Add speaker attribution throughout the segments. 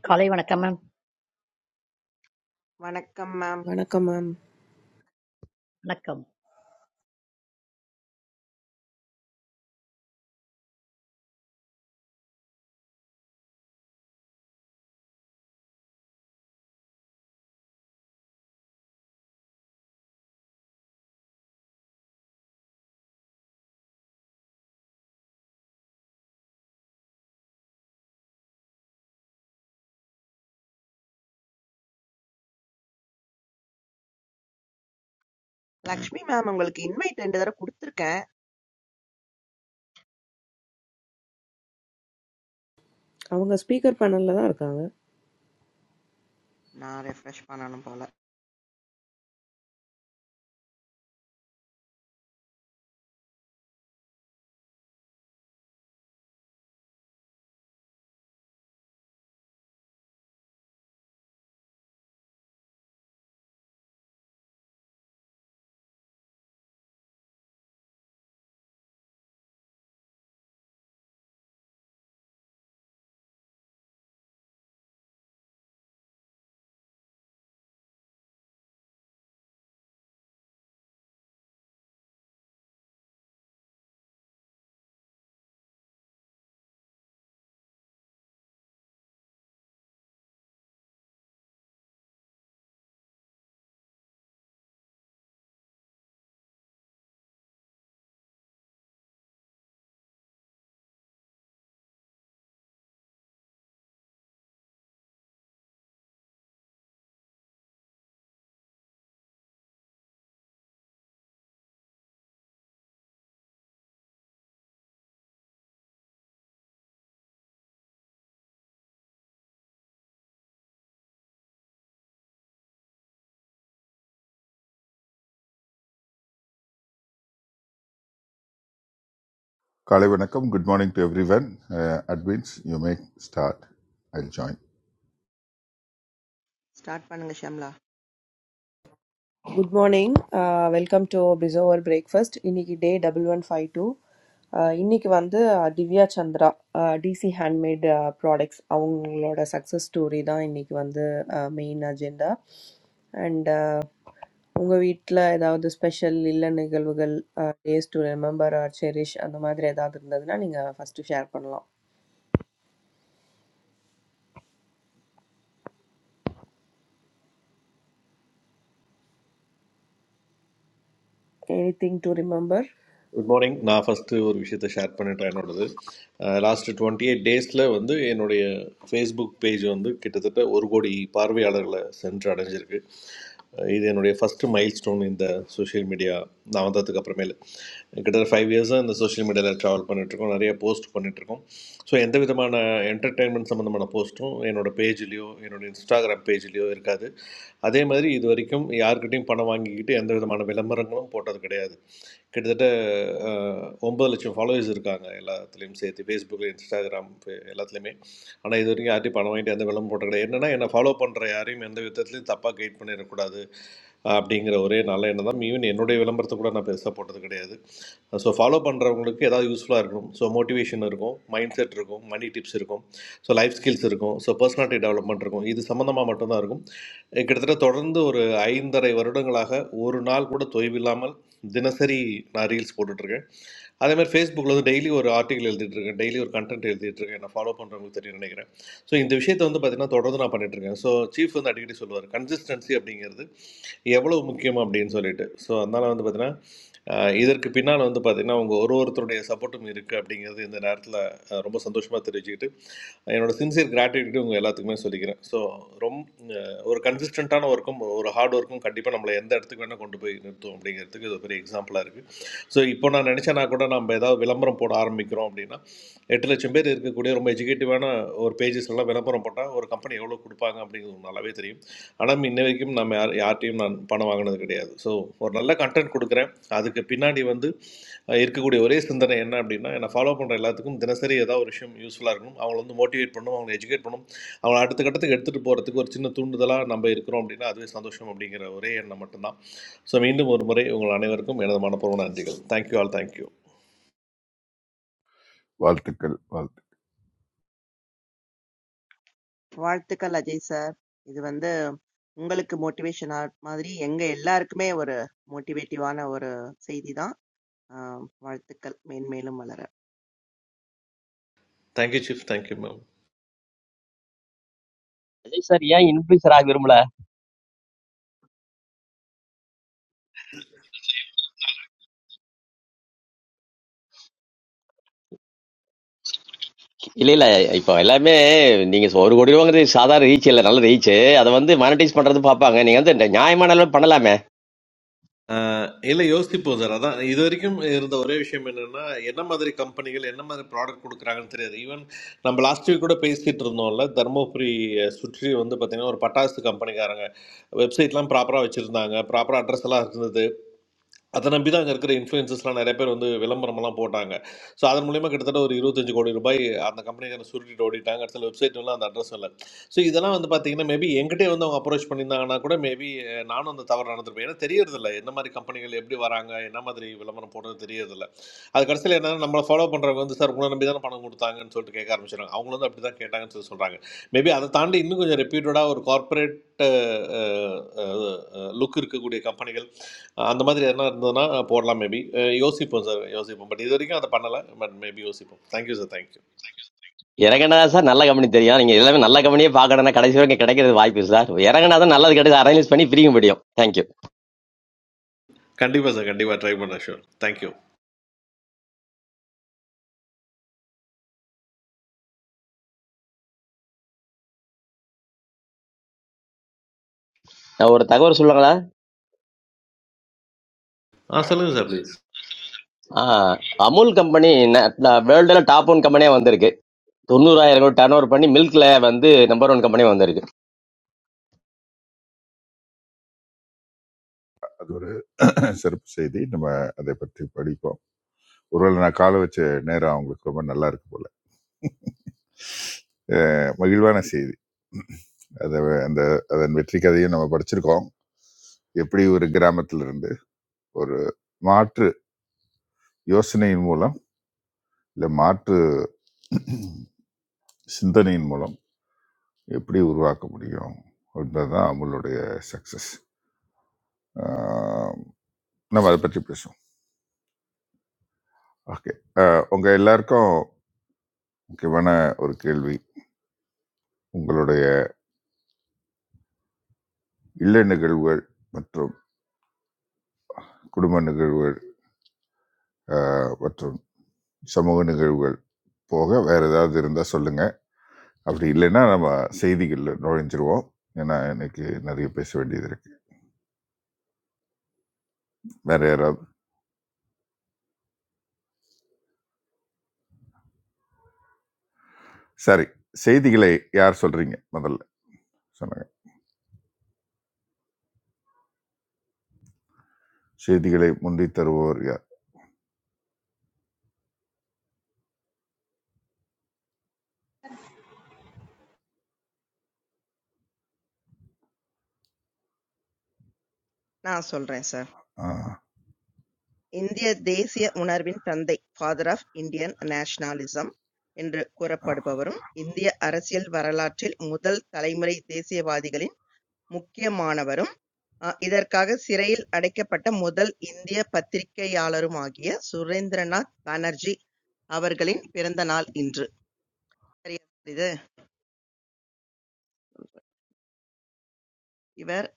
Speaker 1: Callie, wanna come?
Speaker 2: வணக்கம் ma'am.
Speaker 3: வணக்கம் ma'am
Speaker 1: Not come.
Speaker 2: Lakshmi ma'am உங்களுக்கு இன்வைட் ரெண்டு தடவை கொடுத்துருக்கேன்.
Speaker 3: அவங்க ஸ்பீக்கர் பேனலில் தான் இருக்காங்க
Speaker 2: நான் ரெஃப்ரெஷ் பண்ணணும் போல.
Speaker 4: காலை வணக்கம் good morning to everyone advance you make start I will join
Speaker 2: start பண்ணுங்க Shamla.
Speaker 3: Good morning welcome to பிசோவர் பிரேக்ஃபாஸ்ட் இன்னைக்கு day double one five two இன்னைக்கு வந்து அஹ், Divya Chandra DC handmade products அவங்களோட சக்ஸஸ் ஸ்டோரி தான் இன்னைக்கு வந்து மெயின் அஜெண்டா அண்ட் உங்கள் வீட்டில் ஏதாவது ஸ்பெஷல் இல்ல நிகழ்வுகள் days to remember or cherish அந்த மாதிரி ஏதாவது இருந்ததுன்னா நீங்கள் ஃபஸ்ட்டு ஷேர் பண்ணலாம் anything to remember
Speaker 5: good morning நான் ஃபஸ்ட்டு ஒரு விஷயத்தை ஷேர் பண்ணிட்டேன் என்னோடது லாஸ்ட் டுவெண்ட்டி எயிட் டேஸில் வந்து என்னுடைய ஃபேஸ்புக் பேஜ் வந்து கிட்டத்தட்ட ஒரு கோடி பார்வையாளர்களை சென்று அடைஞ்சிருக்கு அஹ் இது என்னுடைய ஃபஸ்ட்டு மைல் ஸ்டோன் இந்த சோஷியல் மீடியா நான் வந்ததுக்கு அப்புறமேலு கிட்டத்தட்ட ஃபைவ் இயர்ஸாக இந்த சோஷியல் மீடியாவில் ட்ராவல் பண்ணிகிட்ருக்கோம் நிறைய போஸ்ட் பண்ணிகிட்ருக்கோம் ஸோ எந்த விதமான என்டர்டெயின்மெண்ட் சம்மந்தமான போஸ்ட்டும் என்னோடய பேஜ்லேயோ என்னோட இன்ஸ்டாகிராம் பேஜ்லேயோ இருக்காது அதே மாதிரி இது வரைக்கும் யார்கிட்டையும் பணம் வாங்கிக்கிட்டு எந்த விதமான விளம்பரங்களும் போட்டது கிடையாது கிட்டத்தட்ட அஹ், ஒன்பது லட்சம் ஃபாலோவர்ஸ் இருக்காங்க எல்லாத்துலேயும் சேர்த்து ஃபேஸ்புக்கில் இன்ஸ்டாகிராம் எல்லாத்துலேயுமே ஆனால் இது வரைக்கும் யார்ட்டையும் பணம் வாங்கிட்டு எந்த விளம்பரம் போட்ட கிடையாது என்னன்னா என்னை ஃபாலோ பண்ணுற யாரையும் எந்த விதத்துலையும் தப்பாக கைட் பண்ணிடக்கூடாது அப்படிங்கிற ஒரே நல்ல எண்ணம் தான் ஈவன் என்னுடைய விளம்பரத்தை கூட நான் பெருசாக போட்டது கிடையாது ஸோ ஃபாலோ பண்ணுறவங்களுக்கு ஏதாவது யூஸ்ஃபுல்லாக இருக்கும் ஸோ மோட்டிவேஷன் இருக்கும் மைண்ட் செட் இருக்கும் மணி டிப்ஸ் இருக்கும் ஸோ லைஃப் ஸ்கில்ஸ் இருக்கும் ஸோ பர்சனாலிட்டி டெவலப்மெண்ட் இருக்கும் இது சம்மந்தமாக மட்டும்தான் இருக்கும் கிட்டத்தட்ட தொடர்ந்து ஒரு ஐந்தரை வருடங்களாக ஒரு நாள் கூட தொய்வில்லாமல் தினசரி நான் ரீல்ஸ் போட்டுட்ருக்கேன் அதே மாதிரி ஃபேஸ்புக்கில் வந்து டெய்லி ஒரு ஆர்டிகல் இருக்கேன் டெய்லி ஒரு கண்டென்ட் எழுதிட்டுருக்கேன் என்ன ஃபாலோ பண்ணுறவங்களுக்கு தெரியும் நினைக்கிறேன் ஸோ இந்த விஷயத்தை வந்து பார்த்தீங்கன்னா தொடர்ந்து நான் பண்ணிட்டுருக்கேன் ஸோ சீஃப் வந்து அடிக்கடி சொல்லுவார் கன்சிஸ்டன்சி அப்படிங்கிறது எவ்வளோ முக்கியம் அப்படின்னு சொல்லிட்டு ஸோ அதனால் வந்து பார்த்தீங்கன்னா ஆஹ், இதற்கு பின்னால் வந்து பார்த்தீங்கன்னா அவங்க ஒரு ஒருத்தருடைய சப்போர்ட்டும் இருக்குது அப்படிங்கிறது இந்த நேரத்தில் ரொம்ப சந்தோஷமாக தெரிவிச்சுக்கிட்டு என்னோட சின்சியர் கிராட்டிடியூட் உங்கள் எல்லாத்துக்குமே சொல்லிக்கிறேன் ஸோ ரொம்ப ஒரு கன்சிஸ்டண்ட்டான ஒர்க்கும் ஒரு ஹார்ட் ஒர்க்கும் கண்டிப்பாக நம்மளை எந்த இடத்துக்கு வேணால் கொண்டு போய் நிறுத்தும் அப்படிங்கிறதுக்கு இது ஒரு பெரிய எக்ஸாம்பிளாக இருக்குது ஸோ இப்போ நான் நினச்சேன்னா கூட நம்ம ஏதாவது விளம்பரம் போட ஆரம்பிக்கிறோம் அப்படின்னா எட்டு லட்சம் பேர் இருக்கக்கூடிய ரொம்ப எஜுகேட்டிவான ஒரு பேஜஸ் எல்லாம் விளம்பரம் போட்டால் ஒரு கம்பெனி எவ்வளோ கொடுப்பாங்க அப்படிங்கிறது உங்களுக்கு நல்லாவே தெரியும் ஆனால் இன்ன வரைக்கும் நம்ம யார் யார்ட்டையும் நான் பணம் வாங்கினது கிடையாது ஸோ ஒரு நல்ல கண்டென்ட் கொடுக்குறேன் அதுக்கு பின்னாடி வந்து அஹ், இருக்கக்கூடிய ஒரே சிந்தனை என்ன அப்படின்னா என்னை ஃபாலோ பண்ணுற எல்லாத்துக்கும் தினசரி ஏதாவது ஒரு விஷயம் யூஸ்ஃபுல்லாக இருக்கணும் அவங்கள வந்து மோட்டிவேட் பண்ணணும் அவங்களை எஜுகேட் பண்ணணும் அவங்களை அடுத்த கட்டத்துக்கு எடுத்துகிட்டு போகிறதுக்கு ஒரு சின்ன தூண்டுதலாக நம்ம இருக்கிறோம் அப்படின்னா அதுவே சந்தோஷம் அப்படிங்கிற ஒரே எண்ணம் மட்டும்தான் ஸோ மீண்டும் ஒரு முறை உங்கள் அனைவருக்கும் எனது மனப்பூர்வ நன்றிகள் தேங்க்யூ ஆல் தேங்க்யூ
Speaker 4: வாழ்த்துக்கள் வாழ்த்து
Speaker 2: வாழ்த்துக்கள் அஜய் சார். இது வந்து உங்களுக்கு மோட்டிவேஷன் ஆர்ட் மாதிரி எங்க எல்லாருக்குமே ஒரு மோட்டிவேட்டிவான ஒரு செய்தி தான். வாழ்த்துக்கள் மேன்மேலும் வளர.
Speaker 5: Thank you chief thank you ma'am
Speaker 6: Vijay sir ஏன் இன்ஃபுளுசர் ஆக விரும்பல? இல்ல இல்ல இப்போ எல்லாமே நீங்க ஒரு கோடி ரூபாங்கிறது சாதாரண ரீச் இல்ல, நல்ல ரீச். அதை வந்து மானிட்டைஸ் பண்றது பாப்பாங்க. நீங்க வந்து இந்த நியாயமான அளவு பண்ணலாமே.
Speaker 5: இல்லை யோசிப்போம் சார் அதான் இது வரைக்கும் இருந்த ஒரே விஷயம் என்னென்னா என்ன மாதிரி கம்பெனிகள் என்ன மாதிரி ப்ராடக்ட் கொடுக்குறாங்கன்னு தெரியாது ஈவன் நம்ம லாஸ்ட் வீக் கூட பேசிகிட்டு இருந்தோம்ல தர்மபுரி அஹ், சுற்றி வந்து பார்த்திங்கன்னா ஒரு பட்டாசு கம்பெனிக்காரங்க வெப்சைட்லாம் ப்ராப்பராக வச்சுருந்தாங்க ப்ராப்பராக அட்ரஸ் எல்லாம் இருந்தது அதை நம்பி தான் அங்கே இருக்கிற இன்ஃப்ளூயன்சஸ்லாம் நிறைய பேர் வந்து விளம்பரமெல்லாம் போட்டாங்க ஸோ அதன் மூலியமாக கிட்டத்தட்ட ஒரு இருபத்தஞ்சு கோடி ரூபாய் அந்த கம்பெனிக்கான சுருட்டிட்டு ஓடிட்டாங்க அடுத்த வெப்சைட்லாம் அந்த அட்ரஸ் இல்லை ஸோ இதெல்லாம் வந்து பார்த்தீங்கன்னா மேபி என்கிட்டே வந்து அவங்க அப்ரோச் பண்ணியிருந்தாங்கன்னா கூட மேபி நானும் அந்த தவறு நடந்திருப்பேன் ஏன்னா தெரியறதில்ல என்ன மாதிரி கம்பெனிகள் எப்படி வராங்க என்ன மாதிரி விளம்பரம் போடுறது தெரியறதில்ல அது கடைசியில் என்ன நம்மளை ஃபாலோ பண்ணுறவங்க வந்து சார் உங்களை நம்பி தானே பணம் கொடுத்தாங்கன்னு சொல்லிட்டு கேட்க ஆரம்பிச்சிடுறாங்க அவங்களும் வந்து அப்படி தான் கேட்டாங்கன்னு சொல்லி சொல்கிறாங்க மேபி அதை தாண்டி இன்னும் கொஞ்சம் ரெப்யூட்டடாக ஒரு கார்ப்பரேட் லுக் இருக்கக்கூடிய கம்பெனிகள் அந்த மாதிரி எதனா இருந்ததுன்னா போடலாம் மேபி யோசிப்போம் சார் யோசிப்போம் பட் இது வரைக்கும் அதை பண்ணலை பட் மேபி யோசிப்போம் தேங்க்யூ சார் தேங்க்யூ
Speaker 6: இறங்கினாதான் சார் நல்ல கம்பெனி தெரியும். நீங்க எல்லாமே நல்ல கம்பெனியே பாக்கணும்னா கடைசி வரைக்கும் கிடைக்கிறது வாய்ப்பு இல்லை சார். இறங்கினாதான் நல்லது கிடையாது, அரேஞ்ச் பண்ணி பிரிக்க முடியும். தேங்க்யூ.
Speaker 5: கண்டிப்பாக சார் கண்டிப்பாக ட்ரை பண்ண ஷூர் தேங்க்யூ
Speaker 6: நான் ஒரு தகவல் சொல்லுங்களா?
Speaker 5: ஆ சொல்லுங்கள் சார் ப்ளீஸ்
Speaker 6: ஆஹ் அமுல் கம்பெனி வேர்ல்டுல டாப் ஒன் கம்பெனியா வந்திருக்கு. தொண்ணூறாயிரம் கோடி டர்ன் ஓவர் பண்ணி மில்க்ல வந்து நம்பர் ஒன் கம்பெனி வந்திருக்கு.
Speaker 4: அது ஒரு சிறப்பு செய்தி நம்ம அதை பற்றி படிப்போம் ஒருவேளை நான் காலை வச்ச நேரம் அவங்களுக்கு ரொம்ப நல்லா இருக்கு போல அஹ், மகிழ்வான செய்தி அதை அந்த அதன் வெற்றி கதையும் நம்ம படிச்சிருக்கோம் எப்படி ஒரு கிராமத்துல இருந்து ஒரு மாற்று யோசனையின் மூலம் இல்லை மாற்று சிந்தனையின் மூலம் எப்படி உருவாக்க முடியும் என்பதுதான் அமுலுடைய சக்ஸஸ் நம்ம அதை பற்றி பேசுவோம் ஓகே உங்கள் எல்லாருக்கும் முக்கியமான ஒரு கேள்வி உங்களுடைய இல்ல நிகழ்வுகள் மற்றும் குடும்ப நிகழ்வுகள் ஆஹ், மற்றும் சமூக நிகழ்வுகள் போக வேறு ஏதாவது இருந்தால் சொல்லுங்கள் அப்படி இல்லைன்னா நம்ம செய்திகளில் நுழைஞ்சிருவோம் ஏன்னா எனக்கு நிறைய பேச வேண்டியது இருக்குது வேறு யாராவது சரி செய்திகளை யார் சொல்கிறீங்க முதல்ல சொல்லுங்கள். செய்திகளை முந்தி தருபவர் யார்
Speaker 2: நான் சொல்றேன் சார்.
Speaker 4: ஆ,
Speaker 2: இந்திய தேசிய உணர்வின் தந்தை ஃபாதர் ஆஃப் இந்தியன் நேஷனலிசம் என்று
Speaker 4: ஆ.
Speaker 2: கூறப்படுபவரும் இந்திய அரசியல் வரலாற்றில் முதல் தலைமுறை தேசியவாதிகளின் முக்கியமானவரும் அஹ் இதற்காக சிறையில் அடைக்கப்பட்ட முதல் இந்திய பத்திரிகையாளருமாகிய சுரேந்திரநாத் பானர்ஜி அவர்களின் பிறந்த நாள் இன்று. சரியா இது? இவர்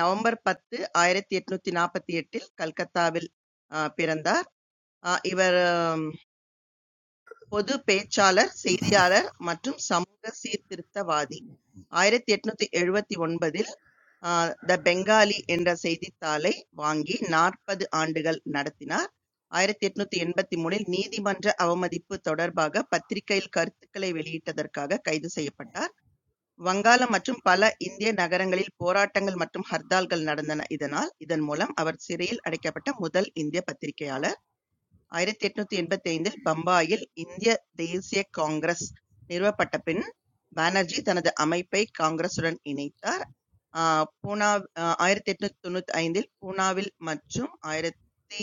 Speaker 2: நவம்பர் பத்து, ஆயிரத்தி எட்நூத்தி நாற்பத்தி எட்டில் கல்கத்தாவில் ஆஹ் பிறந்தார். ஆஹ் இவர் பொதுப் பேச்சாளர், செய்தியாளர் மற்றும் சமூக சீர்திருத்தவாதி. ஆயிரத்து எண்ணூற்று எழுபத்து ஒன்பதில் "த பெங்காலி" என்ற செய்தித்தாளை வாங்கி நாற்பது ஆண்டுகள் நடத்தினார். ஆயிரத்து எண்ணூற்று எண்பத்து மூன்றில் நீதிமன்ற அவமதிப்பு தொடர்பாக பத்திரிகையில் கருத்துக்களை வெளியிட்டதற்காக கைது செய்யப்பட்டார். வங்காளம் மற்றும் பல இந்திய நகரங்களில் போராட்டங்கள் மற்றும் ஹர்த்தால்கள் நடந்தன இதனால், இதன் மூலம் அவர் சிறையில் அடைக்கப்பட்ட முதல் இந்திய பத்திரிகையாளர். ஆயிரத்து எண்ணூற்று எண்பத்தைந்தில் பம்பாயில் இந்திய தேசிய காங்கிரஸ் நிறுவப்பட்டபின், பானர்ஜி தனது அமைப்பை காங்கிரசுடன் இணைத்தார். ஆஹ் பூனா ஆயிரத்து எண்ணூற்று தொண்ணூத்தைந்தில் பூனாவில் மற்றும் ஆயிரத்து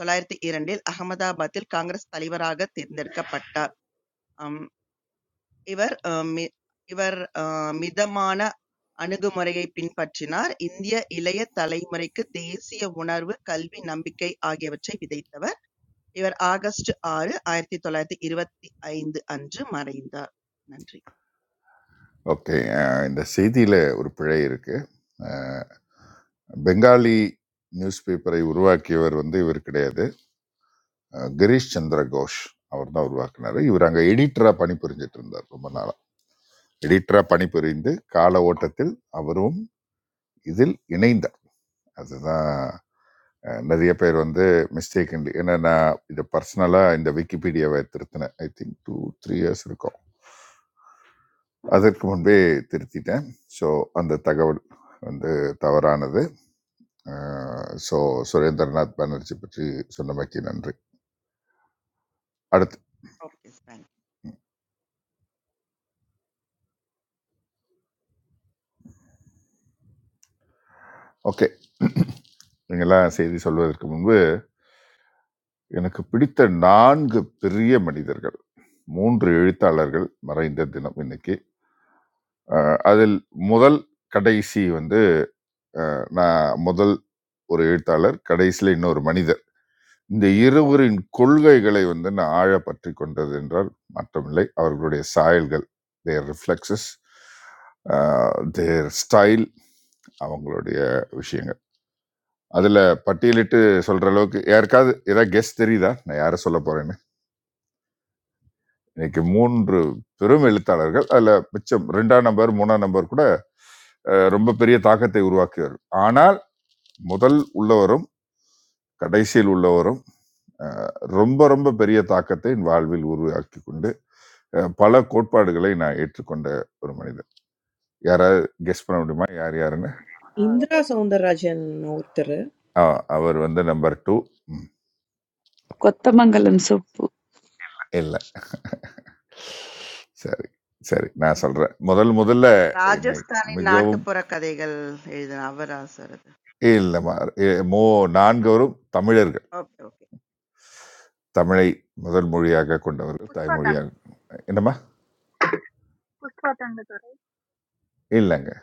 Speaker 2: தொள்ளாயிரத்து இரண்டில் அகமதாபாத்தில் காங்கிரஸ் தலைவராகத் தேர்ந்தெடுக்கப்பட்டார். அம் இவர் மி இவர் மிதமான அணுகுமுறையைப் பின்பற்றினார். இந்திய இளைய தலைமுறைக்கு தேசிய உணர்வு, கல்வி, நம்பிக்கை ஆகியவற்றை விதைத்தவர். இவர் ஆகஸ்ட் ஆறு ஆயிரத்தி தொள்ளாயிரத்தி இருபத்தி ஐந்து அன்று மறைந்தார் நன்றி
Speaker 4: ஓகே ஆ, இந்த செய்தியில் ஒரு பிழை இருக்கு ஆ, பெங்காலி நியூஸ் பேப்பரை உருவாக்கியவர் வந்து இவர் கிடையாது ஆ, கிரீஷ் சந்திர கோஷ் அவர் தான் உருவாக்குனாரு இவர் அங்கே எடிட்டராக பணிபுரிஞ்சிட்டு இருந்தார் ரொம்ப நாளாக எடிட்டராக பணிபுரிந்து கால ஓட்டத்தில் அவரும் இதில் இணைந்தார் அதுதான் ஆ, நிறைய பேர் வந்து மிஸ்டேக் ஏன்னா நான் இதை பர்சனலாக இந்த விக்கிபீடியாவை திருத்தினேன் I think two three years இருக்கும் அதற்கு முன்பே திருத்திட்டேன் ஸோ அந்த தகவல் வந்து தவறானது ஸோ சுரேந்திரநாத் பானர்ஜி பற்றி சொன்னமைக்கு நன்றி அடுத்து
Speaker 2: ஓகே தேங்க்
Speaker 4: ஓகே நீங்களாம் செய்தி சொல்வதற்கு முன்பு எனக்கு பிடித்த நான்கு பெரிய மனிதர்கள் மூன்று எழுத்தாளர்கள் மறைந்த தினம் இன்னைக்கு அஹ், அதில் முதல் கடைசி வந்து அஹ், நான் முதல் ஒரு எழுத்தாளர் கடைசியில் இன்னொரு மனிதர் இந்த இருவரின் கொள்கைகளை வந்து நான் ஆழ பற்றி கொண்டது என்றால் மற்றமில்லை அவர்களுடைய சாயல்கள் தேர் ரிஃப்ளெக்ஸஸ் தேர் ஸ்டைல் அவங்களுடைய விஷயங்கள் அதில் பட்டியலிட்டு சொல்கிற அளவுக்கு யாருக்காவது ஏதாவது கெஸ்ட் தெரியுதா நான் யாரை சொல்ல போகிறேன்னு இன்னைக்கு மூன்று பெரும் எழுத்தாளர்கள் அதில் மிச்சம் ரெண்டாம் நம்பர் மூணாம் நம்பர் கூட அஹ், ரொம்ப பெரிய தாக்கத்தை உருவாக்கியவர் ஆனால் முதல் உள்ளவரும் கடைசியில் உள்ளவரும் அஹ், ரொம்ப ரொம்ப பெரிய தாக்கத்தை என் வாழ்வில் உருவாக்கி கொண்டு அஹ் பல கோட்பாடுகளை நான் ஏற்றுக்கொண்ட ஒரு மனிதர் யாராவது கெஸ் பண்ண முடியுமா யார் யாருன்னு
Speaker 3: இந்திரா சவுந்தரராஜன் ஒருத்தர்
Speaker 4: ஆ, அவர் வந்து நம்பர் டூ
Speaker 7: கொத்தமங்கலம் சுப்பு
Speaker 4: இல்லை சரி சரி நான் சொல்றேன் முதல் முதல்ல என்னை
Speaker 2: ராஜஸ்தானின்
Speaker 4: மிகவும்
Speaker 2: நாட்டுப்புற கதைகள் எழுதின அவரா சார் அது
Speaker 4: இல்லைம்மா ஏ- மோ நான்கவரும் தமிழர்கள்
Speaker 2: ஓகே ஓகே
Speaker 4: தமிழை முதல் மொழியாக கொண்டவர்கள்
Speaker 8: Pushpa,
Speaker 4: தாய்மொழியாக என்னம்மா
Speaker 8: Pushpa, I'm going to do
Speaker 4: இல்லைங்க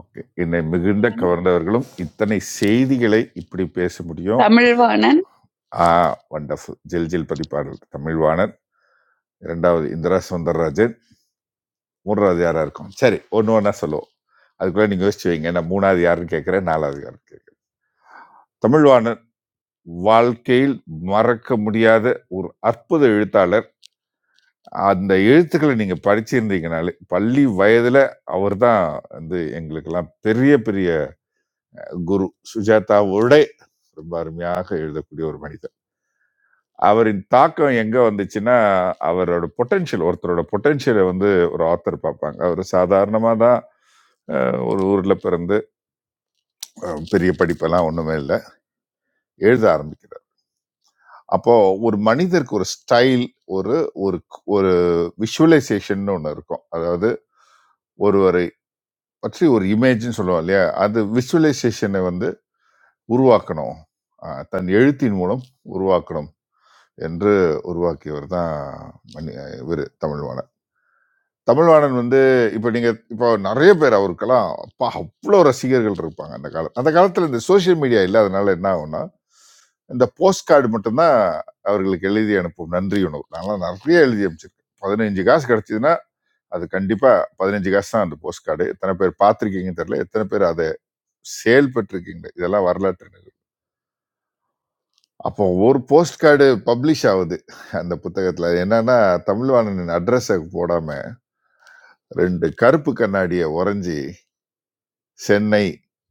Speaker 4: ஓகே என்னை மிகுந்த கவர்ந்தவர்களும் இத்தனை செய்திகளை இப்படி பேச முடியும்
Speaker 7: தமிழ்வாணன்
Speaker 4: ஆ வண்டர்ஃபுல் ஜில் ஜில் பதிப்பாளர் தமிழ்வாணன் இரண்டாவது இந்திரா சுந்தரராஜன் மூன்றாவது யாராக இருக்கும் சரி ஒன்று ஒன்றா சொல்லுவோம் அதுக்குள்ளே நீங்கள் யோசிச்சு வைங்க நான் மூணாவது யாருன்னு கேட்குறேன் நாலாவது யாருன்னு கேட்குறேன் தமிழ்வாணன் வாழ்க்கையில் மறக்க முடியாத ஒரு அற்புத எழுத்தாளர் அந்த எழுத்துக்களை நீங்கள் படிச்சிருந்தீங்கனாலே பள்ளி வயதில் அவர் தான் வந்து எங்களுக்கெல்லாம் பெரிய பெரிய குரு சுஜாதாவோட ரொம்ப அருமையாக எழுதக்கூடிய ஒரு மனிதர் அவரின் தாக்கம் எங்கே வந்துச்சுன்னா அவரோட பொட்டென்ஷியல் ஒருத்தரோட பொட்டென்ஷியலை வந்து ஒரு ஆத்தர் பார்ப்பாங்க அவர் சாதாரணமாக தான் அஹ், ஒரு ஊரில் பிறந்து அஹ், பெரிய படிப்பெல்லாம் ஒன்றுமே இல்லை எழுத ஆரம்பிக்கிறார் அப்போ ஒரு மனிதருக்கு ஒரு ஸ்டைல் ஒரு ஒரு ஒரு விஷுவலைசேஷன் ஒன்று இருக்கும் அதாவது ஒருவரை பற்றி ஒரு இமேஜ்னு சொல்லுவோம் இல்லையா அது விஷுவலைசேஷனை வந்து உருவாக்கணும் அஹ், தன் எழுத்தின் மூலம் உருவாக்கணும் என்று உருவாக்கியவர் தான் மணி இவர் தமிழ்வாணன் தமிழ்வாணன் வந்து இப்போ நீங்கள் இப்போ நிறைய பேர் அவருக்கெல்லாம் அப்பா அவ்வளோ ரசிகர்கள் இருப்பாங்க அந்த காலம் அந்த காலத்தில் இந்த சோஷியல் மீடியா இல்லாதனால என்ன ஆகும்னா இந்த போஸ்ட் கார்டு மட்டும்தான் அவர்களுக்கு எழுதி அனுப்பும் நன்றி உணவு நான்லாம் நிறைய எழுதி அனுப்பிச்சிருக்கேன் பதினஞ்சு காசு கிடைச்சதுன்னா அது கண்டிப்பா பதினஞ்சு காசு தான் அந்த போஸ்ட் கார்டு எத்தனை பேர் பார்த்துருக்கீங்கன்னு தெரியல எத்தனை பேர் அதை சேல் பெற்றிருக்கீங்க இதெல்லாம் வரலாற்று நிகழ்வு. அப்போ ஒரு போஸ்ட் கார்டு பப்ளிஷ் ஆகுது அந்த புத்தகத்துல அது என்னன்னா தமிழ்வாணனின் அட்ரஸை போடாம ரெண்டு கருப்பு கண்ணாடியை உறைஞ்சி சென்னை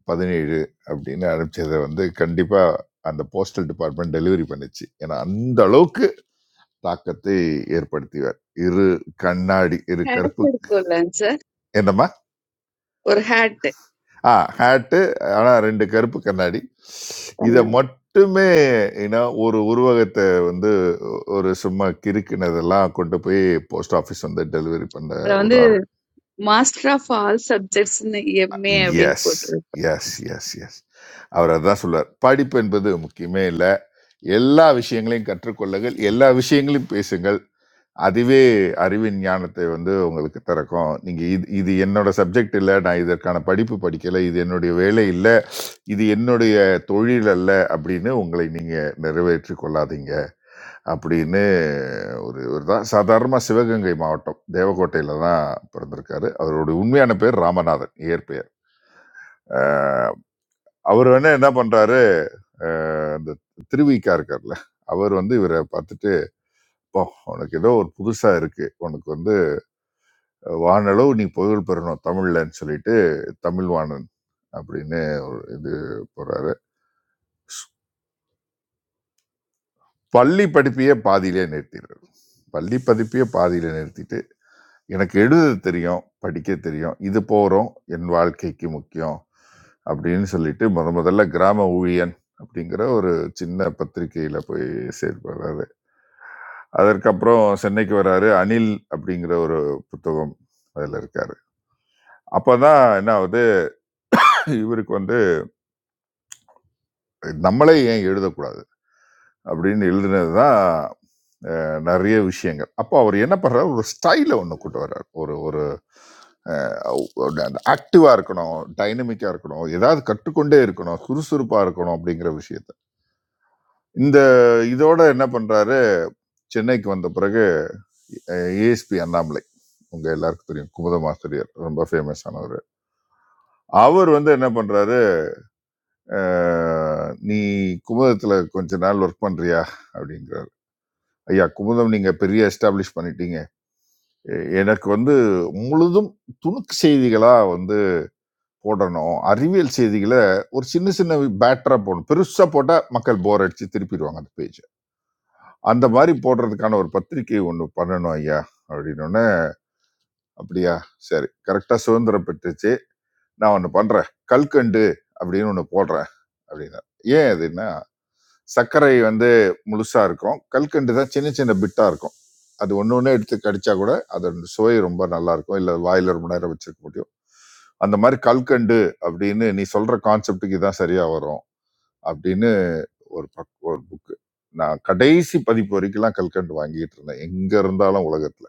Speaker 4: பதினேழு அப்படின்னு அனுப்பிச்சதை வந்து கண்டிப்பா அந்த போஸ்டல் டிபார்ட்மெண்ட் டெலிவரி பண்ணுச்சு ஏன்னா அந்த அளவுக்கு தாக்கத்தை ஏற்படுத்தியவர் இரு கண்ணாடி இரு
Speaker 7: ஹேட்
Speaker 4: கருப்பு
Speaker 7: இருக்கும்லங்க சார்
Speaker 4: என்னம்மா
Speaker 7: ஒரு ஹேட்
Speaker 4: ஆ ஹேட்டு ஆனால் ரெண்டு கருப்பு கண்ணாடி இதை
Speaker 7: பண்ணாரு
Speaker 4: மட்டுமே ஏன்னா ஒரு உருவகத்தை வந்து ஒரு சும்மா கிறுக்கினதெல்லாம் கொண்டு போய் போஸ்ட் ஆஃபீஸ் வந்து டெலிவரி பண்ண
Speaker 7: அத
Speaker 4: ஒரு
Speaker 7: வந்து
Speaker 4: ஆர்வம்
Speaker 7: மாஸ்டர் ஆஃப் ஆல் சப்ஜெக்ட்ஸ்னு எம்ஏ அப்படின்னு
Speaker 4: எஸ்
Speaker 7: போட்டிருக்கு
Speaker 4: எஸ் எஸ் எஸ் அவர் அதான் சொல்லுவார் படிப்பு என்பது முக்கியமே இல்லை எல்லா விஷயங்களையும் கற்றுக்கொள்ளுங்கள் எல்லா விஷயங்களையும் பேசுங்கள் அதுவே அறிவின் ஞானத்தை வந்து உங்களுக்கு திறக்கும். நீங்க இது இது என்னோட சப்ஜெக்ட் இல்ல. நான் இதற்கான படிப்பு படிக்கல. இது என்னுடைய வேலை இல்ல. இது என்னுடைய தொழில் அல்ல அப்படின்னு உங்களை நீங்க நிறைவேற்றிக் கொள்ளாதீங்க. அப்படின்னு ஒரு ஒரு தான் சாதாரணமா சிவகங்கை மாவட்டம், தேவக்கோட்டையில தான் பிறந்திருக்காரு. அவருடைய உண்மையான பேர் ராமநாதன், இயற்பெயர். அ அவரு வேணா என்ன பண்றாரு, அ அந்த திருவிக இருக்கார்ல, அவர் வந்து இவர பார்த்துட்டு, "அப்பா! உனக்கு ஏதோ ஒரு புதுசா இருக்கு. உனக்கு வந்து வானளவு நீ புகழ் பெறணும் தமிழ்லன்னு சொல்லிட்டு தமிழ்வாணன் அப்படின்னு ஒரு இது போறாரு பள்ளி படிப்பையே பாதியிலே நிறுத்திடுறாரு பள்ளி படிப்பையே பாதியிலே நிறுத்திட்டு எனக்கு எழுத தெரியும் படிக்க தெரியும் இது போகிறோம் என் வாழ்க்கைக்கு முக்கியம் அப்படின்னு சொல்லிட்டு முத முதல்ல கிராம ஊழியன் அப்படிங்கிற ஒரு சின்ன பத்திரிக்கையில போய் செயல்படுறாரு அதற்கப்புறம் சென்னைக்கு வராரு அனில் அப்படிங்கிற ஒரு புத்தகம் அதில் இருக்காரு அப்பதான் என்ன ஆகுது இவருக்கு வந்து நம்மளே ஏன் எழுதக்கூடாது அப்படின்னு எழுதினது தான் அஹ், நிறைய விஷயங்கள் அப்போ அவர் என்ன பண்ணுறாரு ஒரு ஸ்டைலை ஒன்று கொண்டு வர்றார் ஒரு ஒரு ஆக்டிவாக இருக்கணும் டைனமிக்காக இருக்கணும் ஏதாவது கற்றுக்கொண்டே இருக்கணும் சுறுசுறுப்பாக இருக்கணும் அப்படிங்கிற விஷயத்த இந்த இதோட என்ன பண்ணுறாரு சென்னைக்கு வந்த பிறகு ஏஎஸ்பி அண்ணாமலை உங்க எல்லாருக்கும் தெரியும் குமுதம் ஆசிரியர் ரொம்ப ஃபேமஸ் ஆனவர் அவர் வந்து என்ன பண்றாரு அஹ், நீ குமுதத்துல கொஞ்ச நாள் ஒர்க் பண்றியா அப்படிங்கிற ஐயா குமுதம் நீங்க பெரிய எஸ்டாப்ளிஷ் பண்ணிட்டீங்க எ- எனக்கு வந்து முழுதும் துணுக்கு செய்திகளா வந்து போடணும் அறிவியல் செய்திகளை ஒரு சின்ன சின்ன பேட்டரா போடணும் பெருசா போட்டா மக்கள் போர் அடிச்சு திருப்பிடுவாங்க அந்த பேஜ் அந்த மாதிரி போடுறதுக்கான ஒரு பத்திரிக்கை ஒன்று பண்ணணும் ஐயா அப்படின்னு அப்படியா சரி கரெக்டா சுதந்திரம் பெற்றுச்சு நான் ஒன்று பண்றேன் கல்கண்டு அப்படின்னு ஒன்று போடுறேன் அப்படின்னா ஏன் அதுன்னா சர்க்கரை வந்து முழுசா இருக்கும் கல்கண்டு தான் சின்ன சின்ன பிட்டா இருக்கும் அது ஒன்று ஒன்று எடுத்து கடிச்சா கூட அதோட சுவை ரொம்ப நல்லா இருக்கும் இல்லை வாயில ரொம்ப நேரம் வச்சிருக்க முடியும் அந்த மாதிரி கல்கண்டு அப்படின்னு நீ சொல்ற கான்செப்டுக்கு இதான் சரியா வரும் அப்படின்னு ஒரு பக் ஒரு புக்கு நான் கடைசி பதிப்பு வரைக்கும்லாம் கல்கண்டு வாங்கிட்டு இருந்தேன் எங்க இருந்தாலும் உலகத்துல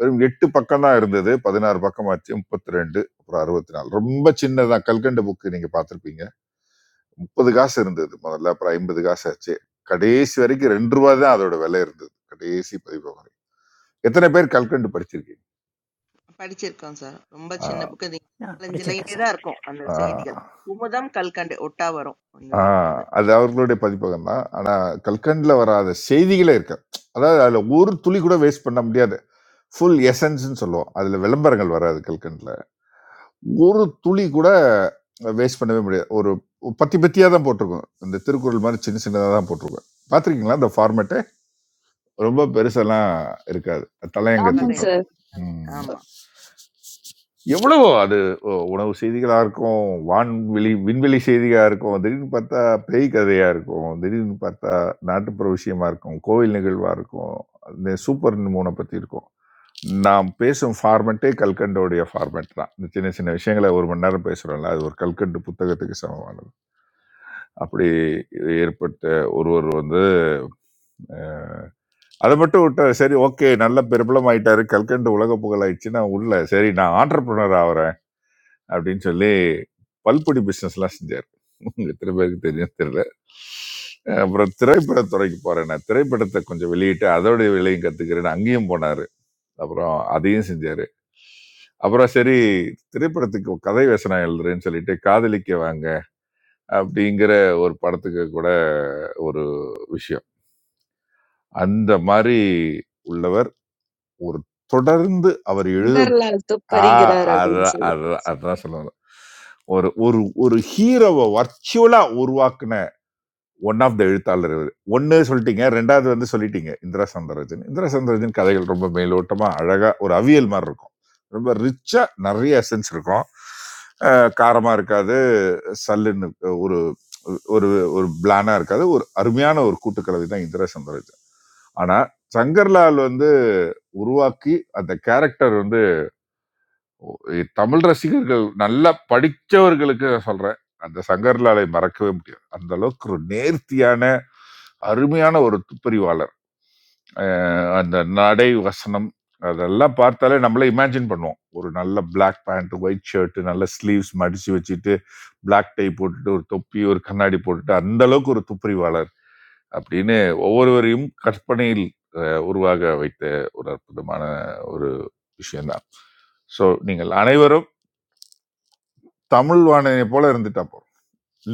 Speaker 4: வெறும் எட்டு பக்கம் தான் இருந்தது பதினாறு பக்கமாச்சு முப்பத்தி ரெண்டு அப்புறம் அறுபத்தி நாலு ரொம்ப சின்னதான் கல்கண்டு புக்கு நீங்க பார்த்திருப்பீங்க முப்பது காசு இருந்தது முதல்ல அப்புறம் ஐம்பது காசு ஆச்சு கடைசி வரைக்கும் ரெண்டு ரூபா தான் அதோட விலை இருந்தது கடைசி பதிப்பு வரை எத்தனை பேர் கல்கண்டு படிச்சிருக்கீங்க
Speaker 2: படிச்சிருக்கோம் சார் ரொம்ப சின்ன
Speaker 4: ஆஹ்
Speaker 2: புக்கு அது
Speaker 1: No,
Speaker 2: நாலஞ்சு
Speaker 1: producer,
Speaker 2: லைனே
Speaker 1: sir.
Speaker 2: தான் இருக்கும் அந்த
Speaker 4: ஆஹ்
Speaker 2: செய்திகள் குமுதம் கல்கண்டு ஒட்டா வரும் உங்க வீட்டுக்கு
Speaker 4: ஆஹ்
Speaker 2: அது
Speaker 4: அது அவர்களுடைய பதிப்பகம் தான் ஆனா கல்கண்ட்ல வராத செய்திகளே இருக்கு அதாவது அதுல ஒரு துளி கூட வேஸ்ட் பண்ண முடியாது ஃபுல் எசன்ஸ்னு சொல்லுவோம் அதுல விளம்பரங்கள் வராது கல்கண்ட்ல ஒரு துளி கூட வேஸ்ட் பண்ணவே முடியாது ஒரு பத்தி பத்தியா தான் போட்டிருக்கோம் இந்த திருக்குறள் மாதிரி சின்ன சின்னதா தான் போட்டிருக்கோம் பாத்திருக்கீங்களா அந்த ஃபார்மேட்டு ரொம்ப பெருசெல்லாம் இருக்காது தலையங்கத்தை
Speaker 7: ஆமாங்க
Speaker 2: இப்பதான் இருக்கு.
Speaker 7: சார்
Speaker 4: தரும்
Speaker 2: ஆமா
Speaker 4: எவ்வளவோ அது ஒ உணவு செய்திகளா இருக்கும், வான்வெளி விண்வெளி செய்தியா இருக்கும், திடீர்னு பார்த்தா பேய் கதையா இருக்கும், திடீர்னு பார்த்தா நாட்டுப்புற விஷயமா இருக்கும், கோவில் நிகழ்வா இருக்கும், இந்த சூப்பர் மூன பத்தி இருக்கும். நாம் பேசும் ஃபார்மெட்டே கல்கண்டோடைய ஃபார்மெட் தான். இந்த சின்ன சின்ன விஷயங்கள 1 மணி நேரம் பேசுறோம்ல, அது ஒரு கல்கண்டு புத்தகத்துக்கு சமமானது. அப்படி ஏற்பட்ட ஒருவர் வந்து அ அத மட்டும் விட்டா, சரி ஓகே நல்ல பிரபலமாயிட்டாரு, கல்கண்டு உலக புகழாயிடுச்சுன்னா உள்ள, சரி நான் ஆண்டர்பிரினர் ஆவற அப்படின்னு சொல்லி பல்பொடி பிஸ்னஸ்லாம் செஞ்சார் உங்கள் எத்தனை பேருக்கு தெரியும் தெரியல அப்புறம் திரைப்படத்துறைக்கு போகிறேன் நான் திரைப்படத்தை கொஞ்சம் வெளியிட்டு அதோடைய விலையும் கற்றுக்கிறேன்னு அங்கேயும் போனார் அப்புறம் அதையும் செஞ்சார் அப்புறம் சரி திரைப்படத்துக்கு கதை வசனம் எழுதுறேன்னு சொல்லிட்டு காதலிக்க வாங்க அப்படிங்கிற ஒரு படத்துக்கு கூட ஒரு விஷயம் அந்த மாதிரி உள்ளவர் ஒரு தொடர்ந்து அவர் எழுத
Speaker 7: சுந்தர்லால்
Speaker 4: ஆ
Speaker 7: துப்பறிகிறார் அப்படின்னு
Speaker 4: அதான்
Speaker 7: சொல்லி
Speaker 4: அதான் அதான் சொல்ல வந்தேன். ஒரு ஒரு ஒரு ஹீரோவை வர்ச்சுவலா உருவாக்குன ஒன் ஆஃப் த எழுத்தாளர் இவர் ஒன்னு சொல்லிட்டீங்க ரெண்டாவது வந்து சொல்லிட்டீங்க இந்திரா சந்திரஜன் இந்திரா சந்திரஜன் கதைகள் ரொம்ப மேலோட்டமா அழகா ஒரு அவியல் மாதிரி இருக்கும் ரொம்ப ரிச்சா நிறைய எசன்ஸ் இருக்கும் அஹ் காரமா இருக்காது சல்லுன்னு ஒரு ஒரு ஒரு பிளானா இருக்காது ஒரு அருமையான ஒரு கூட்டுக்கலவை தான் இந்திரா சந்திரஜன் ஆனா சங்கர்லால் வந்து உருவாக்கி அந்த கேரக்டர் இ- தமிழ் ரசிகர்கள் நல்லா படிச்சவர்களுக்கு நான் சொல்றேன் அந்த சங்கர்லாலை மறக்கவே முடியாது அந்த அளவுக்கு ஒரு நேர்த்தியான அருமையான ஒரு துப்பறிவாளர் அஹ் அந்த நடை வசனம் அதெல்லாம் பார்த்தாலே நம்மளே இமேஜின் பண்ணுவோம் ஒரு நல்ல Black பேண்ட் ஒயிட் ஷர்ட் நல்ல ஸ்லீவ்ஸ் மடிச்சு வச்சுட்டு Black டை போட்டுட்டு ஒரு தொப்பி ஒரு கண்ணாடி போட்டுட்டு அந்த அளவுக்கு ஒரு துப்பறிவாளர் அப்படின்னு ஒவ்வொருவரையும் கற்பனையில் அஹ், உருவாக வைத்த ஒரு அற்புதமான ஒரு விஷயம்தான் ஸோ நீங்கள் அனைவரும் தமிழ் வாணனை போல இருந்துட்டா போறோம்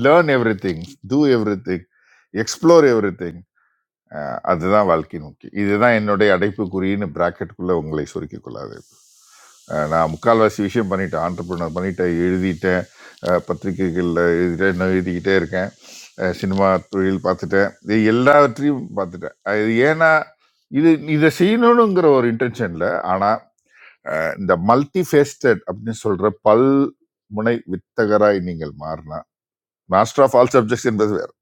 Speaker 4: learn everything to everything explore everything அதுதான் வாழ்க்கை நோக்கி இதுதான் என்னுடைய அடைப்பு குறின்னு பிராக்கெட்டுக்குள்ளே உங்களை சுருக்கிக் கொள்ளாது அஹ், நான் முக்கால்வாசி விஷயம் பண்ணிட்டேன் ஆண்டர்பிரினர் பண்ணிட்டேன் எழுதிட்டேன் அஹ், பத்திரிகைகள்ல எழுதிட்டேன் இன்னும் எழுதிக்கிட்டே இருக்கேன் அஹ், சினிமா தொழில் பார்த்துட்டேன் இது எல்லாவற்றையும் பார்த்துட்டேன் அஹ், இது ஏன்னா இது இதை செய்யணுங்கிற ஒரு இன்டென்ஷன்ல ஆனால் இந்த மல்டி ஃபேஸ்டட் அப்படின்னு சொல்ற பல் முனை வித்தகராய் நீங்கள் மாறினா மாஸ்டர் ஆஃப் ஆல் சப்ஜெக்ட்ஸ் என்பது வேறு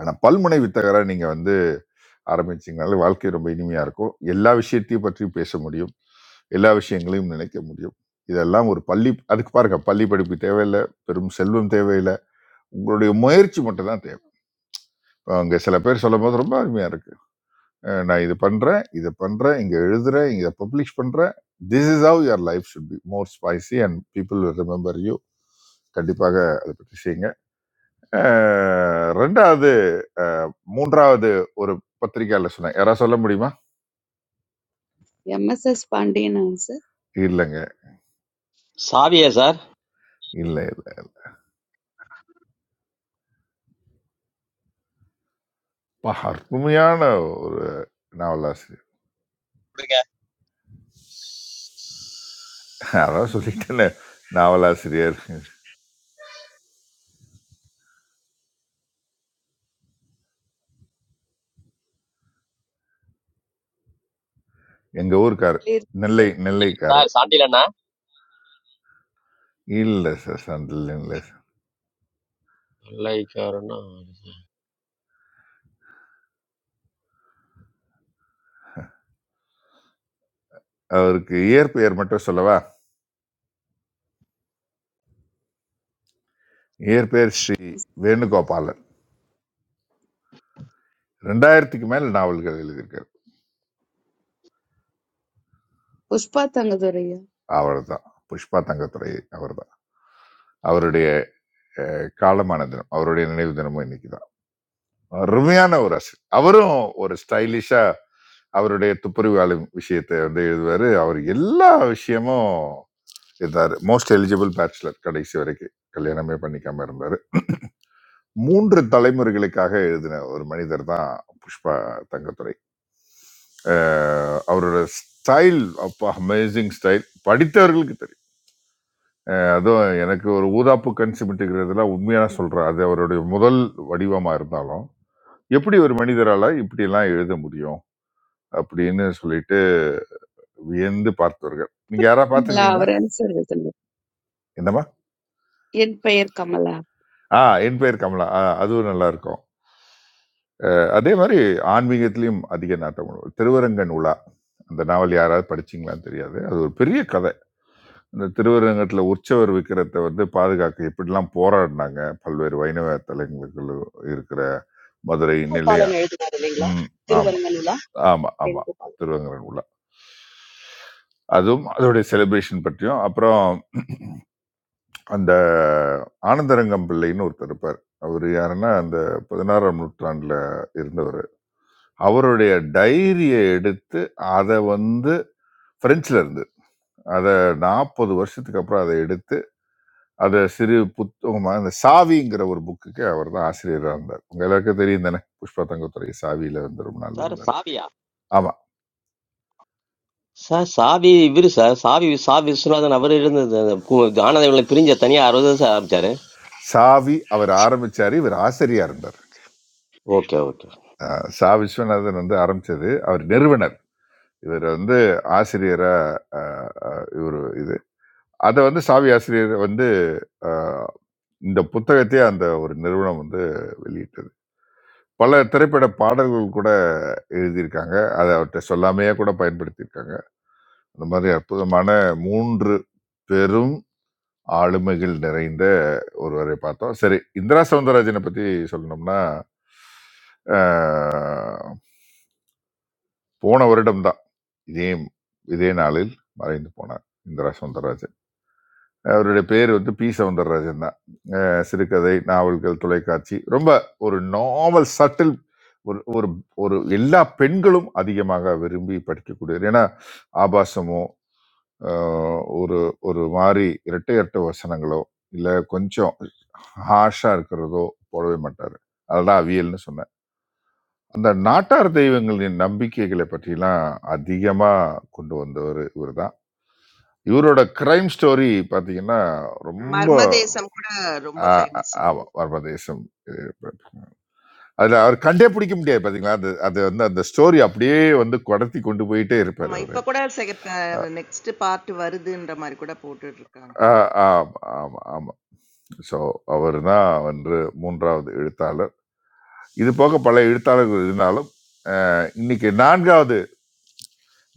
Speaker 4: ஆனால் பல்முனை வித்தகராக நீங்கள் வந்து ஆரம்பிச்சீங்கனாலே வாழ்க்கை ரொம்ப இனிமையாக இருக்கும் எல்லா விஷயத்தையும் பற்றி பேச முடியும் எல்லா விஷயங்களையும் நினைக்க முடியும் இதெல்லாம் ஒரு பள்ளி அதுக்கு பாருங்க பள்ளி படிப்பு தேவையில்லை பெரும் செல்வம் தேவையில்லை உங்களுடைய முயற்சி மட்டும் தான் தேவை அங்கே சில பேர் சொல்லும் போது ரொம்ப அருமையாக இருக்கு அஹ் நான் இது பண்ணுறேன் இதை பண்ணுறேன் இங்கே எழுதுறேன் இதை பப்ளிஷ் பண்ணுறேன் this is how your life should be more spicy and people will remember you கண்டிப்பாக அதை பற்றி செய்யுங்க அஹ், ரெண்டாவது அஹ், மூன்றாவது ஒரு பத்திரிக்கையாளர் சொன்னேன் யாராவது சொல்ல முடியுமா
Speaker 7: எம்எஸ்எஸ் பாண்டியனாங்க
Speaker 4: இல்லைங்க
Speaker 6: சாவியா சார்
Speaker 4: இல்லை இல்லை பா, அருமையான ஒரு நாவலாசிரியர் அதான் சொல்லிட்டேனே நாவலாசிரியர் எங்கள் ஊருக்கார்
Speaker 7: சார்
Speaker 4: நெல்லை
Speaker 7: சார்
Speaker 4: நெல்லைக்காரர்
Speaker 6: சார் சாண்டில
Speaker 4: இல்லை சார் சந்தில் இல்லை சார்
Speaker 6: Like or no.
Speaker 4: அவருக்கு இயற்பெயர் மட்டும் சொல்லவா இயற்பெயர் ஸ்ரீ வேணுகோபாலன் ரெண்டாயிரத்துக்கு மேல் நாவல்கள் எழுதியிருக்கார்
Speaker 7: புஷ்பா தங்கதுரையா
Speaker 4: அவர் தான் புஷ்பா தங்கத்துறை அவர் தான் அவருடைய அஹ், காலமான தினம் அவருடைய நினைவு தினமும் இன்னைக்கு அருமையான ஒரு ஆசிரியர் அவரும் ஒரு ஸ்டைலிஷா அவருடைய துப்புரவாளி விஷயத்தை வந்து எழுதுவாரு அவர் எல்லா விஷயமும் இருந்தாரு மோஸ்ட் எலிஜிபிள் பேச்சுலர் கடைசி வரைக்கும் கல்யாணமே பண்ணிக்காம இருந்தாரு மூன்று தலைமுறைகளுக்காக எழுதின ஒரு மனிதர் தான் புஷ்பா தங்கத்துரை அஹ் அவரோட ஸ்டைல் அப்பா அமேசிங் ஸ்டைல் படித்தவர்களுக்கு தெரியும் அஹ் அதுவும் எனக்கு ஒரு ஊதாப்பு கண் சிமிட்டுகிறதுலாம் உண்மையான சொல்றேன் அது அவருடைய முதல் வடிவமா இருந்தாலும் எப்படி ஒரு மனிதரால இப்படியெல்லாம் எழுத முடியும் அப்படின்னு சொல்லிட்டு வியந்து பார்த்தவர்கள். நீங்க யாரா
Speaker 7: கமலா
Speaker 4: பார்த்திருக்கீங்களா?
Speaker 7: அவரன்னு சார் எழுதுனாரு.
Speaker 4: என்னம்மா?
Speaker 7: என் பெயர் கமலா
Speaker 4: ஆ என் பெயர் கமலா. ஆ அதுவும் நல்லா இருக்கும். அதே மாரி ஆன்மீகத்திலயும் அதிக நாட்டம் உண்டு. திருவரங்கன் உலா. அந்த நாவல் யாராவது படிச்சீங்களான்னு தெரியாது. அது ஒரு பெரிய கதை. இந்த திருவரங்கத்துல உற்சவர் விக்கிரத்தை வந்து பாதுகாக்க எப்படிலாம் போராடினாங்க. பல்வேறு வைணவ தலங்களுக்குள்ள இருக்கிற Madurai,
Speaker 9: You go
Speaker 4: நெல்லையா
Speaker 9: palan every time,
Speaker 4: ம். ஆமா,
Speaker 9: darling. You
Speaker 4: ஆமா, ஆமா.
Speaker 9: go palan.
Speaker 4: திருவரங்கன் உலா. அதுவும் அதோடைய செலிப்ரேஷன் பற்றியும், அப்புறம் அந்த ஆனந்தரங்கம் பிள்ளைன்னு ஒருத்தர் இருப்பார் அவர் யாருன்னா அந்த பதினாறாம் நூற்றாண்டில் இருந்தவர் அவருடைய டைரியை எடுத்து அதை வந்து பிரெஞ்சில் இருந்து அதை நாற்பது வருஷத்துக்கு அப்புறம் அதை எடுத்து அதை சிறு புத்தகமாக அந்த சாவிங்கிற ஒரு புக்குக்கு அவர் தான் ஆசிரியராக இருந்தார் உங்க எல்லாருக்கும் தெரியும் தானே புஷ்பா தங்கத்துறை சாவியில வந்து ரொம்ப நாள்
Speaker 6: Sir,
Speaker 4: இருந்தார்
Speaker 6: sabiya.
Speaker 4: ஆமா
Speaker 6: Sir, sabi virsa. Sabi sabi suna the na varirin the. Kuma ganade varin jataniya arudasa sab jaray.
Speaker 4: சாவி அவர் ஆரம்பிச்சாரு இவர் ஆசிரியராக இருந்தார்
Speaker 6: Okay, okay.
Speaker 4: அஹ் சா விஸ்வநாதன் வந்து ஆரம்பிச்சது அவர் நிறுவனர் இவர் வந்து ஆசிரியரா இவர் இது அதை வந்து சாவி ஆசிரியர் வந்து அஹ், இந்த புத்தகத்தையே அந்த ஒரு நிறுவனம் வந்து வெளியிட்டது பல திரைப்பட பாடல்கள் கூட எழுதியிருக்காங்க அதை அவர்கிட்ட சொல்லாமையே கூட பயன்படுத்தியிருக்காங்க அந்த மாதிரி அற்புதமான மூன்று பெரும் ஆளுமைகள் நிறைந்த ஒருவரை பார்த்தோம் சரி இந்திரா சவுந்தரராஜனை பத்தி சொல்லணும்னா அஹ், போன வருடம்தான் இதே இதே நாளில் மறைந்து போனார் இந்திரா சவுந்தரராஜன் அவருடைய பேர் வந்து பி சவுந்தரராஜன் தான் அஹ் சிறுகதை நாவல்கள் தொலைக்காட்சி ரொம்ப ஒரு நாவல் சட்டில் ஒரு ஒரு ஒரு எல்லா பெண்களும் அதிகமாக விரும்பி படிக்கக்கூடியவர் ஏன்னா ஆபாசமோ அஹ் ஒரு ஒரு மாதிரி இரட்டை இரட்டை வசனங்களோ இல்லை கொஞ்சம் ஹாஷாக இருக்கிறதோ போடவே மாட்டார் அதுதான் அவியல்னு சொன்னேன் அந்த நாட்டார் தெய்வங்களின் நம்பிக்கைகளை பற்றிலாம் அதிகமாக கொண்டு வந்தவர் இவர் தான் இவரோட கிரைம் ஸ்டோரி பார்த்தீங்கன்னா ரொம்ப
Speaker 2: மர்மதேசம் கூட ரொம்ப
Speaker 4: ஆ- ஆ-
Speaker 2: ஃபேமஸ்
Speaker 4: ஆமா வர்ம தேசம் இது அதுல அவர் கண்டே பிடிக்க முடியாது பாத்தீங்களா அது அது வந்து அந்த ஸ்டோரி அப்படியே வந்து கடத்தி கொண்டு போயிட்டே இருப்பார்
Speaker 2: ஆமா
Speaker 4: அவரு
Speaker 2: இப்ப கூட
Speaker 4: அஹ்
Speaker 2: நெக்ஸ்ட் பார்ட் வருதுன்ற மாதிரி கூட போட்டுட்டு இருக்காங்க
Speaker 4: அஹ் ஆமா ஆமா ஆமா ஸோ அவர் தான் வந்து மூன்றாவது எழுத்தாளர் இது போக பல எழுத்தாளர்கள் இருந்தாலும் அஹ், இன்னைக்கு நான்காவது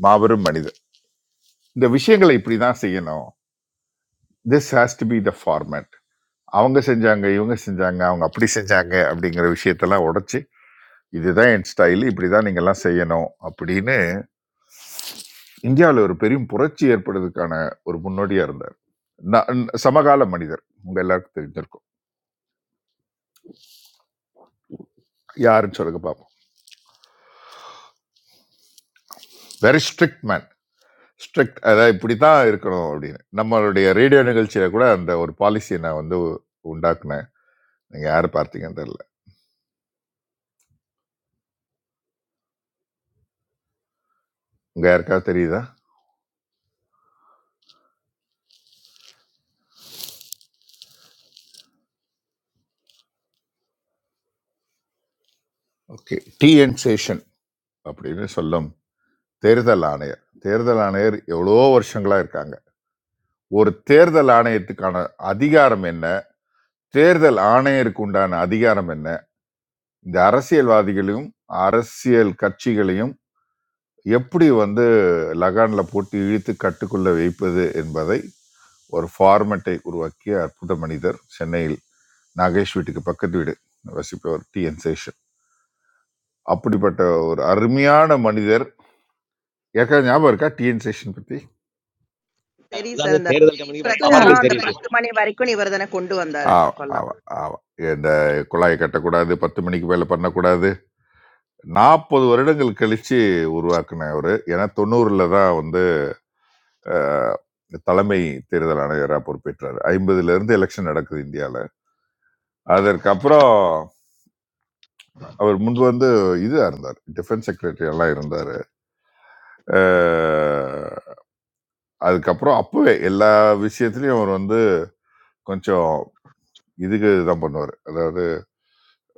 Speaker 4: மாபெரும் மனிதர் இந்த விஷயங்களை இப்படி தான் செய்யணும் this has to be the format அவங்க செஞ்சாங்க இவங்க செஞ்சாங்க அவங்க அப்படி செஞ்சாங்க அப்படிங்கிற விஷயத்தெல்லாம் உடைச்சு இதுதான் என் ஸ்டைல் இப்படி தான் நீங்கள்லாம் செய்யணும் அப்படின்னு இந்தியாவில் ஒரு பெரிய புரட்சி ஏற்படுறதுக்கான ஒரு முன்னோடியா இருந்தார் நான் சமகால மனிதர் உங்க எல்லாருக்கும் தெரிஞ்சிருக்கும் யாருன்னு சொல்லுங்க பார்ப்போம் வெரி ஸ்ட்ரிக்ட் மேன் ஸ்ட்ரிக்ட் அதாவது இப்படி தான் இருக்கணும் அப்படின்னு நம்மளுடைய ரேடியோ நிகழ்ச்சியில கூட அந்த ஒரு பாலிசியை நான் வந்து உண்டாக்குனேன் நீங்க யார் பார்த்தீங்கன்னு தெரியல உங்க யாருக்காவது தெரியுதா ஓகே டிஎன் சேஷன் அப்படின்னு சொல்லும் தேர்தல் ஆணையர் தேர்தல் ஆணையர் எவ்வளோ வருஷங்களா இருக்காங்க ஒரு தேர்தல் ஆணையத்துக்கான அதிகாரம் என்ன தேர்தல் ஆணையருக்கு உண்டான அதிகாரம் என்ன இந்த அரசியல்வாதிகளையும் அரசியல் கட்சிகளையும் எப்படி வந்து லகான்ல போட்டு இழுத்து கட்டுக்குள்ள வைப்பது என்பதை ஒரு ஃபார்மெட்டை உருவாக்கிய அற்புத மனிதர் சென்னையில் நாகேஷ் வீட்டுக்கு பக்கத்து வீடு வசிப்பவர் டி என் சேஷன் அப்படிப்பட்ட ஒரு அருமையான மனிதர் ஏற்கனவே ஞாபகம் இருக்கா டி என் சேஷன் பத்தி
Speaker 2: சரி
Speaker 6: Aur zara
Speaker 2: சார்
Speaker 6: the
Speaker 2: அந்த
Speaker 6: theer dal kamani pavar
Speaker 7: இக்கும்
Speaker 6: gan
Speaker 2: பிரச்சாரம் அந்த
Speaker 6: theerishu.
Speaker 2: பத்து மணி வரைக்கும் இவர் தானே கொண்டு வந்தாரு
Speaker 4: ஆ-
Speaker 2: அப்பெல்லாம்
Speaker 4: ஆ- ஆ- இந்த குழாயை கட்டக்கூடாது பத்து மணிக்கு மேல பண்ணக்கூடாது நாற்பது வருடங்கள் கழிச்சு உருவாக்குன அவரு ஏன்னா தொண்ணூறுல தான் வந்து அஹ், தலைமை தேர்தல் ஆணையராக பொறுப்பேற்றார் ஐம்பதுல இருந்து எலெக்ஷன் நடக்குது இந்தியாவில் அதற்கப்புறம் அவர் முன்பு வந்து இதா இருந்தார் டிஃபென்ஸ் செக்ரட்டரி எல்லாம் இருந்தார் அஹ், அதுக்கப்புறம் அப்பவே எல்லா விஷயத்துலயும் அவர் வந்து கொஞ்சம் இதுக்கு தான் பண்ணுவார் அதாவது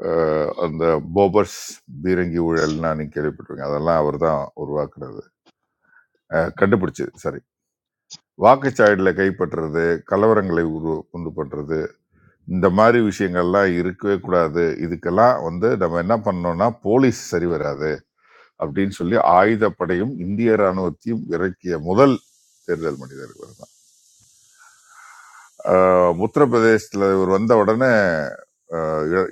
Speaker 4: அஹ், அந்த போபர்ஸ் பீரங்கி ஊழல்னா நீங்க கேள்விப்பட்டிருக்கீங்க அதெல்லாம் அவர் தான் உருவாக்குனது அஹ், கண்டுபிடிச்சது சாரி வாக்குச்சாவடியில் கைப்பற்றுறது கலவரங்களை உரு உண்டு பண்றது இந்த மாதிரி விஷயங்கள்லாம் இருக்கவே கூடாது. இதுக்கெல்லாம் வந்து நம்ம என்ன பண்ணணும்னா, போலீஸ் சரி வராது அப்படின்னு சொல்லி ஆயுதப்படையும், இந்திய ராணுவத்தையும் இறக்கிய முதல் தேர்தல் மனிதர் இவர் தான். ஆ உத்தரப்பிரதேசத்துல இவர் வந்த உடனே ஆ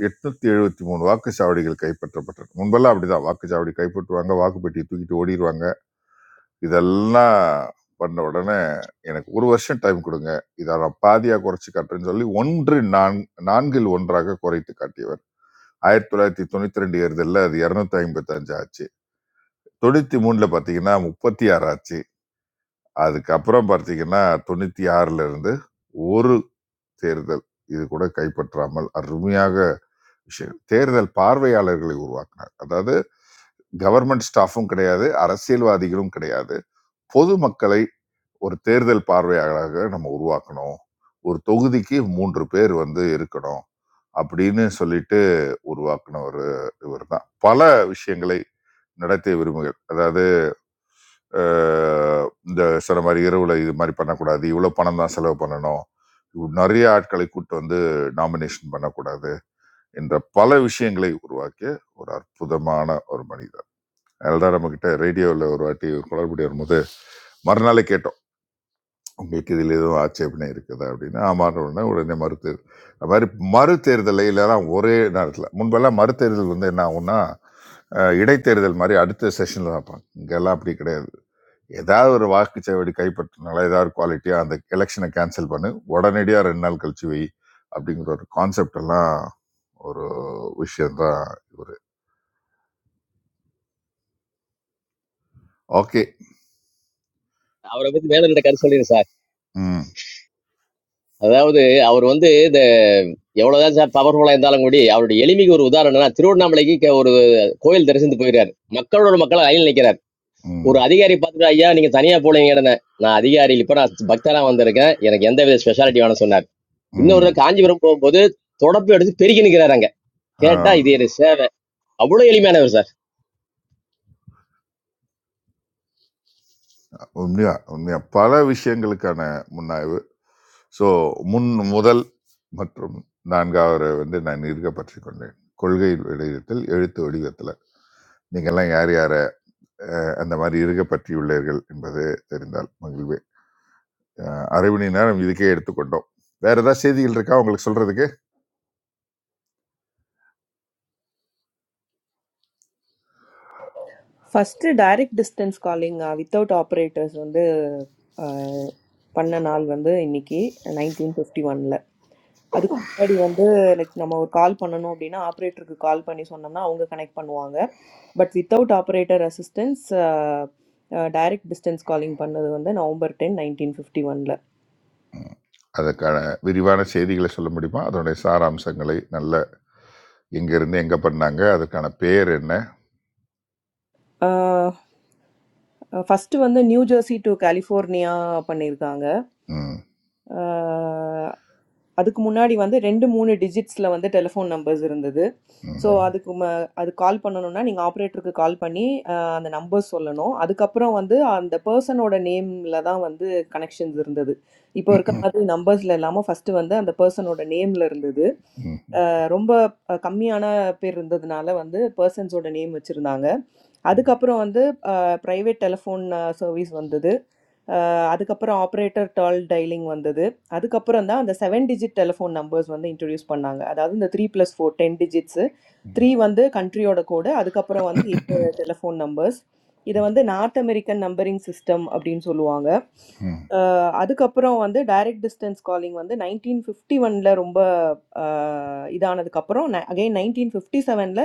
Speaker 4: 873 வாக்குச்சாவடிகள் கைப்பற்றப்பட்டன. முன்பெல்லாம் அப்படிதான். வாக்குச்சாவடி கைப்பற்றுவாங்க, வாக்குப்பெட்டியை தூக்கிட்டு ஓடிருவாங்க. இதெல்லாம் பண்ண உடனே, "எனக்கு 1 வருஷம் டைம் குடுங்க. இத நான் பாதியா குறைச்சு காட்டுறேன்னு" சொல்லி 1 4 4 1 குறைத்து காட்டியவர். ஆயிரத்தி தொள்ளாயிரத்தி தொண்ணூத்தி ரெண்டு தேர்தலில் அது இரநூத்தி ஐம்பத்தி அஞ்சு ஆச்சு தொண்ணூத்தி மூணுல பாத்தீங்கன்னா முப்பத்தி ஆறு ஆச்சு அதுக்கப்புறம் பார்த்தீங்கன்னா தொண்ணூத்தி ஆறுல இருந்து ஒரு தேர்தல் இது கூட கைப்பற்றாமல் அருமையாக விஷயம் தேர்தல் பார்வையாளர்களை உருவாக்கினார் அதாவது கவர்மெண்ட் ஸ்டாஃபும் கிடையாது அரசியல்வாதிகளும் கிடையாது பொதுமக்களை ஒரு தேர்தல் பார்வையாளராக நம்ம உருவாக்கணும் ஒரு தொகுதிக்கு மூன்று பேர் வந்து இருக்கணும் அப்படின்னு சொல்லிட்டு உருவாக்கின ஒரு இவர் தான் பல விஷயங்களை நடத்தை உரிமைகள் அதாவது அஹ், இந்த சில மாதிரி இரவுல இது மாதிரி பண்ணக்கூடாது இவ்வளவு பணம் தான் செலவு பண்ணணும் இவ்வ- நிறைய ஆட்களை கூட்டு வந்து நாமினேஷன் பண்ணக்கூடாது என்ற பல விஷயங்களை உருவாக்கிய ஒரு அற்புதமான ஒரு மனிதர் அதனால்தான் நம்ம கிட்ட ரேடியோவில் ஒரு வாட்டி ஒரு குளறுபடி வரும்போது மறுநாளே கேட்டோம் உங்களுக்கு இதில் எதுவும் ஆட்சேபனை இருக்குதா அப்படின்னு ஆமாம் உடனே உடனே மறுத்தேர் அது மாதிரி மறுதேர்தலை இல்லைலாம் ஒரே நேரத்தில் முன்பெல்லாம் மறுதேர்தல் வந்து என்ன ஆகும்னா அஹ், இடைத்தேர்தல் மாதிரி அடுத்த செஷனில் வைப்பாங்க இங்கெல்லாம் அப்படி கிடையாது ஏதாவது ஒரு வாக்குச்சாவடி கைப்பற்றினால ஏதாவது குவாலிட்டியாக அந்த எலெக்ஷனை கேன்சல் பண்ணு உடனடியாக ரெண்டு நாள் கழிச்சு வை அப்படிங்கிற ஒரு கான்செப்ட் எல்லாம் ஒரு விஷயந்தான் இவர் okay
Speaker 6: Aur abhi maine dilte kar sori ne sir.
Speaker 4: ம்
Speaker 6: Hazaude. Aur vande the. Yawaor zara pavar pola indalangudi. Aur dilimiguru daara na. Thirud namalagi ke or coil deresindu poyiray. Makkaor or makala ayil nikiray.
Speaker 4: ம்
Speaker 6: Or adi gari padra ayya. Nige thaniya poyiray erana. Na adi gari lipara bhathala mande rega. Yena gandevi speciality mana sunna. Inno
Speaker 4: ம்
Speaker 6: urda kaanji baramko, bode thoda pyaradi, pyari kini karanga.
Speaker 4: ஆ,
Speaker 6: Kya da idiye ne sir? Abulo eli mana sir?
Speaker 4: உண்மையா உண்மையா பல விஷயங்களுக்கான முன்னாய்வு so முன் முதல் மற்றும் நான்காவது வந்து நான் இருக்க பற்றி கொண்டேன் கொள்கை வடிவத்தில் எழுத்து வடிவத்தில் நீங்கள்லாம் யார் யாரை அஹ், அந்த மாதிரி இருக்க பற்றியுள்ளீர்கள் என்பது தெரிந்தால் மகிழ்வு அஹ் அரை மணி நேரம் இதுக்கே எடுத்துக்கொண்டோம் வேற ஏதாவது செய்திகள் இருக்கா உங்களுக்கு சொல்றதுக்கு
Speaker 3: first direct distance calling without operators வந்து அஹ், பண்ண நாள் வந்து இன்னைக்கு நைன்டீன் ஃபிஃப்டி ஒன்ல அதுக்கு முன்னாடி வந்து லைக் நம்ம ஒரு கால் பண்ணணும் அப்படின்னா ஆப்ரேட்டருக்கு கால் பண்ணி சொன்னோம்னா அவங்க கனெக்ட் பண்ணுவாங்க but without operator assistance direct distance calling பண்ணது வந்து நவம்பர் டென் நைன்டீன் ஃபிஃப்டி ஒன்ல
Speaker 4: அதற்கான விரிவான செய்திகளை சொல்ல முடியுமா அதனுடைய சாராம்சங்களை நல்ல எங்க இருந்து எங்க பண்ணாங்க அதற்கான பேர் என்ன
Speaker 3: ஃபஸ்ட்டு வந்து நியூ ஜெர்சி டு கலிஃபோர்னியா பண்ணியிருக்காங்க
Speaker 4: ம்,
Speaker 3: அதுக்கு முன்னாடி வந்து ரெண்டு மூணு டிஜிட்ஸில் வந்து டெலிஃபோன் நம்பர்ஸ் இருந்தது ஸோ
Speaker 4: ம்,
Speaker 3: அதுக்கு ம- அது கால் பண்ணணும்னா நீங்கள் ஆப்ரேட்டருக்கு கால் பண்ணி அஹ், அந்த நம்பர் சொல்லணும் அதுக்கப்புறம் வந்து அந்த பர்சனோட நேமில் தான் வந்து கனெக்ஷன்ஸ் இருந்தது இப்போ இருக்க
Speaker 4: ம்,
Speaker 3: மாதிரி நம்பர்ஸில் இல்லாமல் ஃபஸ்ட்டு வந்து அந்த பர்சனோட நேமில் இருந்தது
Speaker 4: ம், ம்,
Speaker 3: ரொம்ப அ கம்மியான பேர் இருந்ததுனால வந்து பெர்சன்ஸோட நேம் வச்சிருந்தாங்க. அதுக்கப்புறம் வந்து அ பிரைவேட் டெலிஃபோன் சர்வீஸ் வந்தது. அ அதுக்கப்புறம் ஆப்பரேட்டர் டால் டயலிங் வந்தது. அதுக்கப்புறம் தான் அந்த 7 டிஜிட் டெலிஃபோன் நம்பர்ஸ் வந்து இன்ட்ரோடியூஸ் பண்ணாங்க. அதாவது இந்த 3+4 10 டிஜிட்ஸு. 3 வந்து கண்ட்ரியோட கோடு. அதுக்கப்புறம் வந்து 7 டெலிஃபோன் நம்பர்ஸ். இத வந்து நார்த் அமெரிக்கன் நம்பரிங் சிஸ்டம் அப்படின்னு சொல்லுவாங்க.
Speaker 4: ம்,
Speaker 3: அ அதுக்கப்புறம் வந்து டைரக்ட் டிஸ்டன்ஸ் காலிங் வந்து 1951ல ரொம்ப இதானதுக்கப்புறம் அகைன் நைன்டீன் ஃபிஃப்டி செவனில்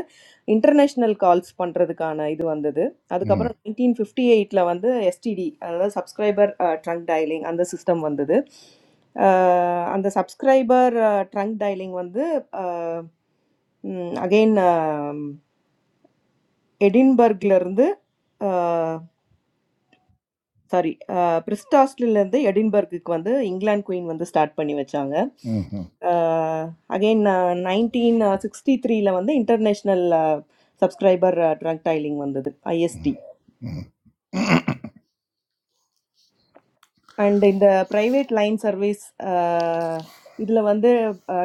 Speaker 3: இன்டர்நேஷ்னல் கால்ஸ் பண்ணுறதுக்கான இது வந்தது
Speaker 4: ம்,
Speaker 3: அதுக்கப்புறம் நைன்டீன் ஃபிஃப்டி எயிட்டில் வந்து எஸ்டிடி அதாவது சப்ஸ்கிரைபர் ட்ரங்க் டயலிங் அந்த சிஸ்டம் வந்தது அஹ் அந்த சப்ஸ்கிரைபர் ட்ரங்க் டயலிங் வந்து அகெயின் எடின்பர்க்லேருந்து சாரி பிரிஸ்டாஸ்லேருந்து எடின்பர்க்குக்கு வந்து இங்கிலாந்து குயின் வந்து ஸ்டார்ட் பண்ணி வச்சாங்க
Speaker 4: ம்,
Speaker 3: அகெயின் நைன்டீன் சிக்ஸ்டி த்ரீல வந்து இன்டர்நேஷ்னல் சப்ஸ்கிரைபர் ட்ரக் டைலிங் வந்தது ஐஎஸ்டி
Speaker 4: ம்.
Speaker 3: அண்ட் இந்த ப்ரைவேட் லைன் சர்வீஸ் இதில் வந்து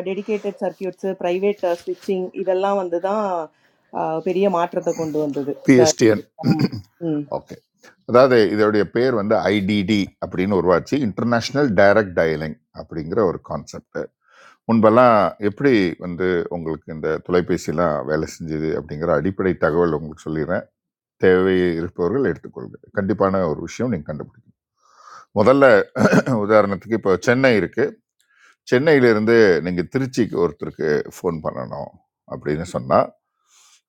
Speaker 3: டெடிகேட்டட் சர்க்கியூட்ஸு ப்ரைவேட் ஸ்விட்சிங் இதெல்லாம் வந்து தான் அஹ், பெரிய மாற்றத்தை கொண்டு வந்தது சார்
Speaker 4: PSTN
Speaker 3: ம்
Speaker 4: ஓகே அதாவது இதோடைய பேர் வந்து ஐடிடி அப்படின்னு உருவாச்சு இன்டர்நேஷனல் டைரக்ட் டயலிங் அப்படிங்கிற ஒரு கான்செப்ட் முன்பெல்லாம் எப்படி வந்து உங்களுக்கு இந்த தொலைபேசிலாம் வேலை செஞ்சுது அப்படிங்கிற அடிப்படை தகவல் உங்களுக்கு சொல்லிடுறேன். தேவை இருப்பவர்கள் எடுத்துக்கொள்க. கண்டிப்பான ஒரு விஷயம் நீங்க கண்டுபிடிக்கணும். முதல்ல உதாரணத்துக்கு இப்போ சென்னை இருக்கு. சென்னையிலிருந்து நீங்க திருச்சிக்கு ஒருத்தருக்கு ஃபோன் பண்ணணும் அப்படின்னு சொன்னா,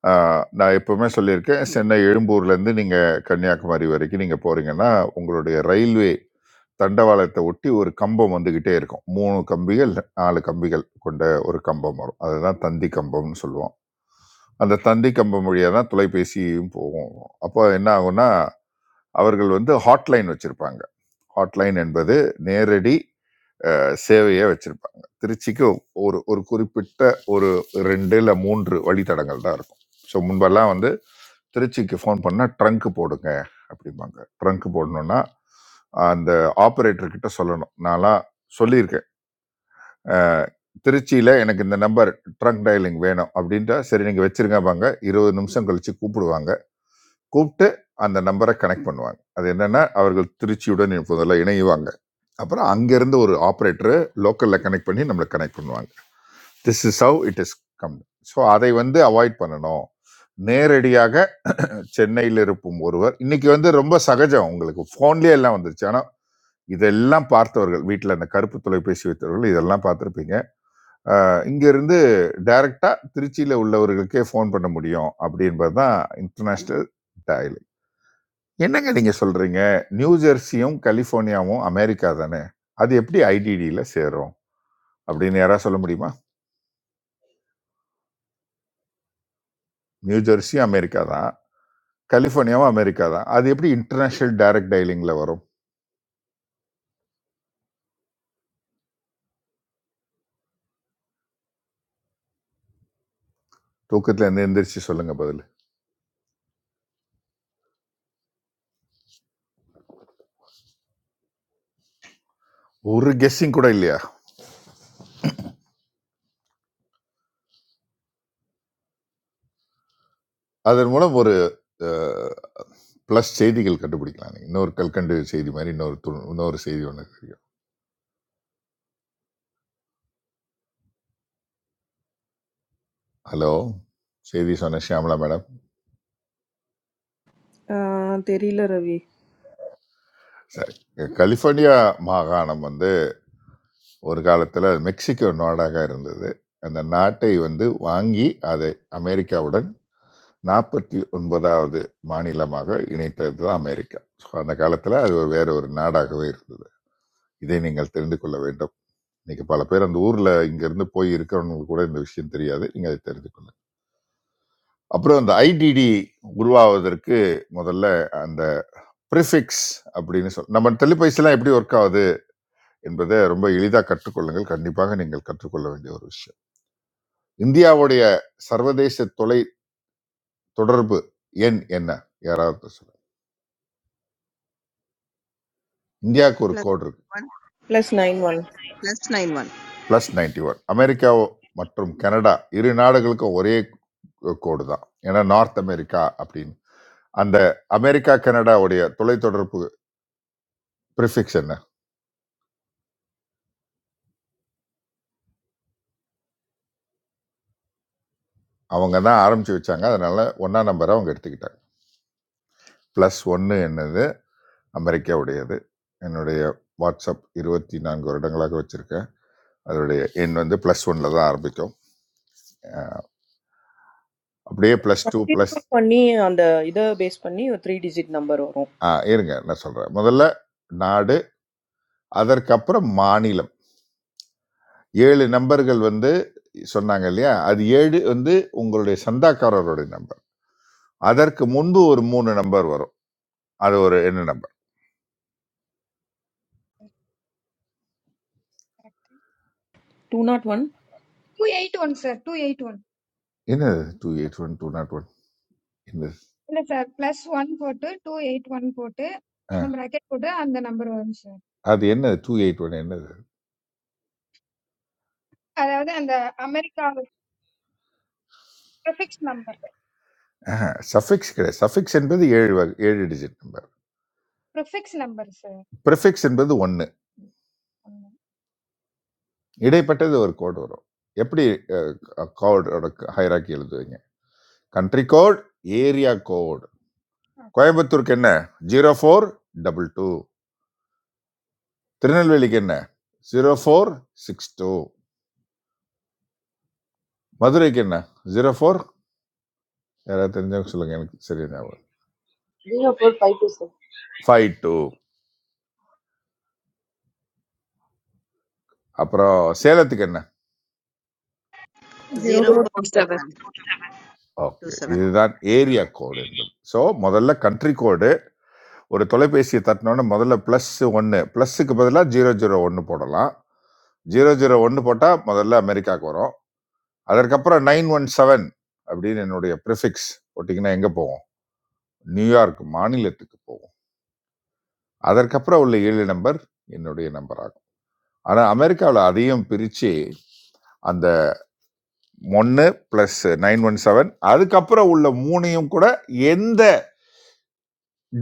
Speaker 4: அ நான் எப்பவுமே சொல்லியிருக்கேன், சென்னை எழும்பூர்லேருந்து நீங்க கன்னியாகுமரி வரைக்கும் நீங்க போறீங்கன்னா, உங்களுடைய ரயில்வே தண்டவாளத்தை ஒட்டி ஒரு கம்பம் வந்துகிட்டே இருக்கும் மூணு கம்பிகள் நாலு கம்பிகள் கொண்ட ஒரு கம்பம் வரும் அதுதான் தந்தி கம்பம்னு சொல்லுவோம் அந்த தந்தி கம்பம் வழியாக தான் தொலைபேசியும் போகும் அப்போ என்ன ஆகும்னா அவர்கள் வந்து ஹாட்லைன் வச்சிருப்பாங்க ஹாட்லைன் என்பது நேரடி அஹ், சேவையை வச்சிருப்பாங்க திருச்சிக்கு ஒரு ஒரு குறிப்பிட்ட ஒரு ரெண்டு இல்லை மூன்று வழித்தடங்கள் தான் இருக்கும் ஸோ முன்பெல்லாம் வந்து திருச்சிக்கு ஃபோன் பண்ணால் ட்ரங்க் போடுங்க அப்படிம்பாங்க ட்ரங்க் போடணும்னா அந்த ஆப்ரேட்டர் கிட்ட சொல்லணும் நான்லாம் சொல்லியிருக்கேன் அஹ், திருச்சியில எனக்கு இந்த நம்பர் ட்ரங்க் டயலிங் வேணும் அப்படின்ட்டா சரி நீங்க வச்சிருங்க வாங்க இருபது நிமிஷம் கழிச்சு கூப்பிடுவாங்க கூப்பிட்டு அந்த நம்பரை கனெக்ட் பண்ணுவாங்க அது என்னன்னா அவர்கள் திருச்சியுடன் முதல்ல இணையுவாங்க அப்புறம் அங்கிருந்து ஒரு ஆப்ரேட்டர் லோக்கல்ல கனெக்ட் பண்ணி நம்மளை கனெக்ட் பண்ணுவாங்க this is how it is come so அதை வந்து அவாய்ட் பண்ணணும் நேரடியாக சென்னையில் இருக்கும் ஒருவர் இன்னைக்கு வந்து ரொம்ப சகஜம் உங்களுக்கு ஃபோன்லேயே எல்லாம் வந்துருச்சு ஆனால் இதெல்லாம் பார்த்தவர்கள் வீட்டில் அந்த கருப்பு தொலைபேசி வைத்தவர்கள் இதெல்லாம் பார்த்துருப்பீங்க அ இங்கேருந்து டைரக்ட்டா திருச்சியில உள்ளவர்களுக்கே ஃபோன் பண்ண முடியும் அப்படின்றது தான் இன்டர்நேஷனல் டயலிங். என்னங்க நீங்க சொல்றீங்க? நியூ ஜெர்சியும், கலிஃபோர்னியாவும் அமெரிக்கா தானே! அது எப்படி ஐடிடில சேரும்? அப்படின்னு யாராவது சொல்ல முடியுமா? நியூ ஜெர்சியும் அமெரிக்கா தான். கலிஃபோர்னியாவும் அமெரிக்கா தான். அது எப்படி இன்டர்நேஷனல் டைரக்ட் டயலிங்ல வரும்? தூக்கத்துல இருந்து எந்திரிச்சு சொல்லுங்க பதில். ஒரு கெஸ்ஸிங் கூட இல்லையா? அதன் மூலம் ஒரு அ பிளஸ் செய்திகள் கண்டுபிடிக்கலாம். இன்னொரு கல்கண்டு செய்தி மாரி இன்னொரு து இன்னொரு செய்தி ஒண்ணு. ஹலோ செய்தி சொன்ன ஷியாமலா மேடம்
Speaker 3: அஹ், தெரியல ரவி
Speaker 4: சரி கலிஃபோர்னியா மாகாணம் வந்து ஒரு காலத்தில் மெக்சிகோ நாடாக இருந்தது அந்த நாட்டை வந்து வாங்கி அதை அமெரிக்காவுடன் நாற்பத்தி ஒன்பதாவது மாநிலமாக இணைத்தது தான் அமெரிக்கா ஸோ அந்த காலத்தில் அது ஒரு வேற ஒரு நாடாகவே இருந்தது இதை நீங்கள் தெரிந்து கொள்ள வேண்டும் இன்னைக்கு பல பேர் அந்த ஊரில் இங்கேருந்து போய் இருக்கிறவங்களுக்கு கூட இந்த விஷயம் தெரியாது நீங்கள் அதை தெரிந்து கொள்ளுங்க அப்புறம் அந்த ஐடிடி உருவாவதற்கு முதல்ல அந்த ப்ரிஃபிக்ஸ் அப்படின்னு சொல் நம்ம டெலிபைஸ்லாம் எப்படி ஒர்க் ஆகுது என்பதை ரொம்ப எளிதாக கற்றுக்கொள்ளுங்கள் கண்டிப்பாக நீங்கள் கற்றுக்கொள்ள வேண்டிய ஒரு விஷயம் இந்தியாவுடைய சர்வதேச தொலை தொடர்பு எண் என்ன யாராவது சொல்ல இந்தியாவுக்கு ஒரு
Speaker 2: பிளஸ்
Speaker 4: கோடு இருக்கு
Speaker 2: one
Speaker 3: plus nine one
Speaker 2: plus nine one
Speaker 4: plus ninety one America மற்றும் கனடா இரு நாடுகளுக்கும் ஒரே கோடு தான் ஏன்னா நார்த் அமெரிக்கா அப்படின்னு அந்த அமெரிக்கா கனடாவுடைய தொலைத்தொடர்பு ப்ரிஃபிக்ஸ் என்ன அவங்க தான் ஆரம்பிச்சு வச்சாங்க அதனால ஒன்னா நம்பரை அவங்க எடுத்துக்கிட்டாங்க பிளஸ் ஒன்று என்னது அமெரிக்காவுடையது என்னுடைய வாட்ஸ்அப் இருபத்தி நான்கு வருடங்களாக வச்சுருக்கேன் அதனுடைய எண் வந்து ப்ளஸ் ஒனில் தான் ஆரம்பிக்கும் அப்படியே ப்ளஸ் டூ ப்ளஸ்
Speaker 3: கண்டினியூ பண்ணி அந்த இதை பேஸ் பண்ணி ஒரு த்ரீ டிஜிட் நம்பர் வரும்
Speaker 4: இருங்க நான் சொல்கிறேன் முதல்ல நாடு அதற்கப்புறம் மாநிலம் ஏழு நம்பர்கள் வந்து சொன்னாங்க இல்லையா அது ஏழு வந்து உங்களுடைய சந்தாக்காரருடைய நம்பர் அதற்கு முன்பு ஒரு மூணு நம்பர் வரும் அது ஒரு என்ன number
Speaker 3: two naught one
Speaker 10: two eight one sir two eight one
Speaker 4: என்னது two eight one two naught one என்னது
Speaker 10: இல்ல சார் பிளஸ் ஒன் போட்டு டூ எயிட் ஒன் போட்டு
Speaker 4: ஆ,
Speaker 10: பிராக்கெட் போட்டு அந்த நம்பர் வரும் சார்
Speaker 4: அது என்னது டூ எயிட் ஒன் என்னது
Speaker 10: அதாவது அந்த அமெரிக்காவில் ப்ரிஃபிக்ஸ் நம்பர்
Speaker 4: சஃபிக்ஸ் கிடையாது சஃபிக்ஸ் என்பது ஏழு வகை ஏழு digit number
Speaker 10: prefix number sir
Speaker 4: prefix என்பது ஒன்று இடைப்பட்டது ஒரு கோடு வரும் எப்படி கோடோட ஹைராக்கி எழுதுவீங்க கண்ட்ரி கோட் ஏரியா கோட் கோயம்புத்தூருக்கு என்ன ஜீரோ ஃபோர் டபுள் டூ திருநெல்வேலிக்கு என்ன ஜீரோ ஃபோர் சிக்ஸ் டூ மதுரைக்கு என்ன ஜீரோ ஃபோர் யாராவது தெரிஞ்சவங்க சொல்லுங்க எனக்கு சரி ஞாபகம்
Speaker 11: Do you pull pipes or?
Speaker 4: Five two அப்புறம் சேலத்துக்கு என்ன
Speaker 3: zero
Speaker 2: zero
Speaker 3: four
Speaker 2: four
Speaker 7: two
Speaker 2: seven two
Speaker 4: okay
Speaker 2: seven
Speaker 4: இதுதான் ஏரியா கோடு என்பது ஸோ முதல்ல கண்ட்ரி கோடு ஒரு தொலைபேசியை தட்டினோன்னு முதல்ல ப்ளஸ் ஒன்று ப்ளஸ்ஸுக்கு பதிலாக ஜீரோ ஜீரோ ஒன்று போடலாம் ஜீரோ ஜீரோ ஒன்று போட்டால் முதல்ல அமெரிக்காவுக்கு வரும் அதற்கப்புறம் நைன் ஒன் செவன் அப்படின்னு என்னுடைய ப்ரிஃபிக்ஸ் போட்டிங்கன்னா எங்கே போகும் நியூயார்க் மாநிலத்துக்கு போகும் அதற்கப்புறம் உள்ள ஏழு நம்பர் என்னுடைய நம்பர் ஆகும் ஆனால் அமெரிக்காவில் அதையும் பிரித்து அந்த ஒன்று ப்ளஸ் நைன் ஒன் செவன் அதுக்கப்புறம் உள்ள மூணையும் கூட எந்த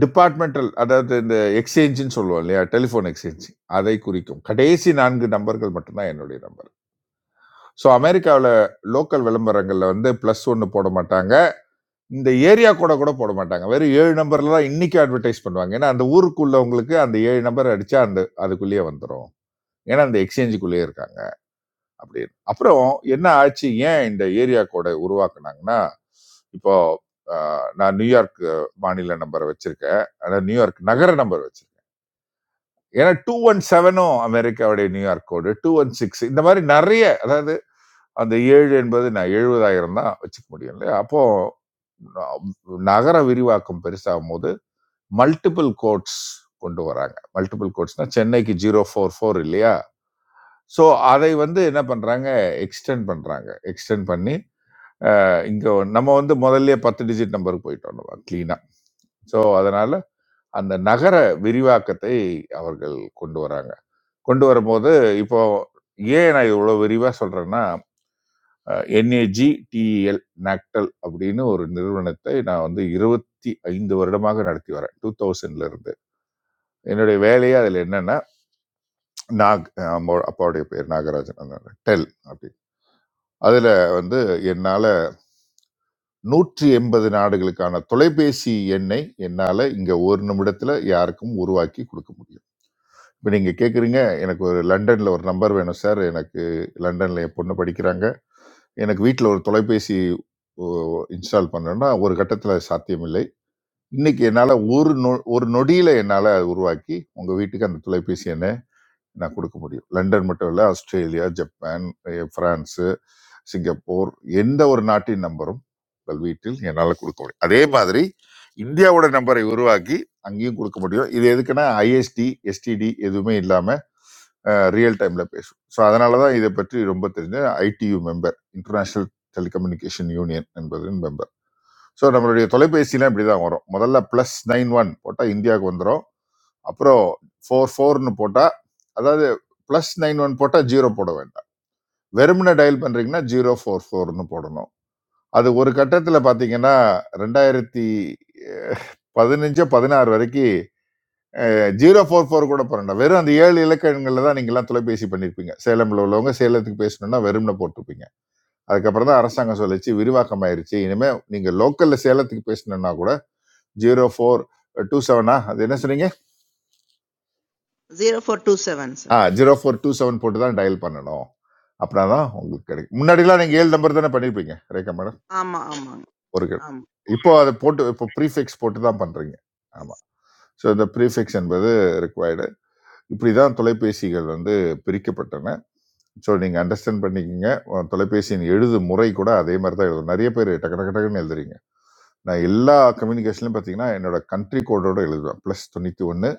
Speaker 4: டிபார்ட்மெண்டல் அதாவது இந்த எக்ஸ்சேஞ்சுன்னு சொல்லுவோம் இல்லையா டெலிஃபோன் எக்ஸ்சேஞ்ச் அதை குறிக்கும் கடைசி நான்கு நம்பர்கள் மட்டும்தான் என்னுடைய நம்பர் ஸோ அமெரிக்காவில் லோக்கல் விளம்பரங்களில் வந்து ப்ளஸ் ஒன்று போட மாட்டாங்க இந்த ஏரியா கூட கூட போட மாட்டாங்க வெறும் ஏழு நம்பர்ல தான் இன்னைக்கு அட்வர்டைஸ் பண்ணுவாங்க ஏன்னா அந்த ஊருக்குள்ளவங்களுக்கு அந்த ஏழு நம்பர் அடிச்சா அந்த அதுக்குள்ளேயே வந்துடும் ஏன்னா அந்த எக்ஸ்சேஞ்சுக்குள்ளேயே இருக்காங்க அப்படின்னு அப்புறம் என்ன ஆச்சு ஏன் இந்த ஏரியா கோடை உருவாக்குனாங்கன்னா இப்போ ஆஹ், நான் நியூயார்க் மாநில நம்பரை வச்சிருக்கேன் அதாவது நியூயார்க் நகர நம்பர் வச்சிருக்கேன் ஏன்னா டூ ஒன் செவனும் அமெரிக்காவுடைய New York code two one six இந்த மாதிரி நிறைய அதாவது அந்த ஏழு என்பது நான் எழுபதாயிரம் தான் வச்சுக்க முடியும் இல்லையா அப்போ நகர விரிவாக்கம் பெருசாகும் போது மல்டிபிள் கோட்ஸ் கொண்டு வராங்க மல்டிபிள் கோட்ஸ்னா சென்னைக்கு ஜீரோ ஃபோர் ஃபோர் இல்லையா ஸோ அதை வந்து என்ன பண்ணுறாங்க எக்ஸ்டெண்ட் பண்ணுறாங்க எக்ஸ்டெண்ட் பண்ணி இங்கே நம்ம வந்து முதல்ல பத்து டிஜிட் நம்பருக்கு போயிட்டோம் நம்ம க்ளீனாக ஸோ அதனால் அந்த நகர விரிவாக்கத்தை அவர்கள் கொண்டு வராங்க கொண்டு வரும்போது இப்போ ஏன் நான் இவ்வளோ விரிவாக சொல்கிறேன்னா என்ஏஜி டிஇஎல் நாக்டல் அப்படின்னு ஒரு நிறுவனத்தை நான் வந்து இருபத்தி ஐந்து வருடமாக நடத்தி வரேன் டூ தௌசண்ட்ல இருந்து என்னுடைய வேலையே அதில் என்னன்னா நாக் அஹ் அம்மா- அப்பாவுடைய பேர் நாகராஜன் அந்த டெல் அப்படி அதுல வந்து என்னால நூற்றி எண்பது நாடுகளுக்கான தொலைபேசி எண்ணை என்னால இங்க ஒரு நிமிடத்துல யாருக்கும் உருவாக்கி கொடுக்க முடியும் இப்போ நீங்க கேக்குறீங்க எனக்கு ஒரு லண்டன்ல ஒரு நம்பர் வேணும் சார் எனக்கு லண்டன்ல என் பொண்ணு படிக்கிறாங்க எனக்கு வீட்டில் ஒரு தொலைபேசி இன்ஸ்டால் பண்ணணும்னா ஒரு கட்டத்தில் சாத்தியமில்லை இன்னைக்கு என்னால் ஒரு நொ ஒரு நொடியில் என்னால் உருவாக்கி உங்கள் வீட்டுக்கு அந்த தொலைபேசி எண்ணை நான் கொடுக்க முடியும் லண்டன் மட்டும் இல்லை ஆஸ்திரேலியா ஜப்பான் அஹ் பிரான்ஸ் சிங்கப்பூர் எந்த ஒரு நாட்டின் நம்பரும் உங்கள் வீட்டில் என்னால் கொடுக்க முடியும் அதே மாதிரி இந்தியாவோட நம்பரை உருவாக்கி அங்கேயும் கொடுக்க முடியும் இது எதுக்குன்னா ஐஎஸ்டி எஸ்டிடி எதுவுமே இல்லாமல் ரியல் டைமில் பேசும் ஸோ அதனால தான் இதை பற்றி ரொம்ப தெரிஞ்ச ITU member international telecommunication union என்பதின் மெம்பர் ஸோ நம்மளுடைய தொலைபேசிலாம் இப்படி தான் வரும் முதல்ல ப்ளஸ் நைன் ஒன் போட்டால் இந்தியாவுக்கு வந்துடும் அப்புறம் ஃபோர் ஃபோர்னு போட்டால் அதாவது ப்ளஸ் நைன் ஒன் போட்டால் ஜீரோ போட வேண்டும் வெறுமனே டயல் பண்றீங்கன்னா ஜீரோ ஃபோர் ஃபோர்னு போடணும் அது ஒரு கட்டத்தில் பார்த்தீங்கன்னா ரெண்டாயிரத்தி பதினஞ்சோ பதினாறு வரைக்கும் ஜீரோ ஃபோர் ஃபோர் கூட போறேன் வெறும் அந்த ஏழு இலக்கங்களில் தான் நீங்கள்லாம் தொலைபேசி பண்ணியிருப்பீங்க சேலம்ல உள்ளவங்க சேலத்துக்கு பேசணும்னா வெறும்னு போட்டிருப்பீங்க அதுக்கப்புறம் தான் அரசாங்கம் சொல்லிச்சு விரிவாக்கம் ஆயிருச்சு இனிமே நீங்க லோக்கல்ல சேலத்துக்கு பேசணும்னா கூட ஜீரோ ஃபோர் டூ செவனா அது என்ன சொன்னீங்க
Speaker 2: ஜீரோ ஃபோர் டூ செவன்
Speaker 4: ஆ
Speaker 2: sir
Speaker 4: zero four two seven போட்டு தான் டயல் பண்ணணும் அப்படின்னா தான் உங்களுக்கு கிடைக்கும் முன்னாடிலாம் நீங்கள் ஏழு நம்பர் தானே பண்ணியிருப்பீங்க ரேக்கா மேடம்
Speaker 2: ஆமா ஆமாங்க
Speaker 4: ஒரு கட்
Speaker 2: ஆமா
Speaker 4: இப்போ அதை போட்டு இப்போ ப்ரீஃபிக்ஸ் போட்டு தான் பண்ணுறீங்க
Speaker 2: yes.
Speaker 4: ஆமாம் ஸோ இந்த ப்ரீஃபிக்ஸ் என்பது ரிக்வயர்டு இப்படி தான் தொலைபேசிகள் வந்து பிரிக்கப்பட்டன ஸோ நீங்கள் அண்டர்ஸ்டாண்ட் பண்ணிக்கோங்க உன் தொலைபேசியின் எழுது முறை கூட அதே மாதிரி தான் எழுதும் நிறைய பேர் டக்கு டக்கு டக்குன்னு எழுதுறீங்க நான் எல்லா கம்யூனிகேஷன்லையும் பார்த்தீங்கன்னா என்னோட கண்ட்ரி கோடோட எழுதுவேன் ப்ளஸ் தொண்ணூற்றி ஒன்று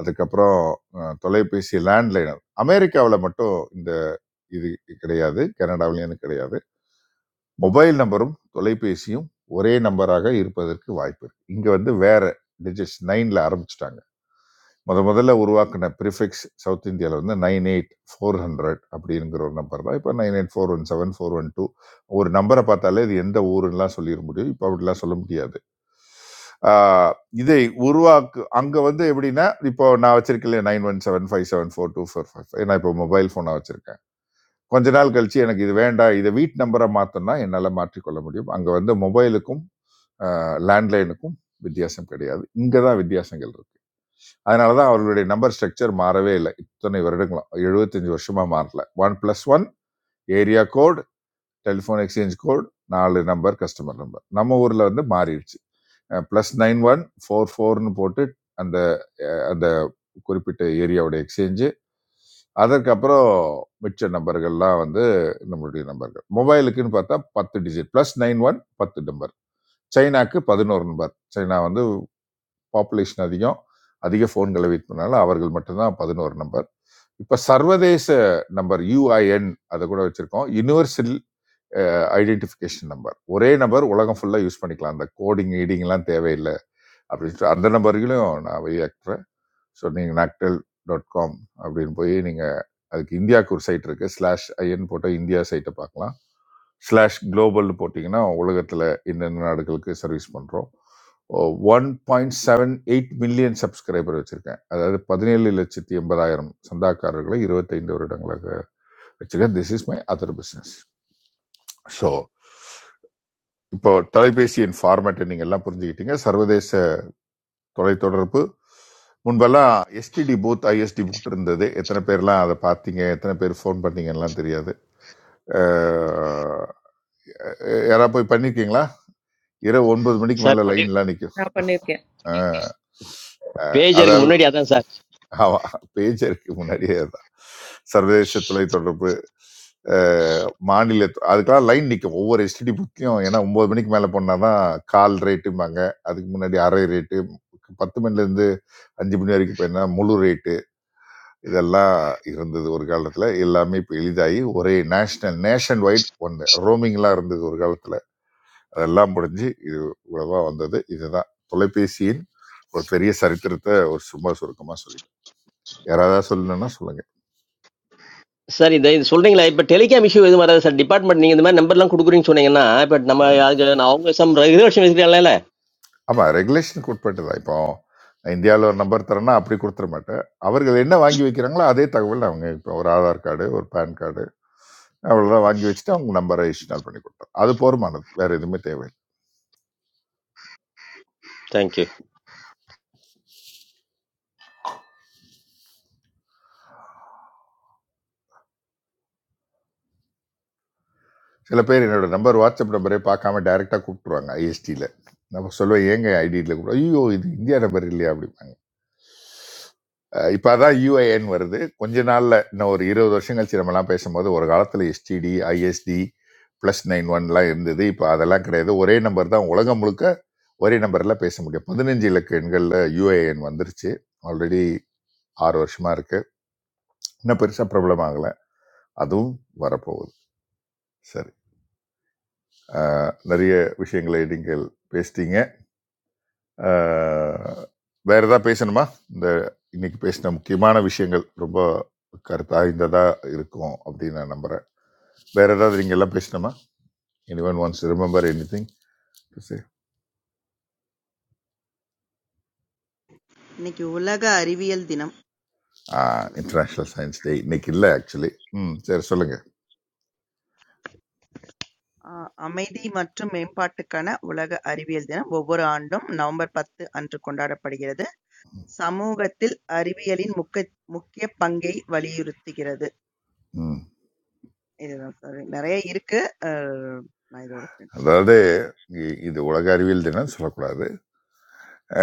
Speaker 4: அதுக்கப்புறம் அஹ், தொலைபேசி லேண்ட்லைனர் அமெரிக்காவில் மட்டும் இந்த இது கிடையாது கனடாவிலையும் கிடையாது மொபைல் நம்பரும் தொலைபேசியும் ஒரே நம்பராக இருப்பதற்கு வாய்ப்பு இருக்கு இங்க வந்து வேற டிஜிட்ஸ் நைன்ல ஆரம்பிச்சிட்டாங்க முத முதல்ல உருவாக்கின ப்ரிஃபிக்ஸ் சவுத் இந்தியாவில் வந்து நைன் எயிட் ஃபோர் ஹண்ட்ரட் அப்படிங்கிற ஒரு நம்பர் தான் இப்போ nine eight four one seven four one two ஒரு நம்பரை பார்த்தாலே இது எந்த ஊருன்னெலாம் சொல்லிட முடியும் இப்போ அப்படிலாம் சொல்ல முடியாது ஆஹ் இதை உருவாக்கு அங்கே வந்து எப்படின்னா இப்போ நான் வச்சிருக்கேன் nine one seven five seven four two four five நான் இப்போ மொபைல் ஃபோனாக வச்சிருக்கேன் கொஞ்ச நாள் கழிச்சு எனக்கு இது வேண்டாம் இதை வீட் நம்பரை மாற்றணும்னா என்னால் மாற்றிக்கொள்ள முடியும் அங்கே வந்து மொபைலுக்கும் லேண்ட்லைனுக்கும் வித்தியாசம் கிடையாது இங்கே தான் வித்தியாசங்கள் இருக்கு அதனால தான் அவர்களுடைய நம்பர் ஸ்ட்ரக்சர் மாறவே இல்லை இத்தனை வருடங்களும் எழுபத்தஞ்சு வருஷமாக மாறல one plus one area code telephone exchange code நாலு நம்பர் கஸ்டமர் நம்பர் நம்ம ஊரில் வந்து மாறிடுச்சு ப்ளஸ் நைன் ஒன் ஃபோர் ஃபோர்னு போட்டு அந்த அந்த குறிப்பிட்ட ஏரியாவோட எக்ஸ்சேஞ்சு அதற்கப்புறம் மிச்ச நம்பர்கள்லாம் வந்து நம்மளுடைய நம்பர்கள் மொபைலுக்குன்னு பார்த்தா பத்து டிஜிட் ப்ளஸ் நைன் ஒன் பத்து நம்பர் சைனாக்கு பதினோரு நம்பர் சைனா வந்து பாப்புலேஷன் அதிகம் அதிக ஃபோன்களை வெயிட் பண்ணால அவர்கள் மட்டும்தான் பதினோரு நம்பர் இப்போ சர்வதேச நம்பர் யூஐஎன் அதை கூட வச்சுருக்கோம் யூனிவர்சல் ஐடென்டிஃபிகேஷன் நம்பர் ஒரே நம்பர் உலகம் ஃபுல்லாக யூஸ் பண்ணிக்கலாம் அந்த கோடிங் ஈடிங்லாம் தேவையில்லை அப்படின்ட்டு அந்த நம்பர்களையும் நான் வெளியாக்குறேன் ஸோ நீங்கள் நாக்டெல் டாட் காம் அப்படின்னு போய் நீங்கள் அதுக்கு இந்தியாவுக்கு ஒரு சைட் இருக்குது ஸ்லாஷ் ஐஎன் போட்டால் இந்தியா சைட்டை பார்க்கலாம் ஸ்லாஷ் குளோபல்னு போட்டிங்கன்னா உலகத்தில் என்னென்ன நாடுகளுக்கு சர்வீஸ் பண்ணுறோம் one point seven eight million subscriber வச்சுருக்கேன் அதாவது பதினேழு லட்சத்தி எண்பதாயிரம் சந்தாக்காரர்களை இருபத்தைந்து வருடங்களாக வச்சுருக்கேன் this is my other business so இப்போ தொலைபேசியின் ஃபார்மேட்டை நீங்க எல்லாம் புரிஞ்சுக்கிட்டீங்க சர்வதேச தொலைத்தொடர்பு முன்பெல்லாம் எஸ்டிடி பூத் ஐஎஸ்டி பூத் இருந்தது எத்தனை பேர்லாம் அதை பார்த்தீங்க எத்தனை பேர் ஃபோன் பண்ணீங்கலாம் தெரியாது அஹ், யாரா போய் பண்ணிருக்கீங்களா இரவு ஒன்பது மணிக்கு
Speaker 6: Sir,
Speaker 4: மேல
Speaker 6: pani
Speaker 4: லைன்லாம் நிக்குது
Speaker 3: நான் பண்ணியிருக்கேன்
Speaker 4: அஹ் அஹ்
Speaker 6: page erku
Speaker 4: அதால்
Speaker 6: mune di ata sir.
Speaker 4: ஆமா பேச்சருக்கு முன்னாடியே தான் சர்வதேச தொலைத்தொடர்பு அஹ், மாநில தொ- அதுக்கெல்லாம் லைன் நிற்கும் ஒவ்வொரு எஸ்டிடி புக்கையும் ஏன்னா ஒன்பது மணிக்கு மேலே போனாதான் கால் ரேட்டும்பாங்க அதுக்கு முன்னாடி அரை ரேட்டு பத்து மணிலேருந்து அஞ்சு மணி வரைக்கும் போயிருந்தா முழு ரேட்டு இதெல்லாம் இருந்தது ஒரு காலத்தில் எல்லாமே இப்போ எளிதாகி ஒரே நேஷனல் நேஷன் வைட் ஒன்று ரோமிங்லாம் இருந்தது ஒரு காலத்தில் அதெல்லாம் முடிஞ்சு இது இவ்வளவா வந்தது இதுதான் தொலைபேசியின் ஒரு பெரிய சரித்திரத்தை ஒரு சும்மா சுருக்கமாக சொல்லிட்டேன் யாராவது சொல்லணும்னா சொல்லுங்க
Speaker 6: Sir, idiye, solving lai, but teleki a missi hoje mara sir department niye thame number lang kutkuring chunenge na, but namma yaar naonge some regular shi misri ala lalay.
Speaker 4: ஆமாம் ரெகுலேஷனுக்கு உட்பட்டதா இப்போ இந்தியாவில் ஒரு நம்பர் தரேன்னா அப்படி கொடுத்துட மாட்டேன் அவர்கள் என்ன வாங்கி வைக்கிறாங்களோ அதே தகவல் அவங்க இப்போ ஒரு ஆதார் கார்டு ஒரு பேன் கார்டு அவ்வளோதான் வாங்கி வச்சுட்டு அவங்க நம்பரை இன்ஸ்டால் பண்ணி கொடுத்தாங்க அது போருமானது வேறு எதுவுமே தேவையில்லை
Speaker 6: Thank you.
Speaker 4: சில பேர் என்னோட நம்பர் வாட்ஸ்அப் நம்பரே பார்க்காம டைரெக்டாக கூப்பிட்டுருவாங்க ஐஎஸ்டியில் நம்ம சொல்லுவேன் ஏங்க ஐடியில் கூப்பிடுவோம், ஐயோ இது இந்தியா நம்பர் இல்லையா அப்படி இப்போ அதான் யூஏஎன் வருது கொஞ்ச நாளில் இன்னும் ஒரு இருபது வருஷம் கழிச்சு நம்மலாம் பேசும்போது ஒரு காலத்தில் எஸ்டிடி ஐஎஸ்டி ப்ளஸ் நைன் ஒன்லாம் இருந்தது இப்போ அதெல்லாம் கிடையாது ஒரே நம்பர் தான் உலகம் முழுக்க ஒரே நம்பரில் பேச முடியும் பதினஞ்சு இலக்க எண்களில் யூஏஎன் வந்துருச்சு ஆல்ரெடி ஆறு வருஷமாக இருக்குது இன்னும் பெருசாக ப்ராப்ளம் ஆகலை அதுவும் வரப்போகுது சரி அஹ், நிறைய விஷயங்களை நீங்கள் பேசிட்டீங்க ஆஹ் வேற ஏதாவது பேசணுமா இந்த இன்னைக்கு பேசின முக்கியமான விஷயங்கள் ரொம்ப கருத்தாய்ந்ததா இருக்கும் அப்படின்னு நான் நம்புறேன் வேற ஏதாவது நீங்க எல்லாம் பேசணுமா anyone once remember anything
Speaker 2: இன்னைக்கு உலக அறிவியல் தினம் அவ்வளவுதான்.
Speaker 4: இன்டர்நேஷ்னல் சயின்ஸ் டே இன்னைக்கு இல்லை ஆக்சுவலி ம் சரி சொல்லுங்க
Speaker 2: ஆ, அமைதி மற்றும் மேம்பாட்டுக்கான உலக அறிவியல் தினம் ஒவ்வொரு ஆண்டும் நவம்பர் பத்து அன்று கொண்டாடப்படுகிறது சமூகத்தில் அறிவியலின் முக்க முக்கிய பங்கை வலியுறுத்துகிறது
Speaker 4: ம்
Speaker 2: இதுதான் சார் நிறைய இருக்கு அஹ், நான் இதோட
Speaker 4: அதாவது இ- இது உலக அறிவியல் தினம் சொல்லக்கூடாது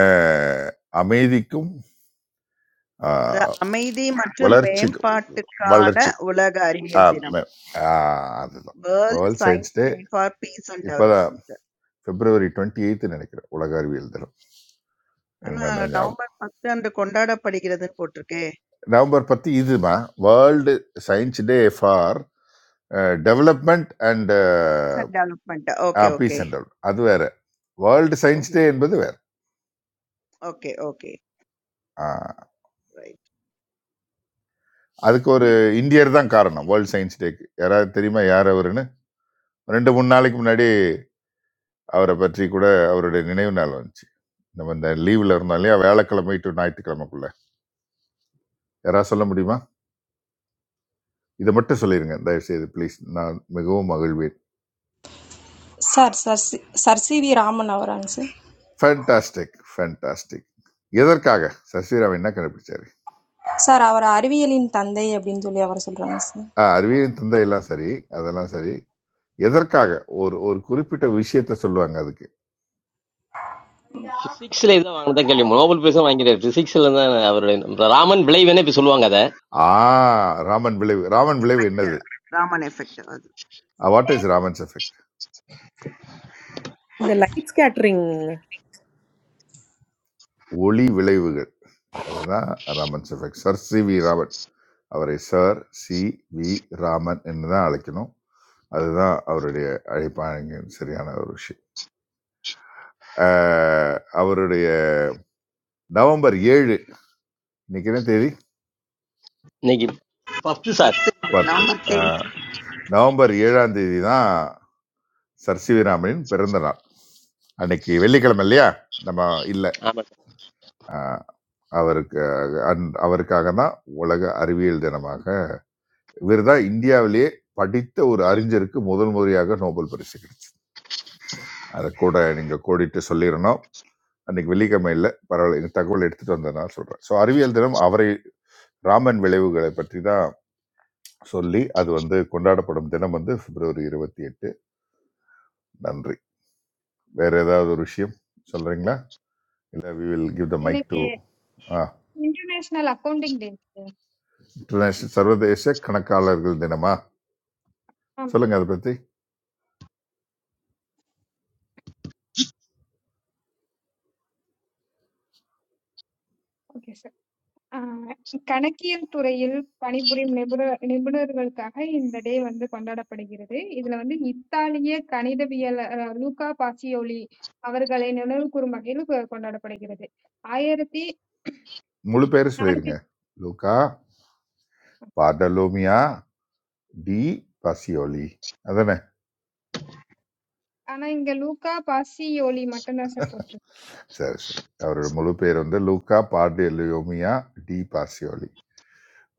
Speaker 4: ஆஹ் அமைதிக்கும்
Speaker 2: ர-
Speaker 4: ஆஹ்
Speaker 2: அமைதி மற்றும்
Speaker 4: வளர்ச்சிக்கும்
Speaker 2: மேம்பாட்டுக்கான
Speaker 4: வளர்ச்சி
Speaker 2: உலக அறிவியல்
Speaker 4: ஆஹ்
Speaker 2: தினம்
Speaker 4: ம- ஆஹ் அதுதான்
Speaker 2: world
Speaker 4: world
Speaker 2: science
Speaker 4: science day
Speaker 2: day for peace and
Speaker 4: இப்போதான்
Speaker 2: டெவலப்மெண்ட்
Speaker 4: பிப்ரவரி டுவெண்ட்டி எயித்து நினைக்கிறேன் உலக அறிவியல் தினம் எனக்கு
Speaker 2: ஆனா
Speaker 4: நல்லா ஞாபகம்
Speaker 2: நவம்பர் பத்து அன்று கொண்டாடப்படுகிறதுன்னு போட்டிருக்கே
Speaker 4: நவம்பர் பத்து இதுமா world science day for development and
Speaker 2: peace and development okay okay
Speaker 4: peace and develop. அது வேற வேர்ல்டு சயின்ஸ்
Speaker 2: ஓஹோ
Speaker 4: டே என்பது வேற
Speaker 2: ஓகே ஓகே
Speaker 4: ஆஹ்,
Speaker 2: ரைட்
Speaker 4: அதுக்கு ஒரு இந்தியர் தான் காரணம் வேர்ல்டு சயின்ஸ் டேக்கு யாராவது தெரியுமா யார் அவருன்னு ரெண்டு மூணு நாளைக்கு முன்னாடி அவரை பற்றி கூட அவருடைய நினைவு நாள் வந்துச்சு நம்ம இந்த லீவில் இருந்தோம் இல்லையா வேலைக்கிழமை டு ஞாயிற்றுக்கிழமைக்குள்ள யாராவது சொல்ல முடியுமா இதை மட்டும் சொல்லிடுங்க தயவு செய்து ப்ளீஸ் நான் மிகவும் மகிழ்வேன்
Speaker 12: sir sir sir C V Raman அவராங்க சார்.
Speaker 4: ஃபேண்டாஸ்டிக் ஃபேண்டாஸ்டிக் எதற்காக சசிராம் என்ன கண்டுபிடிச்சாரு
Speaker 12: சார் அவர் அறிவியலின் தந்தை அப்படின்னு சொல்லி அவர் சொல்கிறாங்க சார்.
Speaker 4: ஆஹ் அறிவியலின் தந்தை எல்லாம் சரி அதெல்லாம் சரி எதற்காக ஒரு ஒரு குறிப்பிட்ட விஷயத்த சொல்லுவாங்க அதுக்கு
Speaker 6: Six leza mangta keli, mobile peso mangi re, six leza na aburu raman blay vene pishulu mangata.
Speaker 4: ஆ ராமன் விளைவு ராமன் விளைவு என்னது
Speaker 2: ராமன் எஃபெக்ட் அது
Speaker 4: வாட் இஸ் ராமன்ஸ் எஃபெக்ட்
Speaker 3: இந்த லைட் ஸ்கேட்டரிங்
Speaker 4: ஒளி விளைவுகள் அதுதான் Raman's effect sir C V Raman அவரை சார் சி வி ராமன் என்று தான் அழைக்கணும் அதுதான் அவருடைய அழைப்பாங்க சரியான ஒரு விஷயம் ஆஹ் அவருடைய நவம்பர் ஏழு இன்னைக்கு என்ன தேதி
Speaker 6: Neki pafte sir.
Speaker 2: பத்து நவம்பர்
Speaker 4: பத்து
Speaker 2: டென்
Speaker 4: நவம்பர் 7ஆம் தேதி தான் சர் சி வி ராமனின் பிறந்த நாள் அன்னைக்கு வெள்ளிக்கிழமை இல்லையா நம்ம இல்லை
Speaker 6: Amar
Speaker 4: அவருக்கு அன்- அவருக்காக தான் உலக அறிவியல் தினமாக இவர் தான் இந்தியாவிலேயே படித்த ஒரு அறிஞருக்கு முதல் முறையாக நோபல் பரிசு கிடைச்சது அதை கூட நீங்கள் கோடிட்டு சொல்லிடணும் அன்னைக்கு வெள்ளிக்கிழமை இல்லை பரவாயில்ல இந்த தகவல் எடுத்துட்டு வந்ததுனால சொல்கிறேன் ஸோ அறிவியல் தினம் அவரை ராமன் விளைவுகளை பற்றி தான் சொல்லி அது வந்து கொண்டாடப்படும் தினம் வந்து பிப்ரவரி இருபத்தி எட்டு நன்றி வேற ஏதாவது ஒரு விஷயம் சொல்றீங்களா Uh, we will give the mic to
Speaker 10: இன்னைக்கு
Speaker 4: ஆ
Speaker 10: international accounting day sir
Speaker 4: international சர்வதேச கணக்காளர்கள் தினமா
Speaker 10: ஆமா
Speaker 4: சொல்லுங்க அதை பத்தி
Speaker 10: ஓகே சார் ஆஹ் கணக்கியல் துறையில் பணிபுரியும் நிபுணர் நிபுணர்களுக்காக இந்த டே வந்து கொண்டாடப்படுகிறது இதுல வந்து இத்தாலிய கணிதவியல் லூகா பாசியோலி அவர்களை நினைவு கூறும் வகையில் கொ- கொண்டாடப்படுகிறது ஆயிரத்தி
Speaker 4: முழு பேர்
Speaker 10: நாளைக்கு
Speaker 4: சொல்லிருங்க லூகா பாடலோமியா டி பாசியோலி அதானே
Speaker 10: ஆனா இங்க லூக்கா பாசியோலி மட்டும்தான் சார் போட்டிருக்கு
Speaker 4: சரி சரி அவரோட முழு பேர் வந்து லூகா பாடலோமியா டி பாசியோலி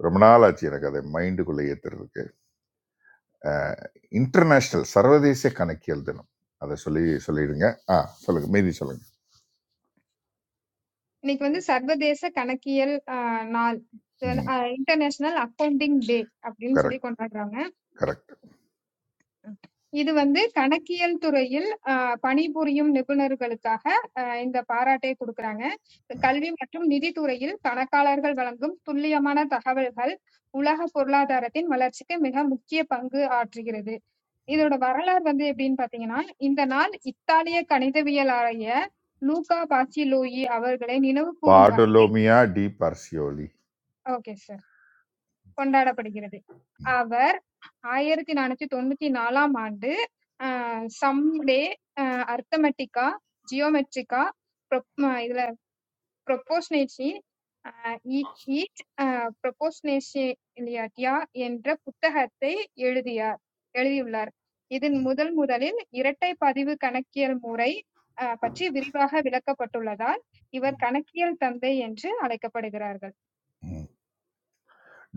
Speaker 4: ரொம்ப நாள் ஆச்சு எனக்கு அதை மைண்டுக்குள்ளே ஏத்துறதுக்கு இன்டர்நேஷனல் சர்வதேச கணக்கியல் தினம் அதை சொல்லி சொல்லிடுங்க ஆ சொல்லுங்க மீதி சொல்லுங்க
Speaker 10: இன்னைக்கு வந்து சர்வதேச கணக்கியல் ஆஹ், நாள்
Speaker 4: ம்
Speaker 10: இன்டர்நேஷனல் அக்கவுண்டிங் டே அப்படின்னு சொல்லி
Speaker 4: கரெக்ட்
Speaker 10: கொண்டாடுறாங்க
Speaker 4: கரெக்ட்
Speaker 10: இது வந்து கணக்கியல் துறையில் ஆஹ், பணிபுரியும் நிபுணர்களுக்காக ஆஹ், இந்த பாராட்டை கொடுக்கறாங்க கல்வி மற்றும் நிதித்துறையில் கணக்காளர்கள் வழங்கும் துல்லியமான தகவல்கள் உலக பொருளாதாரத்தின் வளர்ச்சிக்கு மிக முக்கிய பங்கு ஆற்றுகிறது இதோட வரலாறு வந்து எப்படின்னு பாத்தீங்கன்னா இந்த நாள் இத்தாலிய கணிதவியலாளர் லூகா பாசிலோயி அவர்களை நினைவு கூறும் வகையில்
Speaker 4: பாடலோமியா டி
Speaker 10: ஓகே சார் கொண்டாடப்படுகிறது
Speaker 4: பார்சியோலி
Speaker 10: அவர் ஆயிரத்தி நானூத்தி தொண்ணூத்தி நாலாம் ஆண்டு ஆஹ் சம்டே அர்த்தமெட்டிக்கா ஜியோமெட்ரிக்கா இதுல ப்ரொப்போஸ்னேட்ஸி ஈட் ஈட் ப்ரொபோஸ்னேஷியாலிட்டியா என்ற புத்தகத்தை எழுதியார் எழுதியுள்ளார். இதில் முதல் முதலில் இரட்டை பதிவு கணக்கியல் முறை அஹ், பற்றி விரிவாக விளக்கப்பட்டுள்ளதால் இவர் கணக்கியல் தந்தை என்று அழைக்கப்படுகிறார்கள்.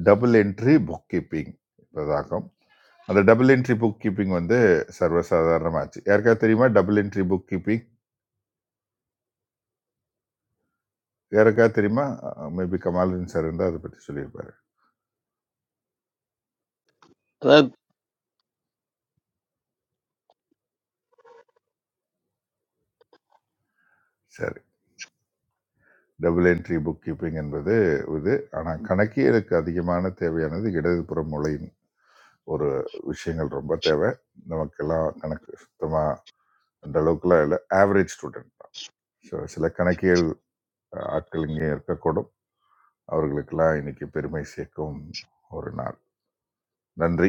Speaker 4: டபுள் என்ட்ரி புக் கீப்பிங் இப்போதாக்கம் அந்த டபுள் என்ட்ரி புக் கீப்பிங் வந்து சர்வசாதாரணமாச்சு யாருக்காவது தெரியுமா டபுள் என்ட்ரி புக் கீப்பிங் யாருக்காவது தெரியுமா மேபி கமாலுதீன் சார் இருந்தால் அதை பற்றி சொல்லியிருப்பாரு
Speaker 6: madam
Speaker 4: சரி டபுள் என்ட்ரி புக் கீப்பிங் என்பது இது ஆனால் கணக்கியலுக்கு அதிகமான தேவையானது இடதுபுற மூலையின் ஒரு விஷயங்கள் ரொம்ப தேவை நமக்கெல்லாம் கணக்கு சுத்தமாக அந்த அளவுக்குலாம் இல்லை ஆவரேஜ் ஸ்டூடெண்ட் தான் ஸோ சில கணக்கியல் ஆட்கள் இங்கே இருக்கக்கூடும் அவர்களுக்கெல்லாம் இன்னைக்கு பெருமை சேர்க்கும் ஒரு நாள் நன்றி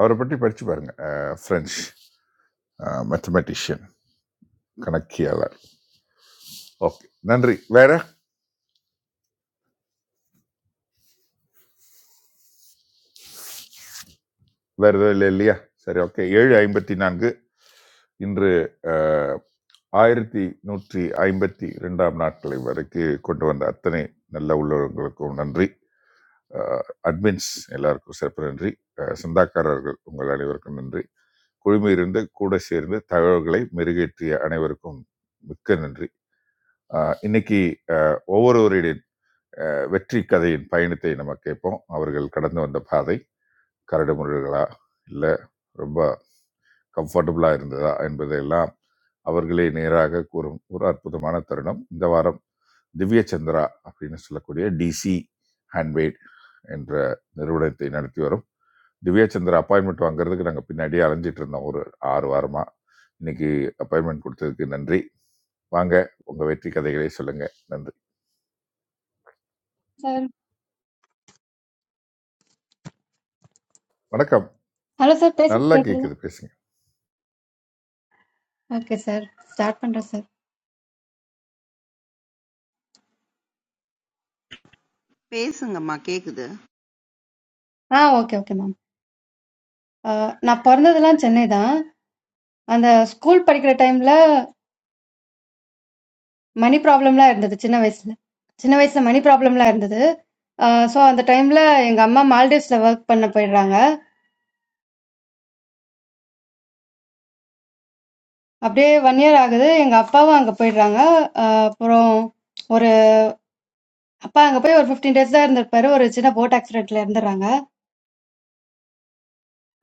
Speaker 4: அவரை பற்றி படிச்சு பாருங்க ஃப்ரெஞ்ச் மேத்தமெட்டிஷியன் கணக்கியாளர் ஓகே நன்றி வேற வேற எதுவும் இல்லை இல்லையா சரி ஓகே ஏழு ஐம்பத்தி நான்கு இன்று அஹ், ஆயிரத்தி நூற்றி ஐம்பத்தி ரெண்டாம் நாட்களை வரைக்கு கொண்டு வந்த அத்தனை நல்ல உள்ளவர்களுக்கும் நன்றி அஹ், அட்மின்ஸ் எல்லாருக்கும் சிறப்பு நன்றி அஹ், சொந்தக்காரர்கள் உங்கள் அனைவருக்கும் நன்றி குழுமையிலிருந்து கூட சேர்ந்து தகவல்களை மெருகேற்றிய அனைவருக்கும் மிக்க நன்றி அஹ், இன்னைக்கு அஹ், ஒவ்வொருவருடைய அஹ், வெற்றி கதையின் பயணத்தை நம்ம கேட்போம் அவர்கள் கடந்து வந்த பாதை கரடுமுரடுகளா இல்லை ரொம்ப கம்ஃபர்டபுளாக இருந்ததா என்பதையெல்லாம் அவர்களே நேராக கூறும் ஒரு அற்புதமான தருணம் இந்த வாரம் திவ்ய சந்திரா அப்படின்னு சொல்லக்கூடிய டிசி ஹேண்ட்மேட் என்ற நிறுவனத்தை நடத்தி வரும் திவ்ய சந்திரா அப்பாயின்மெண்ட் வாங்குறதுக்கு நாங்கள் பின்னாடியே அலைஞ்சிட்டு இருந்தோம் ஒரு ஆறு வாரமாக இன்னைக்கு அப்பாயின்மெண்ட் கொடுத்ததுக்கு நன்றி வாங்க உங்கள் வெற்றி கதைகளை சொல்லுங்கள் நன்றி
Speaker 13: சார்
Speaker 4: வணக்கம்
Speaker 13: ஹலோ சார் பேச
Speaker 4: நல்லா
Speaker 13: கேட்குதுல
Speaker 4: கேட்குது பேசுங்க
Speaker 13: ஓகே சார் ஸ்டார்ட் பண்ணுறேன் சார்
Speaker 2: பேசுங்கம்மா கேக்குது
Speaker 13: ஆ ஓகே ஓகே மேம் நான் பிறந்ததெல்லாம் சென்னை தான் அந்த ஸ்கூல் படிக்கிற டைமில் மணி ப்ராப்ளம்லாம் இருந்தது சின்ன வயசில் சின்ன வயசில் மணி ப்ராப்ளம்லாம் இருந்தது ஸோ அந்த டைமில் எங்கள் அம்மா மால்டீவ்ஸில் ஒர்க் பண்ண போயிடுறாங்க அப்படியே ஒன் இயர் ஆகுது எங்கள் அப்பாவும் அங்கே போயிடுறாங்க ஆஹ் அப்புறம் ஒரு அப்பா அங்கே போய் ஒரு ஃபிஃப்டீன் டேஸ் தான் இருந்திருப்பாரு ஒரு சின்ன போட் ஆக்சிடென்ட்ல இருந்துடுறாங்க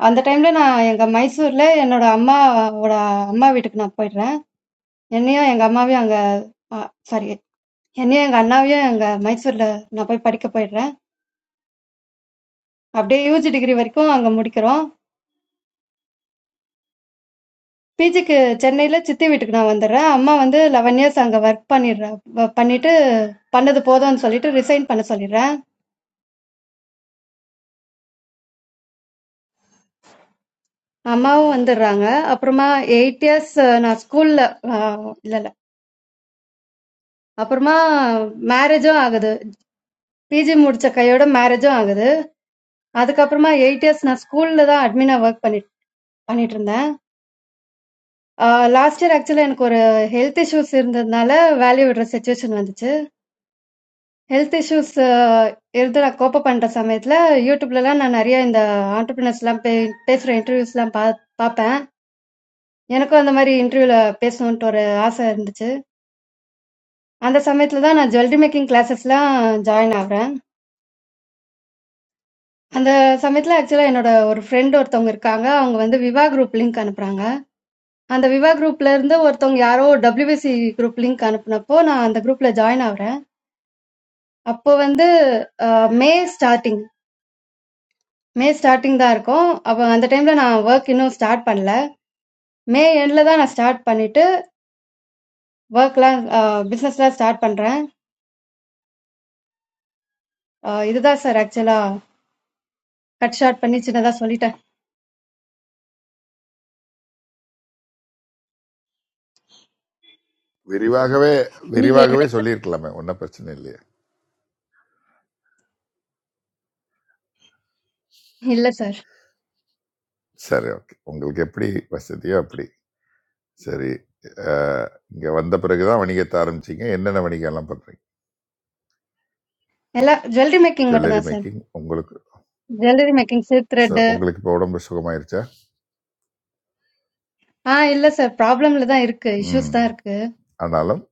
Speaker 13: அந்த டைமில் நான் எங்கள் மைசூரில் என்னோட அம்மாவோட அம்மா வீட்டுக்கு நான் போயிடுறேன் என்னையும் எங்க அம்மாவையும் அங்க சாரி என்னையும் எங்க அண்ணாவையும் அங்க மைசூர்ல நான் போய் படிக்க போயிடுறேன் அப்படியே யூஜி டிகிரி வரைக்கும் அங்க முடிக்கிறோம் பிஜிக்கு சென்னையில சித்தி வீட்டுக்கு நான் வந்துடுறேன் அம்மா வந்து லெவன் இயர்ஸ் அங்க ஒர்க் பண்ணிடுறேன் வ- பண்ணிட்டு பண்ணது போதும்னு சொல்லிட்டு ரிசைன் பண்ண சொல்லிடுறேன் அம்மாவும் வந்துடுறாங்க அப்புறமா எயிட் இயர்ஸ் நான் ஸ்கூல்ல இல்ல இல்ல அப்புறமா மேரேஜும் ஆகுது பிஜி முடிச்ச கையோட மேரேஜும் ஆகுது அதுக்கப்புறமா எயிட் இயர்ஸ் நான் ஸ்கூல்ல தான் அட்மினா ஒர்க் பண்ணி பண்ணிட்டு இருந்தேன் ஆ லாஸ்ட் இயர் ஆக்சுவலா எனக்கு ஒரு ஹெல்த் இஷ்யூஸ் இருந்ததுனால, வேலைய விடுற சிச்சுவேஷன் வந்துச்சு. ஹெல்த் இஷ்யூஸ் இருந்து நான் கோப் அப் பண்ற சமயத்துல, யூடியூப்லலாம் நான் நெறைய இந்த ஆன்டர்ப்ரனர்ஸ்லாம் பே பேசுற இன்டர்வியூஸ்லாம் பா பாப்பேன். எனக்கும் அந்த மாரி இன்டர்வியூல பேசணுன்ட்டு ஒரு ஆசை இருந்துச்சு. அந்த சமயத்துல தான் நான் ஜுவல்லரி மேக்கிங் கிளாஸஸ்லாம் ஜாயின் ஆகுறேன். அந்த சமயத்துல ஆக்சுவலா என்னோட ஒரு ஃப்ரெண்ட் ஒருத்தவங்க இருக்காங்க. அவங்க வந்து விவா குரூப் லிங்க் அனுப்புறாங்க. அந்த விவா குரூப்ல இருந்து ஒருத்தவங்க யாரோ WBC குரூப் லிங்க் அனுப்புனப்போ, நான் அந்த குரூப்ல ஜாயின் ஆகுறேன். அப்போ வந்து அஹ், மே ஸ்டார்டிங் மே ஸ்டார்டிங் தான் இருக்கும் அப்போ அந்த டைம்ல நான் ஒர்க் இன்னும் ஸ்டார்ட் பண்ணல மே எண்ட்ல தான் நான் ஸ்டார்ட் பண்ணிட்டு ஒர்க்லாம் பிசினஸ்லாம் ஸ்டார்ட் பண்றேன் அஹ், இதுதான் சார் ஆக்சுவலா கட் ஷார்ட் பண்ணி சின்னதா சொல்லிட்டேன்
Speaker 4: விரிவாகவே
Speaker 3: நீங்க
Speaker 4: விரிவாகவே சொல்லியிருக்கலாமே ஒன்றும் பிரச்சனை இல்லையே
Speaker 13: இல்ல சார்
Speaker 4: சரி ஓகே உங்களுக்கு எப்படி வசதியோ அப்படி சரி இங்கே வந்த பிறகு தான் வணிகத்தை ஆரம்பிச்சிங்க என்னென்ன வணிகம் எல்லாம் பண்ணுறீங்க
Speaker 13: எல்லா ஜுவல்லரி மேக்கிங் மட்டும்
Speaker 4: ஜுவல்லரி
Speaker 13: தான் சார்
Speaker 4: மேக்கிங் உங்களுக்கு
Speaker 13: ஜுவல்லரி மேக்கிங் சில்க்
Speaker 4: சு-
Speaker 13: த்ரெட்
Speaker 4: உங்களுக்கு இப்போ உடம்பு சுகமாயிருச்சா
Speaker 13: ஆ இல்ல சார் ப்ராப்ளம்ல தான் இருக்கு
Speaker 4: ம்
Speaker 13: இஷ்யூஸ் தான் இருக்கு
Speaker 4: ஆனாலும்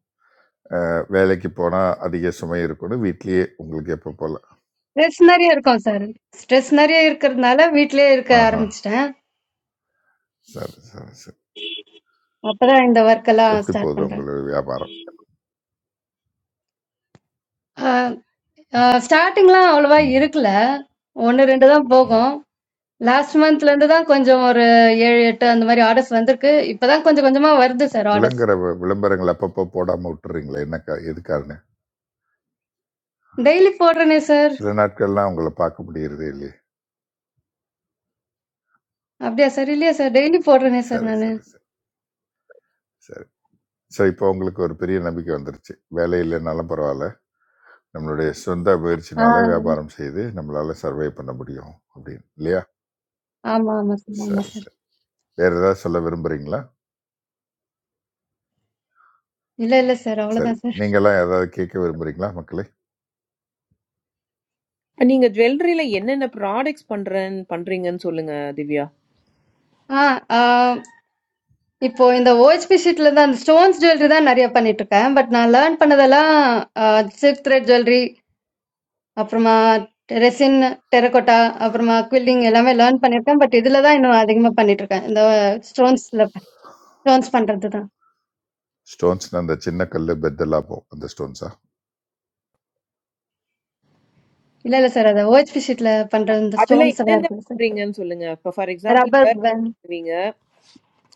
Speaker 4: அஹ், வேலைக்கு போனால் அதிக சுமை இருக்கணும் வீட்லேயே உங்களுக்கு எப்போ போகல
Speaker 13: ஸ்ட்ரெஸ் நிறைய இருக்கும் சார் ஸ்ட்ரெஸ் நிறைய இருக்கிறதுனால வீட்லயே இருக்க
Speaker 4: ஆஹா
Speaker 13: ஆரம்பிச்சிட்டேன்
Speaker 4: சரி சரி சரி
Speaker 13: அப்பதான் இந்த ஒர்க் எல்லாம்
Speaker 4: எப்படி
Speaker 13: ஸ்டார்ட்
Speaker 4: போகுது
Speaker 13: பண்றேன்
Speaker 4: உங்களோட வியாபாரம்
Speaker 13: ஸ்டார்டிங்லாம் அவ்வளவா
Speaker 4: ம்
Speaker 13: இருக்கல ஒண்ணு ரெண்டு தான்
Speaker 4: ம்
Speaker 13: போகும் லாஸ்ட் மந்த்ல இருந்து தான் கொஞ்சம் ஒரு ஏழு எட்டு அந்த மாதிரி ஆர்டர்ஸ் வந்திருக்கு இப்பதான் கொஞ்சம் கொஞ்சமா வருது சார் ஆர்டர்ஸ்
Speaker 4: விளங்குற விளம்பரங்கள் அப்பப்போ போடாமல் விட்டுறீங்களே என்ன கா- எது காரணம்
Speaker 13: டெய்லி போடுறேனே சார்
Speaker 4: சில நாட்கள்லாம் உங்களை பார்க்க முடியறதே இல்லையே
Speaker 13: அப்படியா சார் இல்லையா சார் டெய்லி போடுறேனே சார்
Speaker 4: சரி
Speaker 13: நானு
Speaker 4: சரி சரி சரி ஸோ இப்போ உங்களுக்கு ஒரு பெரிய நம்பிக்கை வந்துருச்சு வேலை இல்லைனாலும் பரவாயில்ல நம்மளுடைய சொந்த
Speaker 13: ஆ
Speaker 4: முயற்சினால வியாபாரம் செய்து நம்மளால சர்வே பண்ண முடியும் அப்படின்னு இல்லையா
Speaker 13: ஆமா ஆமா சார் ஆமா
Speaker 4: சரி
Speaker 13: சார்
Speaker 4: சரி வேற ஏதாவது சொல்ல விரும்புறீங்களா
Speaker 13: இல்ல இல்ல சார்
Speaker 4: சரி
Speaker 13: அவ்வளவுதான் சார்
Speaker 4: நீங்களாம் ஏதாவது கேட்க விரும்புறீங்களா மக்களே
Speaker 3: நீங்க ஜுவல்லரியில என்னென்ன ப்ராடக்ட்ஸ் பண்றேன்னு பண்றீங்கன்னு சொல்லுங்க திவ்யா.
Speaker 13: ஆ ஆ, இப்போ இந்த ஓஹெச்பி ஷீட்ல தான் அந்த ஸ்டோன்ஸ் ஜுவல்லரி தான் நிறைய பண்ணிட்டு இருக்கேன் பட் நான் லேர்ன் பண்ணதெல்லாம் சில்க் த்ரெட் ஜுவல்லரி அப்புறமா ரெசின், டெரகோட்டா, அப்புறமா குவில்டிங் எல்லாமே லேர்ன் பண்ணியிருக்கேன். பட் இதுல தான் இன்னும் அதிகமா பண்ணிட்டுருக்கேன். இந்த ஸ்டோன்ஸ்ல ஸ்டோன்ஸ் பண்றது தான்.
Speaker 4: ஸ்டோன்ஸ் அந்த சின்ன கல் பெத்தெல்லாம் போகும் அந்த ஸ்டோன்ஸா
Speaker 13: இல்ல இல்ல சார். அது OHP ஷீட்ல பண்ற இந்த
Speaker 3: அதுல
Speaker 13: ஸ்டோன்ஸ் எல்லாம்
Speaker 3: என்னென்ன
Speaker 13: இருக்குல்ல சார்.
Speaker 3: பண்றீங்கன்னு சொல்லுங்க. இப்ப ஃபார் எக்ஸாம்பிள்
Speaker 13: ரப்பர் பேண்ட்
Speaker 3: பண்ணுவீங்க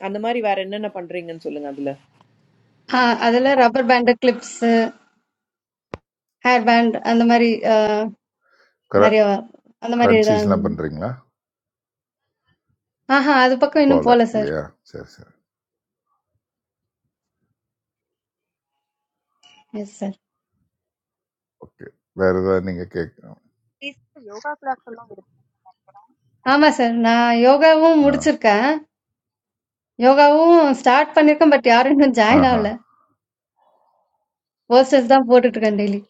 Speaker 3: அந்த மாதிரி வேற என்னென்ன பண்றீங்கன்னு சொல்லுங்க அதுல.
Speaker 13: ஆ அதுல rubber band, clips, hair band அந்த மாதிரி ஆ,
Speaker 4: கர
Speaker 13: நிறைய அந்த மாதிரி தான்.
Speaker 4: கிரன்ச்சீஸ்லாம் பண்ணுறீங்களா
Speaker 13: ஆஹா அது பக்கம் இன்னும்
Speaker 4: போகல
Speaker 13: போல சார்.
Speaker 4: இல்லையா சரி சரி
Speaker 13: எஸ் சார்.
Speaker 4: ஓகே வேற ஏதாவது நீங்கள் கேட்க
Speaker 8: this yoga class alone.
Speaker 13: ஆமா சார். நான் யோகாவும்
Speaker 4: ஆ
Speaker 13: முடிச்சிருக்கேன். யோகாவும் ஸ்டார்ட் பண்ணியிருக்கேன். பட் யாரும் இன்னும் ஜாயின்
Speaker 4: ஆஹா
Speaker 13: ஆகல. போஸ்டர்ஸ் தான் போட்டுட்டு இருக்கேன் டெய்லி.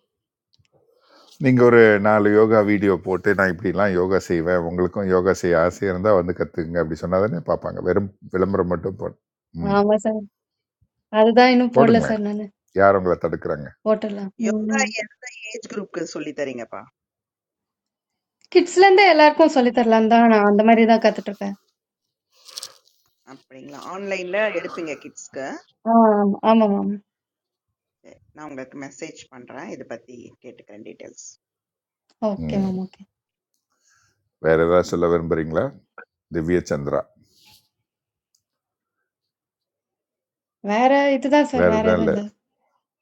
Speaker 4: நீங்கள் ஒரு நாலு யோகா வீடியோ போட்டு நான் இப்படிலாம் யோகா செய்வேன் உங்களுக்கும் யோகா செய்ய ஆசையாக இருந்தால் வந்து கற்றுக்குங்க அப்படி சொன்னால் தானே பார்ப்பாங்க வெறும் விளம்பரம் மட்டும் போ ம்
Speaker 13: ஆமா சார். அதுதான் இன்னும் போடல
Speaker 4: போடுங்களேன்
Speaker 13: சார் நானு.
Speaker 4: யார் உங்களை தடுக்கிறாங்க
Speaker 13: போட்டுடலாம்.
Speaker 2: யோகா
Speaker 13: ம்.
Speaker 2: எந்த ஏஜ் குரூப்க்கு சொல்லி தரீங்கப்பா
Speaker 13: கிட்ஸ்ல இருந்தே எல்லாருக்கும் சொல்லி தரலாம்னு தான் நான் அந்த மாதிரி தான் கத்துட்டு இருக்கேன்.
Speaker 2: அப்படிங்களா ஆன்லைன்ல எடுப்பீங்க கிட்ஸ்க்கு
Speaker 13: ஆ, ஆமா மேம்.
Speaker 2: நான் உங்களுக்கு மெசேஜ் பண்றேன் இதை பத்தி கேட்டுக்கிறேன் டீட்டெயில்ஸ்
Speaker 13: ஓகே
Speaker 4: ம்
Speaker 13: மேம். ஓகே.
Speaker 4: வேறு ஏதாவது சொல்ல விரும்புகிறீங்களா திவ்ய சந்திரா
Speaker 13: வேற இதுதான் சார்.
Speaker 4: வேறு
Speaker 13: வேற
Speaker 4: எதுவும்
Speaker 13: எதுவும்
Speaker 4: இல்லை
Speaker 13: இல்ல.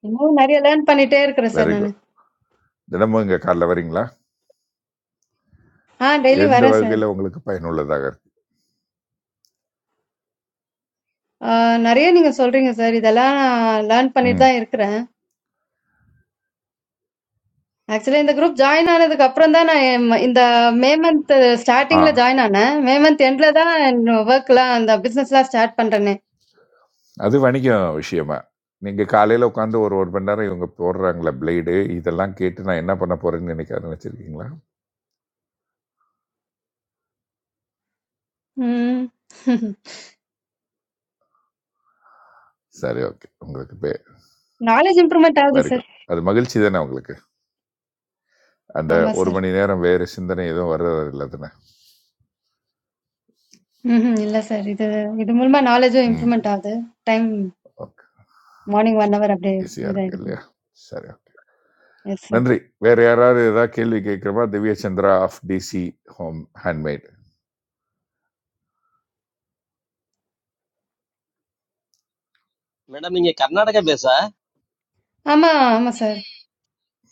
Speaker 13: இன்னும் நிறைய லேர்ன் பண்ணிட்டே இருக்கிறேன் சார்
Speaker 4: வெரி
Speaker 13: நானு.
Speaker 4: குட் தினமும் இங்கே காலைல வரீங்களா
Speaker 13: ஆ டெய்லி
Speaker 4: எந்த
Speaker 13: வரேன் சார்.
Speaker 4: வகையில் உங்களுக்கு பயனுள்ளதாக இருக்கு
Speaker 13: ஆ, நிறைய நீங்க சொல்றீங்க சார். இதெல்லாம் நான் லேர்ன் பண்ணிட்டு
Speaker 4: ம்
Speaker 13: தான் இருக்கிறேன். ஆக்சுவலி இந்த குரூப் ஜாயின் ஆனதுக்கு அப்புறம் தான் நான் எம்- இந்த மே மந்த்
Speaker 4: ஆ
Speaker 13: ஸ்டார்டிங்ல ஜாயின் ஆனேன். மே மந்த் எண்ட்ல தான் ஒர்க்லாம் அந்த பிசினஸ்லாம் ஸ்டார்ட் பண்றேனே.
Speaker 4: அது வணிகம் விஷயமா நீங்கள் காலையில் உட்காந்து ஒரு ஒரு மணி நேரம் இவங்க போடுறாங்களே பிளேடு இதெல்லாம் கேட்டு நான் என்ன பண்ண போகிறேன்னு நினைக்க ஆரம்பிச்சிருக்கீங்களா
Speaker 13: ம்.
Speaker 4: சரி ஓகே உங்களுக்கு பே
Speaker 13: நாலேஜ் இம்ப்ரூவ்மெண்ட் ஆகுது
Speaker 4: வெரி
Speaker 13: சார்.
Speaker 4: குட் அது மகிழ்ச்சி தானே உங்களுக்கு அந்த
Speaker 13: ஆமா
Speaker 4: ஒரு
Speaker 13: சார்.
Speaker 4: மணி நேரம் வேறு சிந்தனை எதுவும் வர்றது இல்லை தானே
Speaker 13: ம்ஹ்ம். இல்ல சார். இது இது மூலமா நாலேட்ஜும்
Speaker 4: ம்
Speaker 13: இம்ப்ரூவ்மென்ட் ஆகுது. டைம்
Speaker 4: ஓகே
Speaker 13: மார்னிங் 1 ஹவர் அப்படியே
Speaker 4: ஈஸியாக இருக்கு
Speaker 13: இதாயிடுது.
Speaker 4: இல்லையா சரி ஓகே
Speaker 13: எஸ் சார்.
Speaker 4: நன்றி வேறு யாராவது ஏதாவது கேள்வி கேட்குறமா Divya Chandra of DC home handmade
Speaker 6: inge Karnataka bese,
Speaker 13: ஆமா, ஆமா sir.